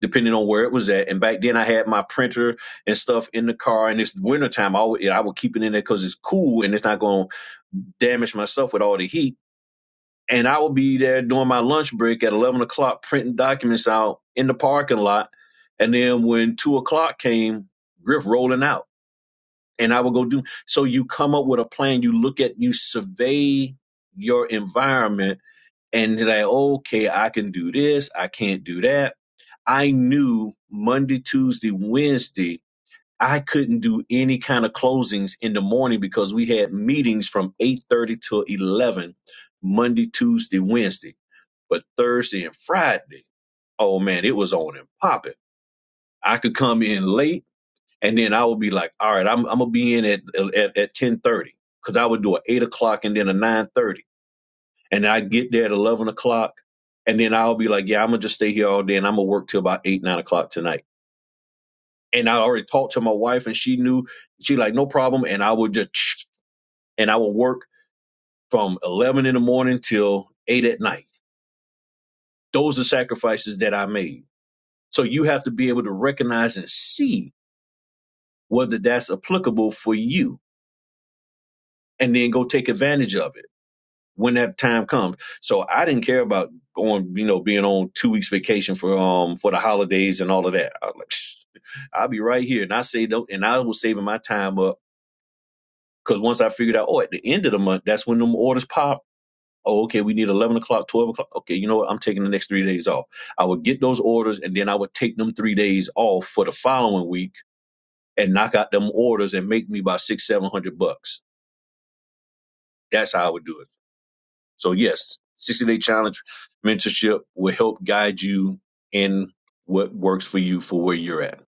Speaker 2: depending on where it was at. And back then I had my printer and stuff in the car. And it's wintertime. I would, I would keep it in there because it's cool and it's not going to damage myself with all the heat and I would be there during my lunch break at eleven o'clock, printing documents out in the parking lot. And then when two o'clock came, Griff rolling out, and I would go do. So you come up with a plan. You look at, you survey your environment, and you're like, okay, I can do this. I can't do that. I knew Monday, Tuesday, Wednesday. I couldn't do any kind of closings in the morning because we had meetings from 8:30 till 11 Monday, Tuesday, Wednesday but Thursday and Friday, oh man, it was on and popping. I could come in late, and then I would be like, all right, I'm I'm gonna be in at at at ten thirty because I would do an eight o'clock and then a nine thirty, and I get there at eleven o'clock, and then I'll be like, yeah, I'm gonna just stay here all day, and I'm gonna work till about eight nine o'clock tonight. And I already talked to my wife, and she knew she like no problem, and I would just and I would work from eleven in the morning till eight at night. Those are sacrifices that I made So you have to be able to recognize and see whether that's applicable for you and then go take advantage of it when that time comes. So I didn't care about going, you know, being on two weeks vacation for um for the holidays and all of that. I was like, "Psh, I'll be right here. And I saved up and I was saving my time up because once I figured out, oh, at the end of the month, that's when them orders pop. Oh, okay, we need eleven o'clock, twelve o'clock. Okay, you know what? I'm taking the next three days off. I would get those orders and then I would take them three days off for the following week and knock out them orders and make me about six, seven hundred bucks. That's how I would do it. So yes, 60 day challenge mentorship will help guide you in what works for you for where you're at.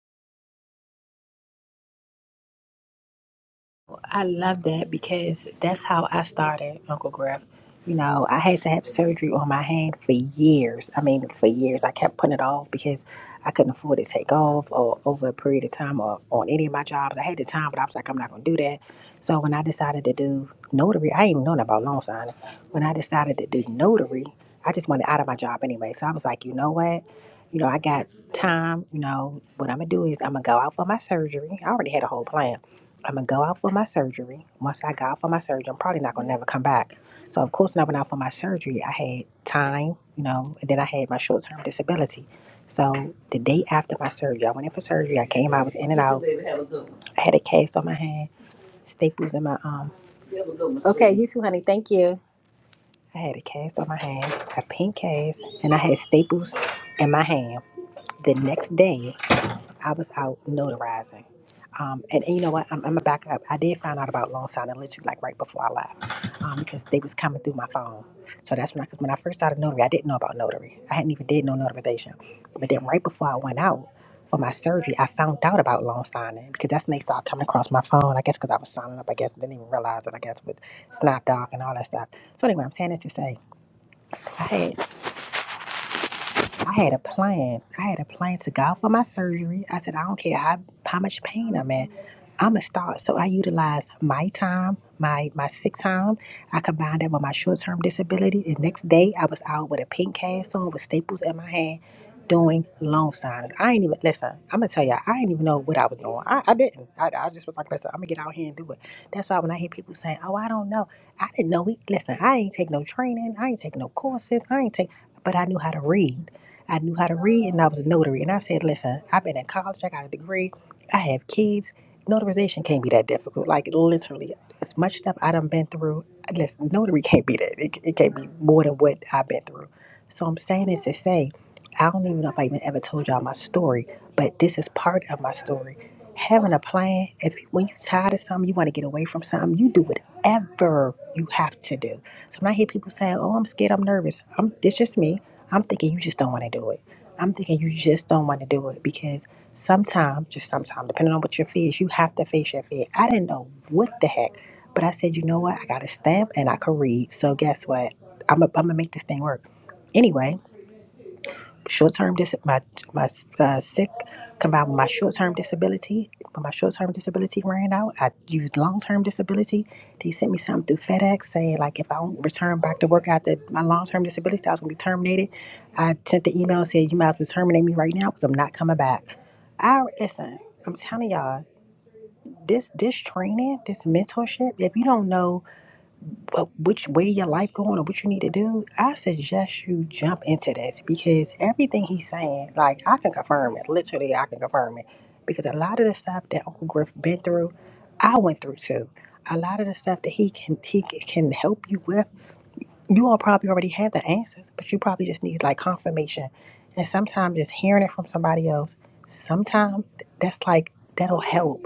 Speaker 1: I love that because that's how I started, Uncle Griff. You know, I had to have surgery on my hand for years. I mean, for years. I kept putting it off because I couldn't afford to take off or over a period of time or on any of my jobs. I had the time, but I was like, I'm not going to do that. So when I decided to do notary, I ain't nothing about loan signing. When I decided to do notary, I just wanted out of my job anyway. So I was like, you know what? You know, I got time. You know, what I'm going to do is I'm going to go out for my surgery. I already had a whole plan I'm gonna go out for my surgery. Once I go out for my surgery, I'm probably not gonna never come back. So of course, when I went out for my surgery, I had time, you know, and then I had my short term disability. So the day after my surgery, I went in for surgery. I came out, was in and out. I had a cast on my hand, staples in my um. Okay, you too, honey. Thank you. I had a cast on my hand, a pink cast, and I had staples in my hand. The next day, I was out notarizing. Um, and, and you know what? I'm, I'm gonna back up. I did find out about loan signing literally like right before I left, um, because they was coming through my phone. So that's when I, cause when I first started notary, I didn't know about notary. I hadn't even did no notarization. But then right before I went out for my surgery, I found out about loan signing because that's when they started coming across my phone. I guess because I was signing up. I guess I didn't even realize it. I guess with Snapdog and all that stuff. So anyway, I'm saying this to say, I had I had a plan. I had a plan to go out for my surgery. I said, I don't care how, how much pain I'm in. I'm gonna start. So I utilized my time, my my sick time. I combined that with my short term disability. The next day, I was out with a pink cast on with staples in my hand doing loan signings. I ain't even, listen, I'm going to tell y'all, I didn't even know what I was doing. I, I didn't. I, I just was like, listen, I'm going to get out here and do it. That's why when I hear people saying, oh, I don't know, I didn't know. We, listen, I ain't take no training. I ain't take no courses. I ain't take, but I knew how to read. I knew how to read and I was a notary. And I said, listen, I've been in college, I got a degree, I have kids. Notarization can't be that difficult. Like literally, as much stuff I done been through, listen, notary can't be that. It, it can't be more than what I've been through. So I'm saying this to say, I don't even know if I even ever told y'all my story, but this is part of my story. Having a plan, if when you tired of something, you want to get away from something, you do whatever you have to do. So when I hear people saying, "Oh, I'm scared, I'm nervous," I'm, it's just me. I'm thinking you just don't want to do it. I'm thinking you just don't want to do it because sometimes, just sometimes, depending on what your fear is, you have to face your fear. I didn't know what the heck, but I said, you know what? I got a stamp and I could read. So guess what? I'm going to make this thing work. Anyway, short-term dis my my uh, sick combined with my short-term disability. When my short-term disability ran out, I used long-term disability. They sent me something through FedEx saying like if I don't return back to work after my long-term disability, I was gonna be terminated. I sent the email and said you might as well terminate me right now because I'm not coming back. I listen. I'm telling y'all this this training, this mentorship. If you don't know but which way your life going or what you need to do, I suggest you jump into this because everything he's saying, like I can confirm it. Literally, I can confirm it because a lot of the stuff that Uncle Griff been through, I went through too. A lot of the stuff that he can he c- can help you with, you all probably already have the answers, but you probably just need like confirmation. And sometimes just hearing it from somebody else, sometimes that's like that'll help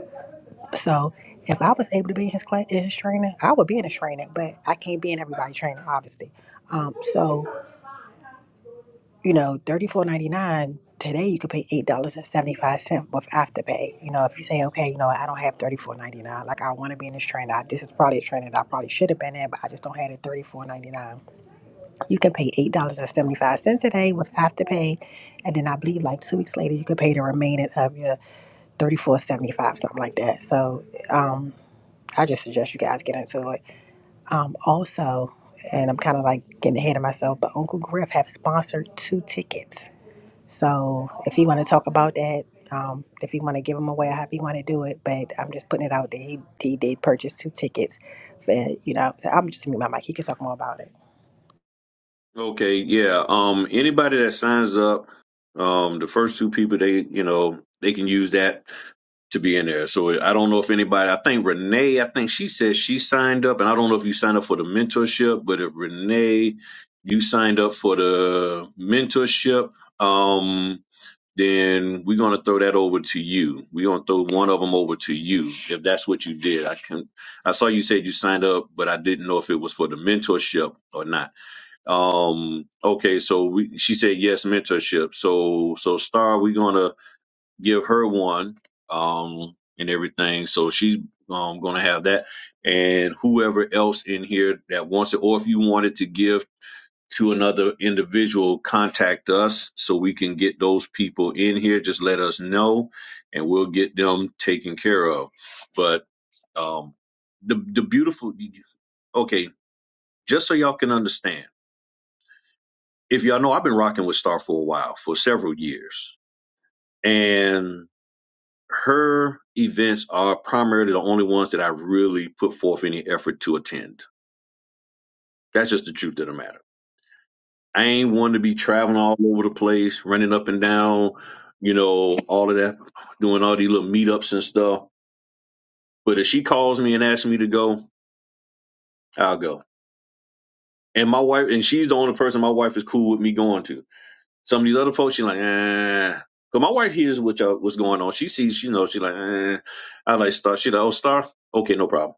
Speaker 1: so if I was able to be in his class, in his training, I would be in his training, but I can't be in everybody's training, obviously. Um, so you know, thirty four ninety nine today you could pay eight dollars and seventy five cent with afterpay. You know, if you say, okay, you know, I don't have thirty four ninety nine, like I want to be in this training, I, this is probably a training that I probably should have been in, but I just don't have it thirty four ninety nine. You can pay eight dollars and seventy five cent today with afterpay, and then I believe like two weeks later you could pay the remaining of your thirty four seventy five, something like that. So. Um, I just suggest you guys get into it. Um, also, and I'm kind of like getting ahead of myself, but Uncle Griff have sponsored two tickets. So if you want to talk about that, um, if you want to give them away, I hope you want to do it. But I'm just putting it out there. He, he did purchase two tickets. But, you know, I'm just gonna mute my mic. He can talk more about it.
Speaker 2: Okay, yeah. Um, anybody that signs up, um, the first two people they, you know, they can use that to be in there. So I don't know if anybody. I think Renee. I think she said she signed up, and I don't know if you signed up for the mentorship, but if Renee, you signed up for the mentorship. Um, then we're going to throw that over to you. We're going to throw one of them over to you if that's what you did. I can I saw you said you signed up, but I didn't know if it was for the mentorship or not. Um okay, so we she said yes mentorship. So so Star we're going to give her one um and everything. So she's um going to have that and whoever else in here that wants it or if you wanted to give to another individual, contact us so we can get those people in here. Just let us know, and we'll get them taken care of. But um, the the beautiful, okay, just so y'all can understand, if y'all know, I've been rocking with Star for a while, for several years, and her events are primarily the only ones that I really put forth any effort to attend. That's just the truth of the matter I ain't one to be traveling all over the place, running up and down, you know, all of that, doing all these little meetups and stuff. But if she calls me and asks me to go, I'll go. And my wife, and she's the only person my wife is cool with me going to. Some of these other folks, she's like, eh. Cause my wife hears what y'all, what's going on. She sees, you know, she's like, eh. I like Star. She's like, oh, Star? Okay, no problem.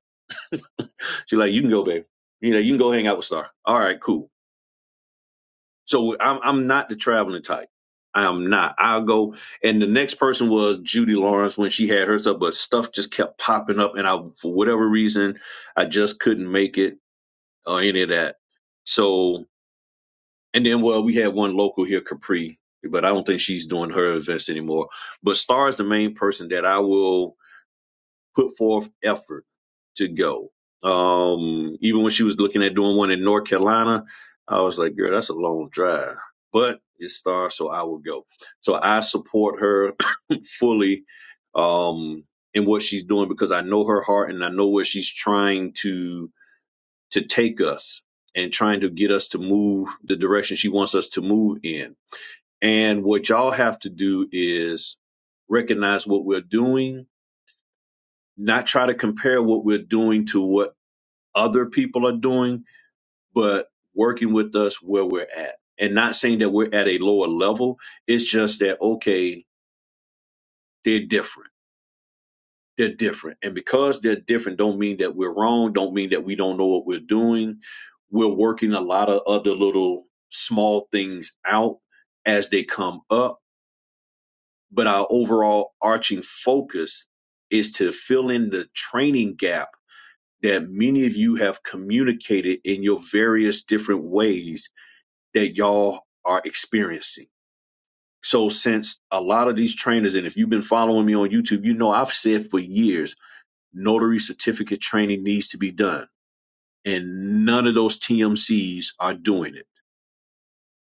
Speaker 2: She's like, you can go, babe. You know, you can go hang out with Star. All right, cool. So I'm I'm not the traveling type. I am not. I'll go. And the next person was Judy Lawrence when she had hers up, but stuff just kept popping up, and I for whatever reason I just couldn't make it or any of that. So and then well we had one local here, Capri, but I don't think she's doing her events anymore. But Star is the main person that I will put forth effort to go. Um, even when she was looking at doing one in North Carolina, I was like, girl, that's a long drive, but it's star, so I will go. So I support her fully um, in what she's doing because I know her heart and I know where she's trying to to take us and trying to get us to move the direction she wants us to move in. And what y'all have to do is recognize what we're doing not try to compare what we're doing to what other people are doing, but working with us where we're at. And not saying that we're at a lower level. It's just that, okay, they're different. They're different. And because they're different, don't mean that we're wrong, don't mean that we don't know what we're doing. We're working a lot of other little small things out as they come up. But our overall arching focus is to fill in the training gap that many of you have communicated in your various different ways that y'all are experiencing. So, since a lot of these trainers, and if you've been following me on YouTube, you know I've said for years notary certificate training needs to be done, and none of those TMCs are doing it.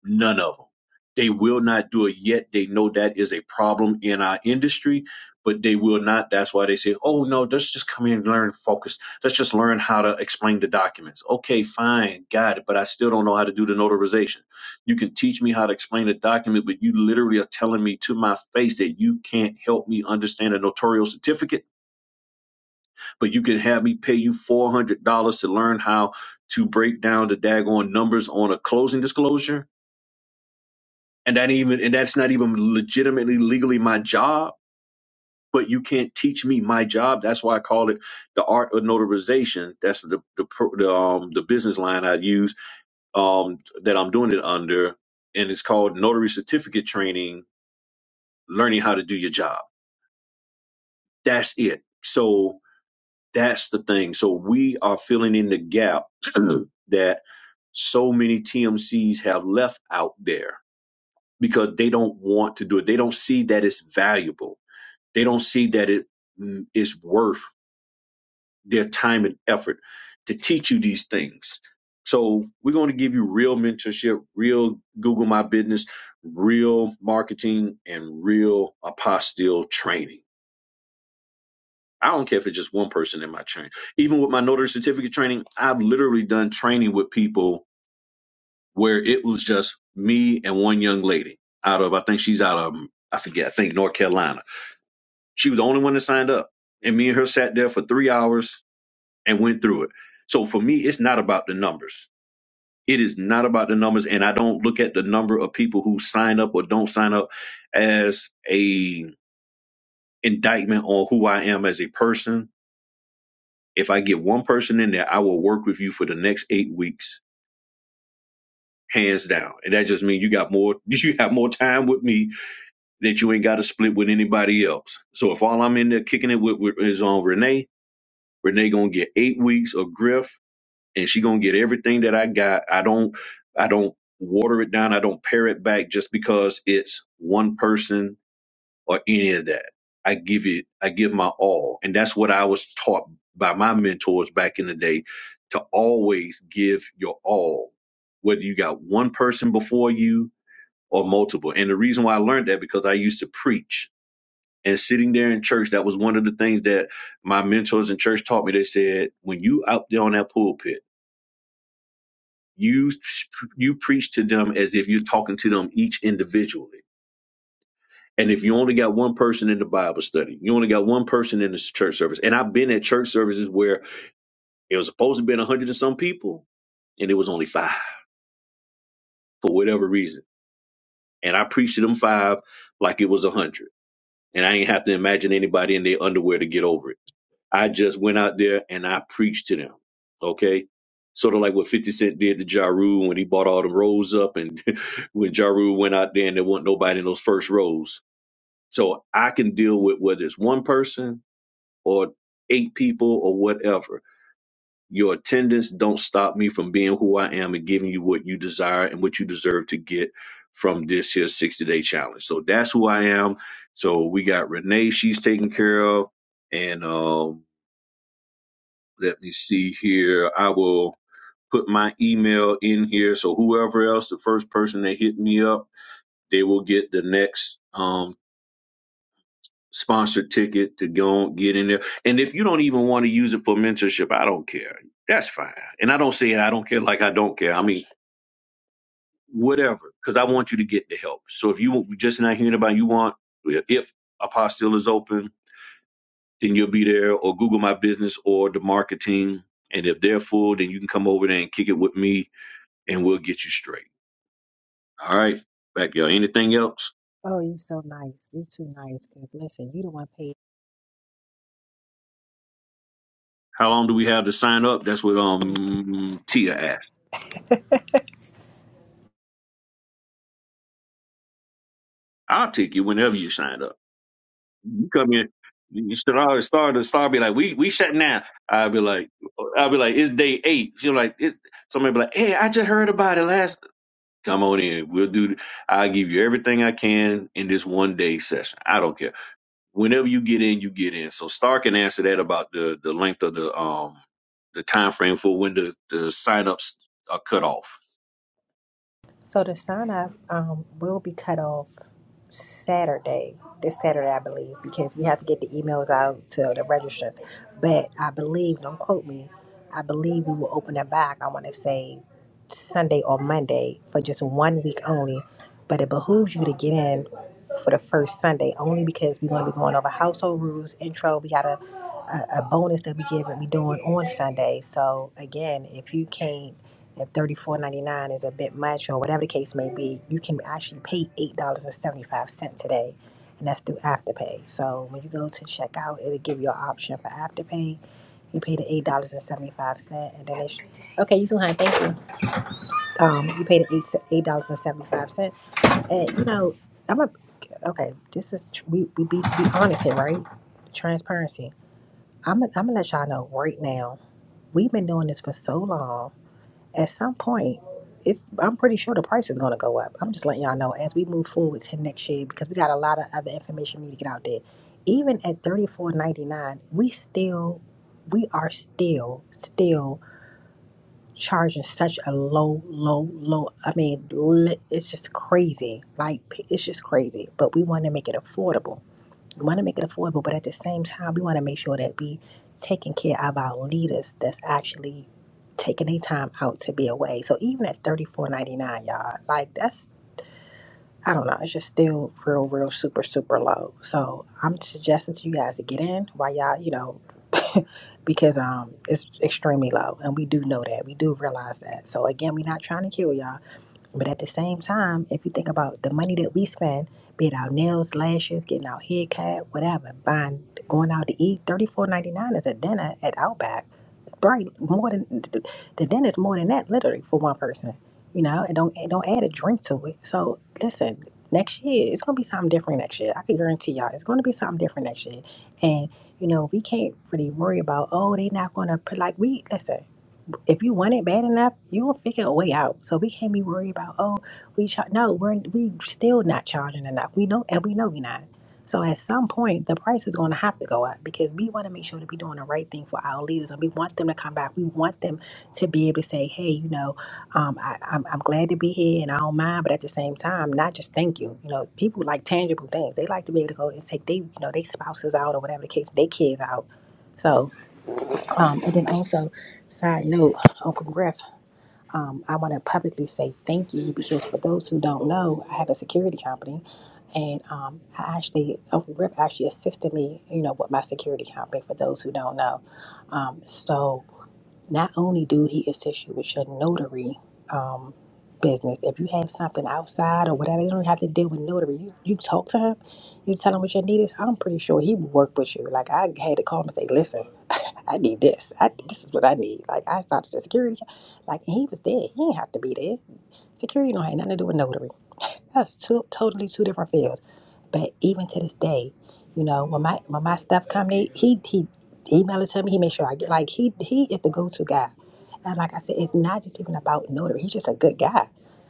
Speaker 2: None of them. They will not do it yet. They know that is a problem in our industry, but they will not. That's why they say, oh, no, let's just come in and learn focus. Let's just learn how to explain the documents. Okay, fine, got it, but I still don't know how to do the notarization. You can teach me how to explain the document, but you literally are telling me to my face that you can't help me understand a notarial certificate, but you can have me pay you $400 to learn how to break down the daggone numbers on a closing disclosure and that even and that's not even legitimately legally my job but you can't teach me my job that's why i call it the art of notarization that's the the, pro- the um the business line i use um that i'm doing it under and it's called notary certificate training learning how to do your job that's it so that's the thing so we are filling in the gap that so many tmcs have left out there because they don't want to do it they don't see that it's valuable They don't see that it mm, is worth their time and effort to teach you these things. So we're going to give you real mentorship, real Google My Business, real marketing, and real apostille training. I don't care if it's just one person in my training. Even with my notary certificate training, I've literally done training with people where it was just me and one young lady out of, I think she's out of, I forget, I think North Carolina. She was the only one that signed up. And me and her sat there for three hours and went through it. So for me, it's not about the numbers. It is not about the numbers. And I don't look at the number of people who sign up or don't sign up as a indictment on who I am as a person. If I get one person in there, I will work with you for the next eight weeks, hands down. And that just means you got more you have more time with me that you ain't got to split with anybody else. So if all I'm in there kicking it with, with is on Renee, Renee gonna get eight weeks of Griff and she gonna get everything that I got. I don't I don't water it down. I don't pare it back just because it's one person or any of that. I give it I give my all. And that's what I was taught by my mentors back in the day to always give your all, whether you got one person before you or multiple. And the reason why I learned that because I used to preach. And sitting there in church, that was one of the things that my mentors in church taught me. They said, when you out there on that pulpit, you you preach to them as if you're talking to them each individually and if you only got one person in the bible study you only got one person in the church service and i've been at church services where it was supposed to be 100 and some people and it was only five for whatever reason and i preached to them five like it was 100 and i ain't have to imagine anybody in their underwear to get over it i just went out there and i preached to them okay sort of like what 50 cent did to ja Rule when he bought all the rolls up and. when Ja Rule went out there and there wasn't nobody in those first rows. So I can deal with whether it's one person or eight people or whatever. Your attendance don't stop me from being who I am and giving you what you desire and what you deserve to get from this here 60 day challenge. So that's who I am. So we got Renee, she's taken care of. And um, let me see here. I will put my email in here. So whoever else, the first person that hit me up, they will get the next um, sponsored ticket to go and get in there. And if you don't even want to use it for mentorship, I don't care. That's fine. And I don't say I don't care like I don't care. I mean, whatever, because I want you to get the help. So if you just not hearing about you want, if Apostille is open, then you'll be there or Google My Business or the marketing. And if they're full, then you can come over there and kick it with me and we'll get you straight. All right. Back y'all. Anything else?
Speaker 1: Oh, you so nice. You too nice. Cause listen, you the one paid.
Speaker 2: How long do we have to sign up? That's what um Tia asked. I'll take you whenever you sign up. You come here. You should always start to start be like, we we shutting down. I'll be like, I'll be like, it's day eight. She'll like, it's, somebody be like, hey, I just heard about it last. Come on in. We'll do. I'll give you everything I can in this one day session. I don't care. Whenever you get in, you get in. So Star can answer that about the the length of the um the time frame for when the the sign ups are cut off.
Speaker 1: So the sign up um, will be cut off. Saturday, this Saturday, I believe, because we have to get the emails out to the registrants. But I believe, don't quote me, I believe we will open it back, I want to say Sunday or Monday for just one week only. But it behooves you to get in for the first Sunday only because we're going to be going over household rules, intro. We got a, a, a bonus that we give and we doing on Sunday. So again, if you can't at thirty four ninety nine is a bit much or whatever the case may be, you can actually pay $8.75 today. And that's through Afterpay. So when you go to checkout, it'll give you an option for Afterpay. You pay the eight dollars and seventy five cent, and then it's okay. You too, honey. Thank you. Um, you pay the eight eight dollars and seventy five cent, and you know I'm a okay. This is tr- we we be, be honest here, right? Transparency. I'm i I'm gonna let y'all know right now. We've been doing this for so long at some point, it's I'm pretty sure the price is gonna go up. I'm just letting y'all know as we move forward to next year because we got a lot of other information we need to get out there. Even at thirty four ninety nine, we still we are still still charging such a low, low, low. I mean, li- it's just crazy. Like it's just crazy. But we want to make it affordable. We want to make it affordable, but at the same time, we want to make sure that we taking care of our leaders that's actually taking their time out to be away. So even at thirty four ninety nine, y'all, like that's I don't know, it's just still real, real super, super low. So I'm suggesting to you guys to get in while y'all, you know, because um it's extremely low and we do know that. We do realize that. So again, we're not trying to kill y'all but at the same time, if you think about the money that we spend, be it our nails, lashes, getting our hair cut, whatever, buying, going out to eat, thirty four ninety nine is a dinner at Outback. Right, more than the the dinner's more than that, literally for one person. You know, and don't and don't add a drink to it. So listen, next year it's gonna be something different next year. I can guarantee y'all, it's gonna be something different next year. And you know, we can't really worry about oh they not gonna put like we listen if you want it bad enough, you will figure a way out. So we can't be worried about oh we char- no we're we still not charging enough. We know and we know we're not. So at some point the price is going to have to go up because we want to make sure that we're doing the right thing for our leaders and we want them to come back. We want them to be able to say hey you know um, I, I'm I'm glad to be here and I don't mind, but at the same time not just thank you. You know people like tangible things. They like to be able to go and take they you know they spouses out or whatever the case, they kids out. so. Um, and then also, side note, Uncle Griff, um, I want to publicly say thank you because for those who don't know, I have a security company, and um, I actually Uncle Griff actually assisted me, you know, with my security company. For those who don't know, um, so not only do he assist you with your notary um, business, if you have something outside or whatever, you don't have to deal with notary. You you talk to him, you tell him what your need is. I'm pretty sure he will work with you. Like I had to call him and say, listen. I need this. I this is what I need. Like I thought the security, like he was there. He didn't have to be there. Security don't have nothing to do with notary. That's two totally two different fields. But even to this day, you know, when my when my stuff come, he he he email it to me. He make sure I get like he he is the go to guy. And like I said, it's not just even about notary. He's just a good guy.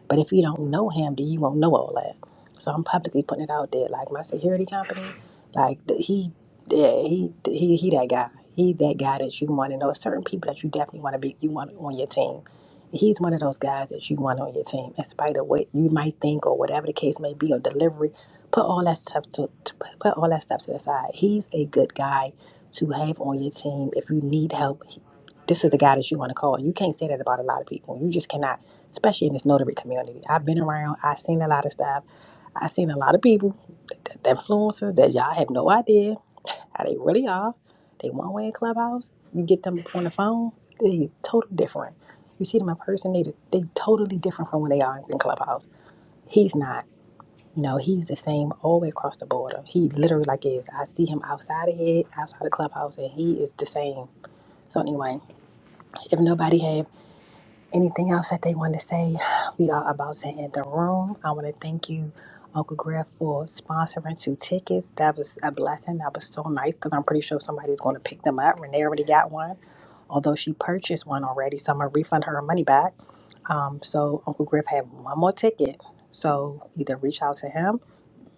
Speaker 1: But if you don't know him, then you won't know all that. So I'm publicly putting it out there. Like my security company, like th- he yeah, he he he that guy. He that guy that you want to know. Certain people that you definitely want to be you want on your team he's one of those guys that you want on your team, in spite of what you might think or whatever the case may be, or delivery. Put all that stuff to to- put all that stuff to the side. He's a good guy to have on your team if you need help. he- This is the guy that you want to call. You can't say that about a lot of people. You just cannot, especially in this notary community. I've been around. I've seen a lot of stuff. I've seen a lot of people, the influencers that y'all have no idea. How they really are. They one way in clubhouse. You get them on the phone, they totally different. You see them in person, they they totally different from when they are in clubhouse. He's not. You know, he's the same all the way across the border. He literally like is. I see him outside of it, outside the clubhouse, and he is the same. So anyway, if nobody have. Anything else that they want to say? We are about to end the room. I want to thank you, Uncle Griff, for sponsoring two tickets. That was a blessing. That was so nice because I'm pretty sure somebody's going to pick them up. Renee already got one, although she purchased one already. So I'm going to refund her her money back. Um, so Uncle Griff had one more ticket. So either reach out to him,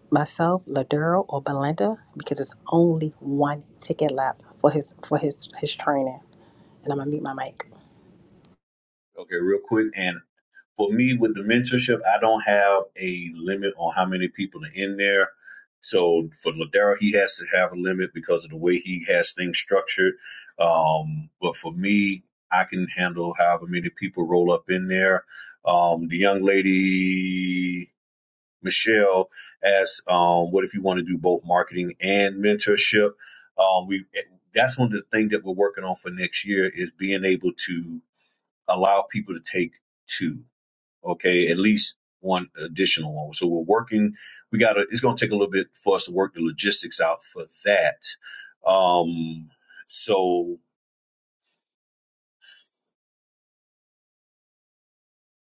Speaker 1: myself, Laduro, or Belinda because it's only one ticket left for his for his his training. And I'm gonna mute my mic.
Speaker 2: Okay, real quick. and. for me with the mentorship, I don't have a limit on how many people are in there. So for Ladero, he has to have a limit because of the way he has things structured. Um, but for me, I can handle however many people roll up in there. Um, the young lady Michelle asked, um, "What if you want to do both marketing and mentorship?" Um, we eh, that's one of the things that we're working on for next year is being able to allow people to take two okay at least one additional one so we're working we gotta it's gonna take a little bit for us to work the logistics out for that um so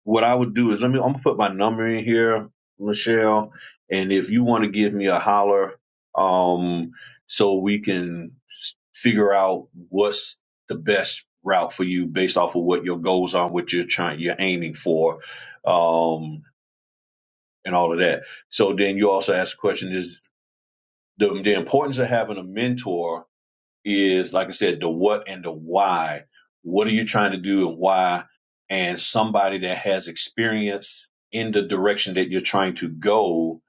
Speaker 2: what i would do is let me i'm gonna put my number in here michelle and if you want to give me a holler um so we can s- figure out what's the best route for you based off of what your goals are what you're trying you're aiming for um and all of that so then you also asked the question Is the, the importance of having a mentor is like i said the what and the why what are you trying to do and why and somebody that has experience in the direction that you're trying to go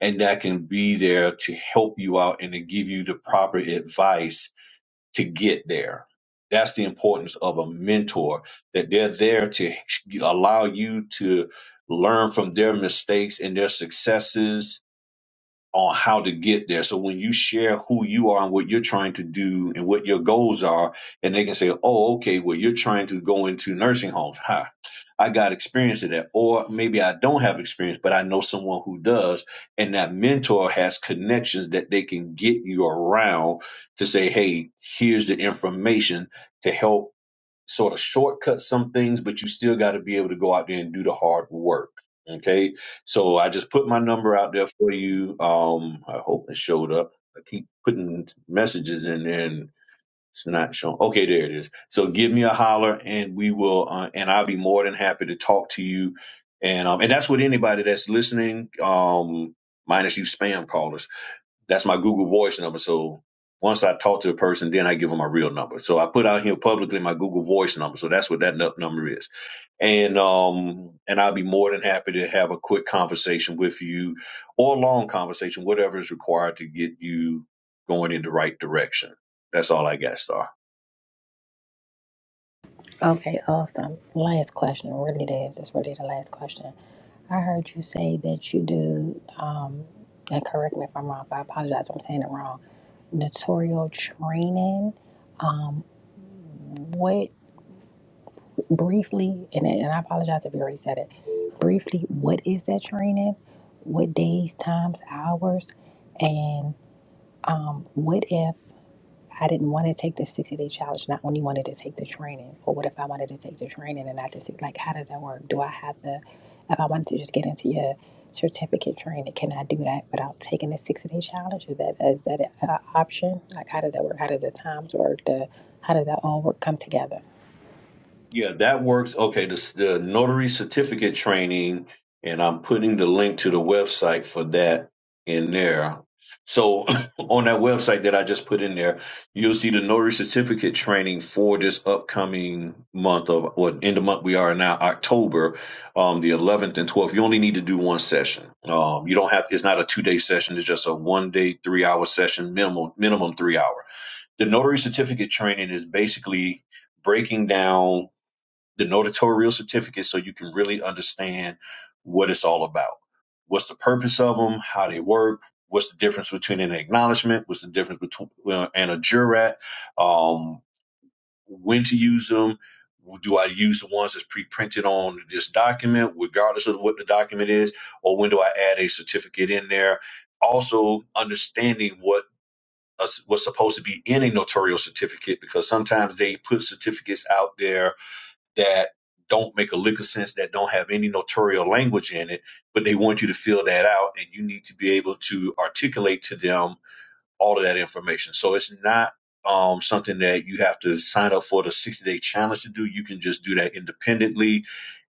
Speaker 2: and that can be there to help you out and to give you the proper advice to get there that's the importance of a mentor that they're there to allow you to learn from their mistakes and their successes on how to get there. So when you share who you are and what you're trying to do and what your goals are, and they can say, "Oh, okay, well you're trying to go into nursing homes." Ha. I got experience in that, or maybe I don't have experience, but I know someone who does, and that mentor has connections that they can get you around to say, "Hey, here's the information to help sort of shortcut some things, but you still got to be able to go out there and do the hard work. Okay. So I just put my number out there for you. Um, I hope it showed up. I keep putting messages in there and it's not showing. Okay, there it is. So give me a holler and we will, uh, and I'll be more than happy to talk to you. And, um, and that's what anybody that's listening, um, minus you spam callers that's my Google Voice number. So once I talk to a person, then I give them my real number. So I put out here publicly my Google Voice number. So that's what that nu- number is. And um and I'll be more than happy to have a quick conversation with you or a long conversation, whatever is required to get you going in the right direction. That's all I got, Star.
Speaker 1: Okay, awesome. Last question. Really, it is. It's really the last question. I heard you say that you do, um, and correct me if I'm wrong, but I apologize if I'm saying it wrong. Notarial training. Um, what briefly, and, and I apologize if you already said it, briefly, what is that training? What days, times, hours? And um, what if? I didn't want to take the 60 day challenge and I only wanted to take the training. Or what if I wanted to take the training and not the six? Like, how does that work? Do I have the, if I wanted to just get into your certificate training, can I do that without taking the 60 day challenge? Is that, is that an option? Like, how does that work? How does the times work? The, how does that all work come together?
Speaker 2: Yeah, that works. Okay, the, the notary certificate training, and I'm putting the link to the website for that in there. So on that website that I just put in there, you'll see the notary certificate training for this upcoming month of what in the month we are now, October, um, the 11th and 12th. You only need to do one session. Um, you don't have. It's not a two day session. It's just a one day, three hour session, minimum minimum three hour. The notary certificate training is basically breaking down the notarial certificate so you can really understand what it's all about. What's the purpose of them? How they work? What's the difference between an acknowledgement? What's the difference between uh, and a jurat? Um, when to use them? Do I use the ones that's pre-printed on this document, regardless of what the document is, or when do I add a certificate in there? Also, understanding what us- what's supposed to be in a notarial certificate because sometimes they put certificates out there that don't make a lick of sense, that don't have any notarial language in it, but they want you to fill that out and you need to be able to articulate to them all of that information. So it's not um, something that you have to sign up for the 60 day challenge to do. You can just do that independently.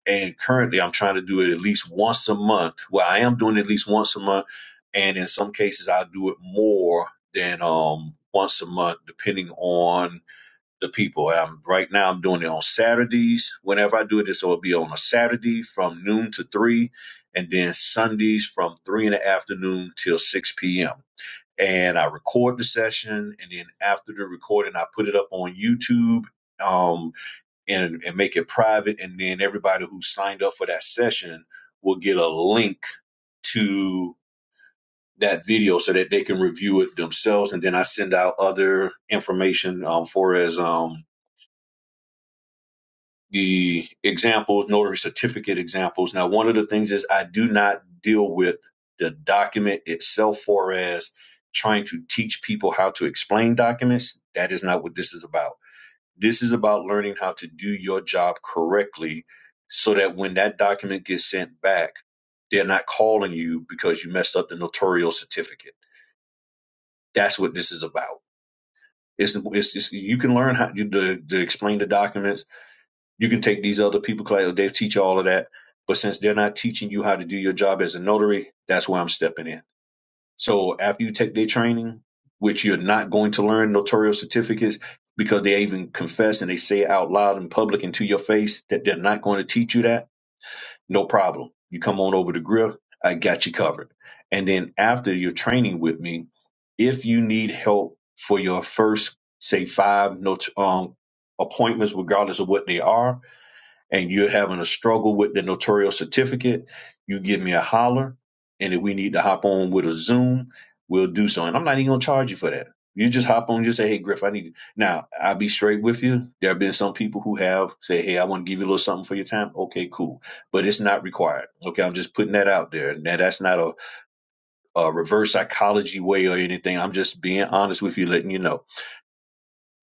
Speaker 2: And currently, I'm trying to do it at least once a month. Well, I am doing it at least once a month. And in some cases, I do it more than um, once a month, depending on the people. Um, right now, I'm doing it on Saturdays. Whenever I do this, it'll be on a Saturday from noon to three, and then Sundays from three in the afternoon till six p.m. And I record the session, and then after the recording, I put it up on YouTube um, and and make it private. And then everybody who signed up for that session will get a link to that video so that they can review it themselves and then i send out other information um, for as um, the examples, notary certificate examples. Now, one of the things is I do not deal with the document itself for as trying to teach people how to explain documents. That is not what this is about. This is about learning how to do your job correctly so that when that document gets sent back, they're not calling you because you messed up the notarial certificate. That's what this is about. It's, it's, it's you can learn how to, to, to explain the documents you can take these other people class; they teach you all of that. But since they're not teaching you how to do your job as a notary, that's where I'm stepping in. So after you take their training, which you're not going to learn notarial certificates because they even confess and they say it out loud in public and to your face that they're not going to teach you that, no problem. You come on over to Griff, I got you covered. And then after your training with me, if you need help for your first, say, five not- um, appointments, regardless of what they are, and you're having a struggle with the notarial certificate, you give me a holler. And if we need to hop on with a Zoom, we'll do so. And I'm not even gonna charge you for that. You just hop on, just say, hey Griff, I need you. now I'll be straight with you. There have been some people who have said, Hey, I want to give you a little something for your time. Okay, cool. But it's not required. Okay, I'm just putting that out there. Now that's not a, a reverse psychology way or anything. I'm just being honest with you, letting you know.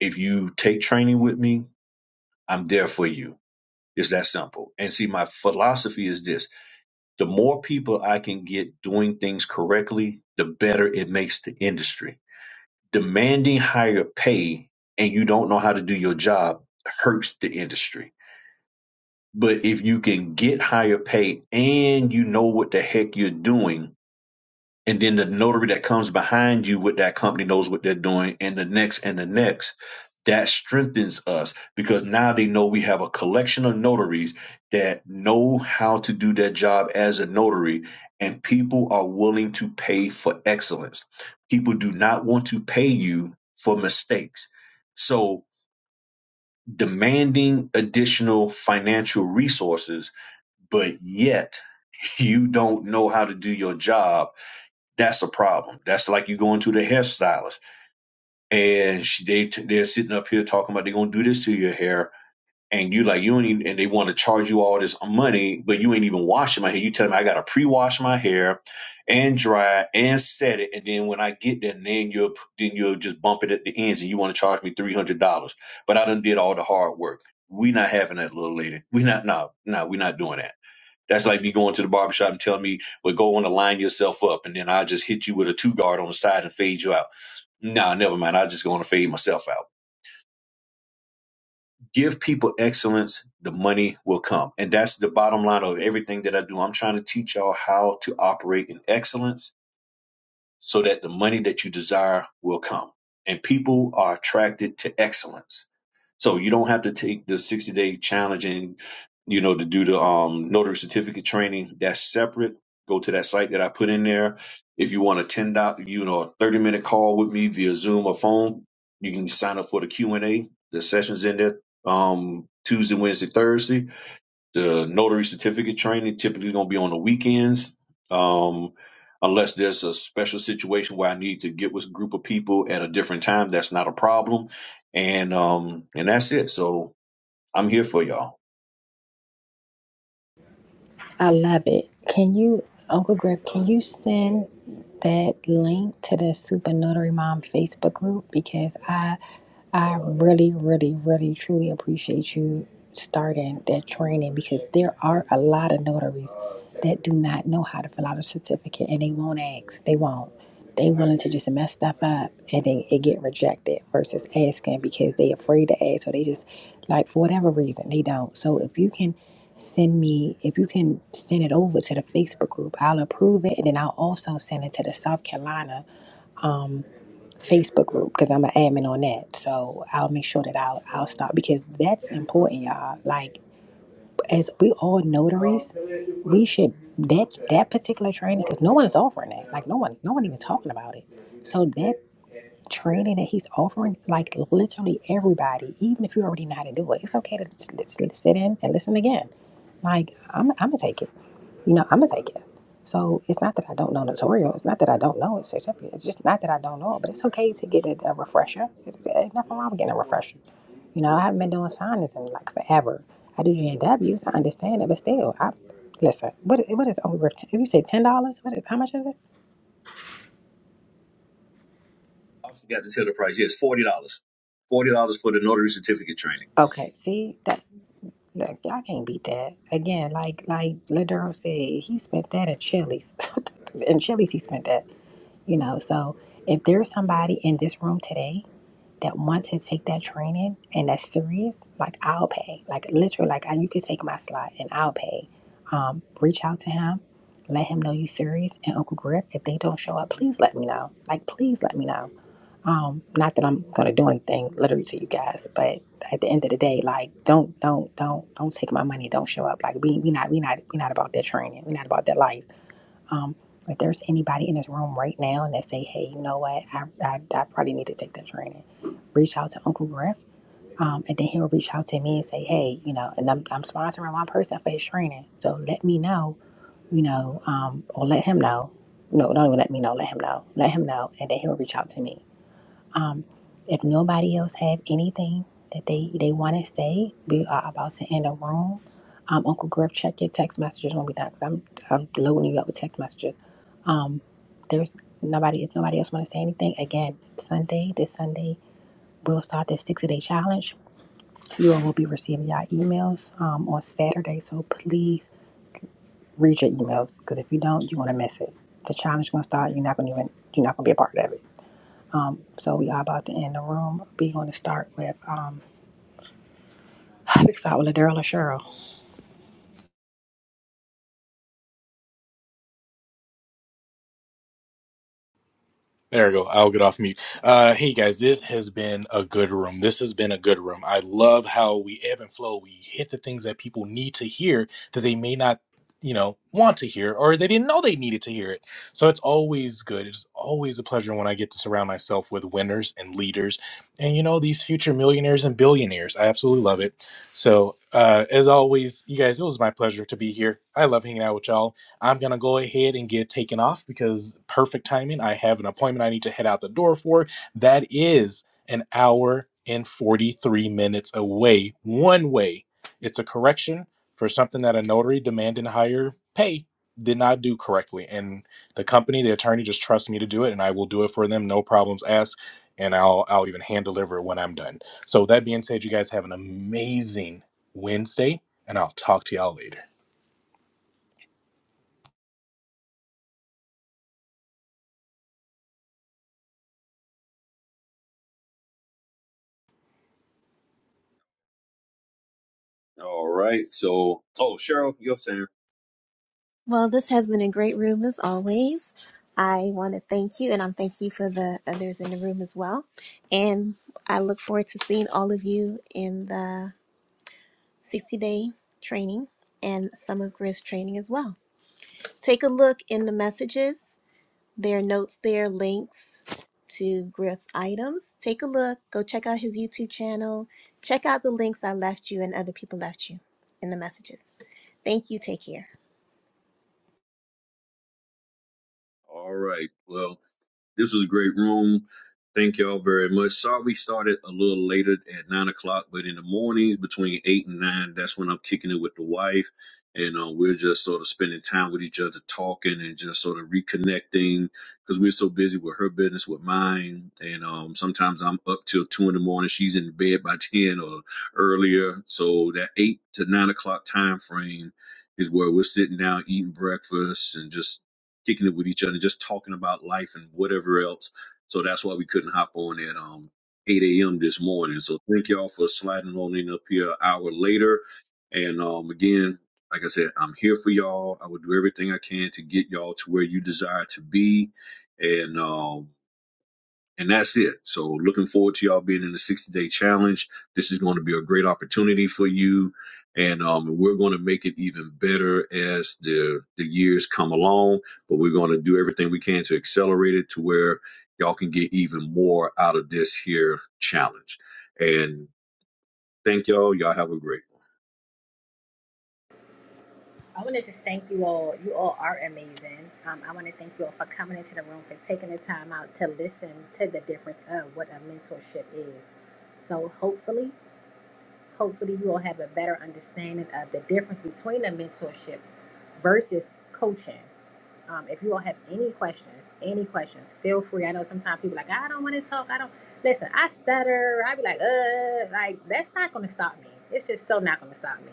Speaker 2: If you take training with me, I'm there for you. It's that simple. And see, my philosophy is this. the more people I can get doing things correctly, the better it makes the industry. Demanding higher pay and you don't know how to do your job hurts the industry. But if you can get higher pay and you know what the heck you're doing, and then the notary that comes behind you with that company knows what they're doing and the next and the next that strengthens us because now they know we have a collection of notaries that know how to do their job as a notary and people are willing to pay for excellence people do not want to pay you for mistakes so demanding additional financial resources but yet you don't know how to do your job that's a problem. That's like you going to the hairstylist and she, they they're sitting up here talking about they're gonna do this to your hair, and you like you ain't even, and they want to charge you all this money, but you ain't even washing my hair. You tell them I gotta pre-wash my hair and dry and set it, and then when I get there, and then you'll then you'll just bump it at the ends, and you want to charge me three hundred dollars, but I done did all the hard work. We not having that, little lady. We not no no. We not doing that that's like me going to the barbershop and telling me, well, go on and line yourself up. And then I just hit you with a two guard on the side and fade you out. Nah, never mind. I just going to fade myself out. Give people excellence. The money will come. And that's the bottom line of everything that I do. I'm trying to teach y'all how to operate in excellence so that the money that you desire will come. And people are attracted to excellence. So you don't have to take the 60 day challenge and, you know, to do the um, notary certificate training. That's separate. Go to that site that I put in there. If you want a 10 dot, you know, a 30 minute call with me via Zoom or phone, you can sign up for the Q and A. The sessions in there um, Tuesday, Wednesday, Thursday the notary certificate training typically going to be on the weekends, um, unless there's a special situation where I need to get with a group of people at a different time. That's not a problem, and um, and that's it. So I'm here for y'all.
Speaker 1: I love it. Can you, Uncle Griff, can you send that link to the Super Notary Mom Facebook group? Because I I really, really, really, truly appreciate you starting that training because there are a lot of notaries that do not know how to fill out a certificate and they won't ask. They won't. They willing to just mess stuff up and then it get rejected versus asking because they afraid to ask or they just like for whatever reason they don't. So if you can Send me, if you can send it over to the Facebook group, I'll approve it. And then I'll also send it to the South Carolina um, Facebook group because I'm an admin on that. So I'll make sure that I'll, I'll stop because that's important, y'all. Like, as we all notaries, we should that that particular training because no one is offering that. Like no one, no one even talking about it. So that training that he's offering, like literally everybody, even if you already know how to do it, it's okay to s- s- sit in and listen again. Like I'm, I'm gonna take it. You know, I'm gonna take it. So it's not that I don't know notarial. It's not that I don't know it certificate. It's just not that I don't know it. But it's okay to get a, a refresher. It's, ain't nothing wrong with getting a refresher. You know, I haven't been doing signings in like forever. I do G N Ws. I understand it, but still, I listen. What what is over? If you say ten dollars, what is how much is it?
Speaker 2: I also got to tell the price. Yes, forty dollars. Forty dollars for the notary certificate training.
Speaker 1: Okay, see that. Look, y'all can't beat that. Again, like like Ladero said, he spent that at Chili's. in Chili's, he spent that. You know, so if there's somebody in this room today that want to take that training and that's serious, like I'll pay. Like literally, like I, you could take my slot and I'll pay. Um, reach out to him, let him know you serious. And Uncle Griff, if they don't show up, please let me know. Like please let me know. Um, not that I'm gonna do anything literally to you guys, but at the end of the day, like don't don't don't don't take my money, don't show up. Like we we not we not we not about that training. We not about that life. Um, if there's anybody in this room right now and they say, hey, you know what, I, I, I probably need to take that training, reach out to Uncle Griff. Um, and then he'll reach out to me and say, hey, you know, and I'm, I'm sponsoring one person for his training. So let me know, you know, um, or let him know. No, don't even let me know, let him know. Let him know. And then he'll reach out to me. Um, if nobody else have anything that they they want to say, we are about to end the room. Um, Uncle Griff, check your text messages when we done, cause I'm I'm loading you up with text messages. Um, there's nobody. If nobody else want to say anything, again, Sunday this Sunday we'll start this 60 day challenge. You all will be receiving your emails um, on Saturday, so please read your emails, cause if you don't, you're gonna miss it. The challenge gonna start. You're not gonna even. You're not gonna be a part of it. Um, so we are about to end the room. We're going to start with um, Big Sal, Ladera, Cheryl.
Speaker 3: There we go. I'll get off mute. Uh, hey guys, this has been a good room. This has been a good room. I love how we ebb and flow. We hit the things that people need to hear that they may not, you know, want to hear or they didn't know they needed to hear it. So it's always good. It's always a pleasure when I get to surround myself with winners and leaders and, you know, these future millionaires and billionaires. I absolutely love it. So, uh, as always, you guys, it was my pleasure to be here. I love hanging out with y'all I'm going to go ahead and get taken off because perfect timing. I have an appointment I need to head out the door for. That is an hour and 43 minutes away, one way. It's a correction for something that a notary demanding higher pay did not do correctly. And the company, the attorney just trusts me to do it and I will do it for them. No problems asked. And I'll, I'll even hand deliver it when I'm done. So that being said, you guys have an amazing Wednesday and I'll talk to y'all later.
Speaker 2: All right. So, oh, Cheryl, your turn.
Speaker 7: Well, this has been a great room as always. I want to thank you, and I'm thank you for the others in the room as well. And I look forward to seeing all of you in the 60 day training and some of Grizz training as well. Take a look in the messages. There are notes there, links to Griff's items. Take a look. Go check out his YouTube channel. Check out the links I left you and other people left you in the messages. Thank you. Take care.
Speaker 2: All right. Well, this was a great room. Thank y'all very much. Sorry we started a little later at nine o'clock, but in the mornings between eight and nine, that's when I'm kicking it with the wife. And uh, we're just sort of spending time with each other, talking and just sort of reconnecting because we're so busy with her business, with mine. And um, sometimes I'm up till two in the morning. She's in bed by 10 or earlier. So that eight to nine o'clock time frame is where we're sitting down eating breakfast and just kicking it with each other, just talking about life and whatever else. So that's why we couldn't hop on at um 8 a.m. this morning. So thank y'all for sliding on in up here an hour later. And um again, like I said, I'm here for y'all. I will do everything I can to get y'all to where you desire to be. And um and that's it. So looking forward to y'all being in the 60 day challenge. This is going to be a great opportunity for you. And um, we're going to make it even better as the, the years come along. But we're going to do everything we can to accelerate it to where y'all can get even more out of this here challenge. And thank y'all. Y'all have a great one.
Speaker 1: I want Oh, you all are amazing. Um, I want to thank you all for coming into the room, for taking the time out to listen to the difference of what a mentorship is. So hopefully, hopefully you all have a better understanding of the difference between a mentorship versus coaching. Um, if you all have any questions, any questions, feel free. I know sometimes people are like, I don't want to talk. I don't listen. I stutter. I be like, uh, like that's not going to stop me. It's just still not going to stop me.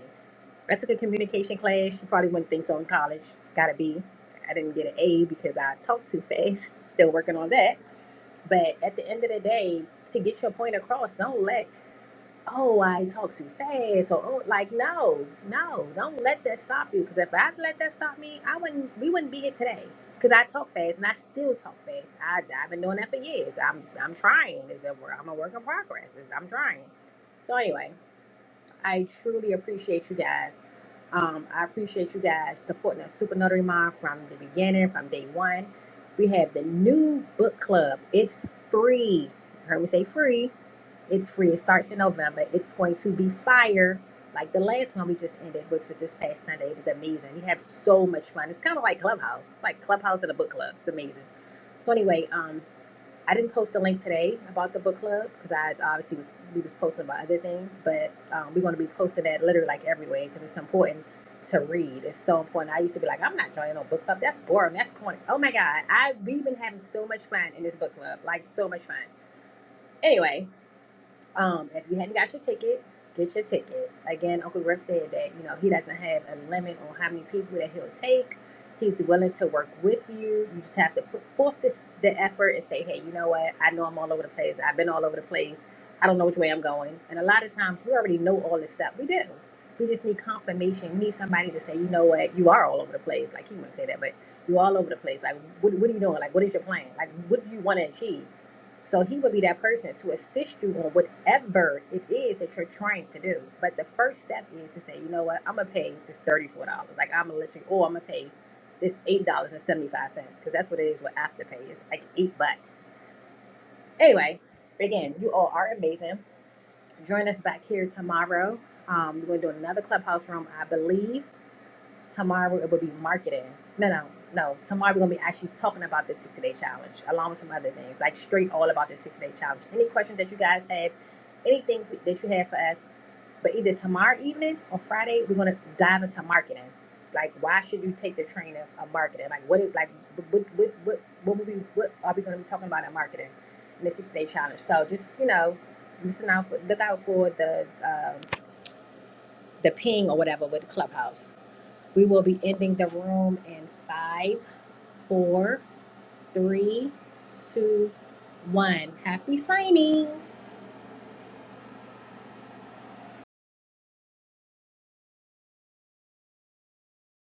Speaker 1: I took a communication class. You probably wouldn't think so in college. Got a B. I didn't get an A because I talk too fast. Still working on that. But at the end of the day, to get your point across, don't let oh, I talk too fast, or oh, like no, no, don't let that stop you. Because if I let that stop me, I wouldn't. We wouldn't be here today. Because I talk fast and I still talk fast. I, I've been doing that for years. I'm I'm trying. Is that where I'm a work in progress. It's, I'm trying. So anyway, I truly appreciate you guys. Um, I appreciate you guys supporting the Super Notary Mom, from the beginning, from day one. We have the new book club. It's free. You heard me say free. It's free. It starts in November. It's going to be fire, like the last one we just ended, which was this past Sunday. It was amazing. We have so much fun. It's kind of like Clubhouse. It's like Clubhouse and a book club. It's amazing. So anyway, um, I didn't post the link today about the book club because I obviously was we was posting about other things, but um, we're going to be posting that literally like everywhere because it's important to read. It's so important. I used to be like, I'm not joining no book club. That's boring. That's corny. Oh my god, I we've been having so much fun in this book club, like so much fun. Anyway, um, if you hadn't got your ticket, get your ticket. Again, Uncle Griff said that you know he doesn't have a limit on how many people that he'll take. He's willing to work with you. You just have to put forth this the effort and say, hey, you know what? I know I'm all over the place. I've been all over the place. I don't know which way I'm going. And a lot of times we already know all this stuff. We do. We just need confirmation. We need somebody to say, you know what? You are all over the place. Like he wouldn't say that, but you're all over the place. Like, what, what are you doing? Like, what is your plan? Like, what do you want to achieve? So he would be that person to assist you on whatever it is that you're trying to do. But the first step is to say, you know what, I'm gonna pay this thirty-four dollars. Like I'm gonna let you, or I'm gonna pay this eight dollars and seventy-five cents because that's what it is with afterpay. It's like eight bucks. Anyway, again, you all are amazing. Join us back here tomorrow. Um, we're gonna do another clubhouse room, I believe. Tomorrow it will be marketing. No, no, no. Tomorrow we're gonna be actually talking about this six-day challenge, along with some other things, like straight all about this six-day challenge. Any questions that you guys have, anything that you have for us, but either tomorrow evening or Friday, we're gonna dive into marketing. Like, why should you take the training of marketing? Like, what is like, what, what, what, what will we, what are we gonna be talking about in marketing in the six-day challenge? So just you know, listen out, for, look out for the um, the ping or whatever with Clubhouse we will be ending the room in five, four, three, two, one. Happy signings.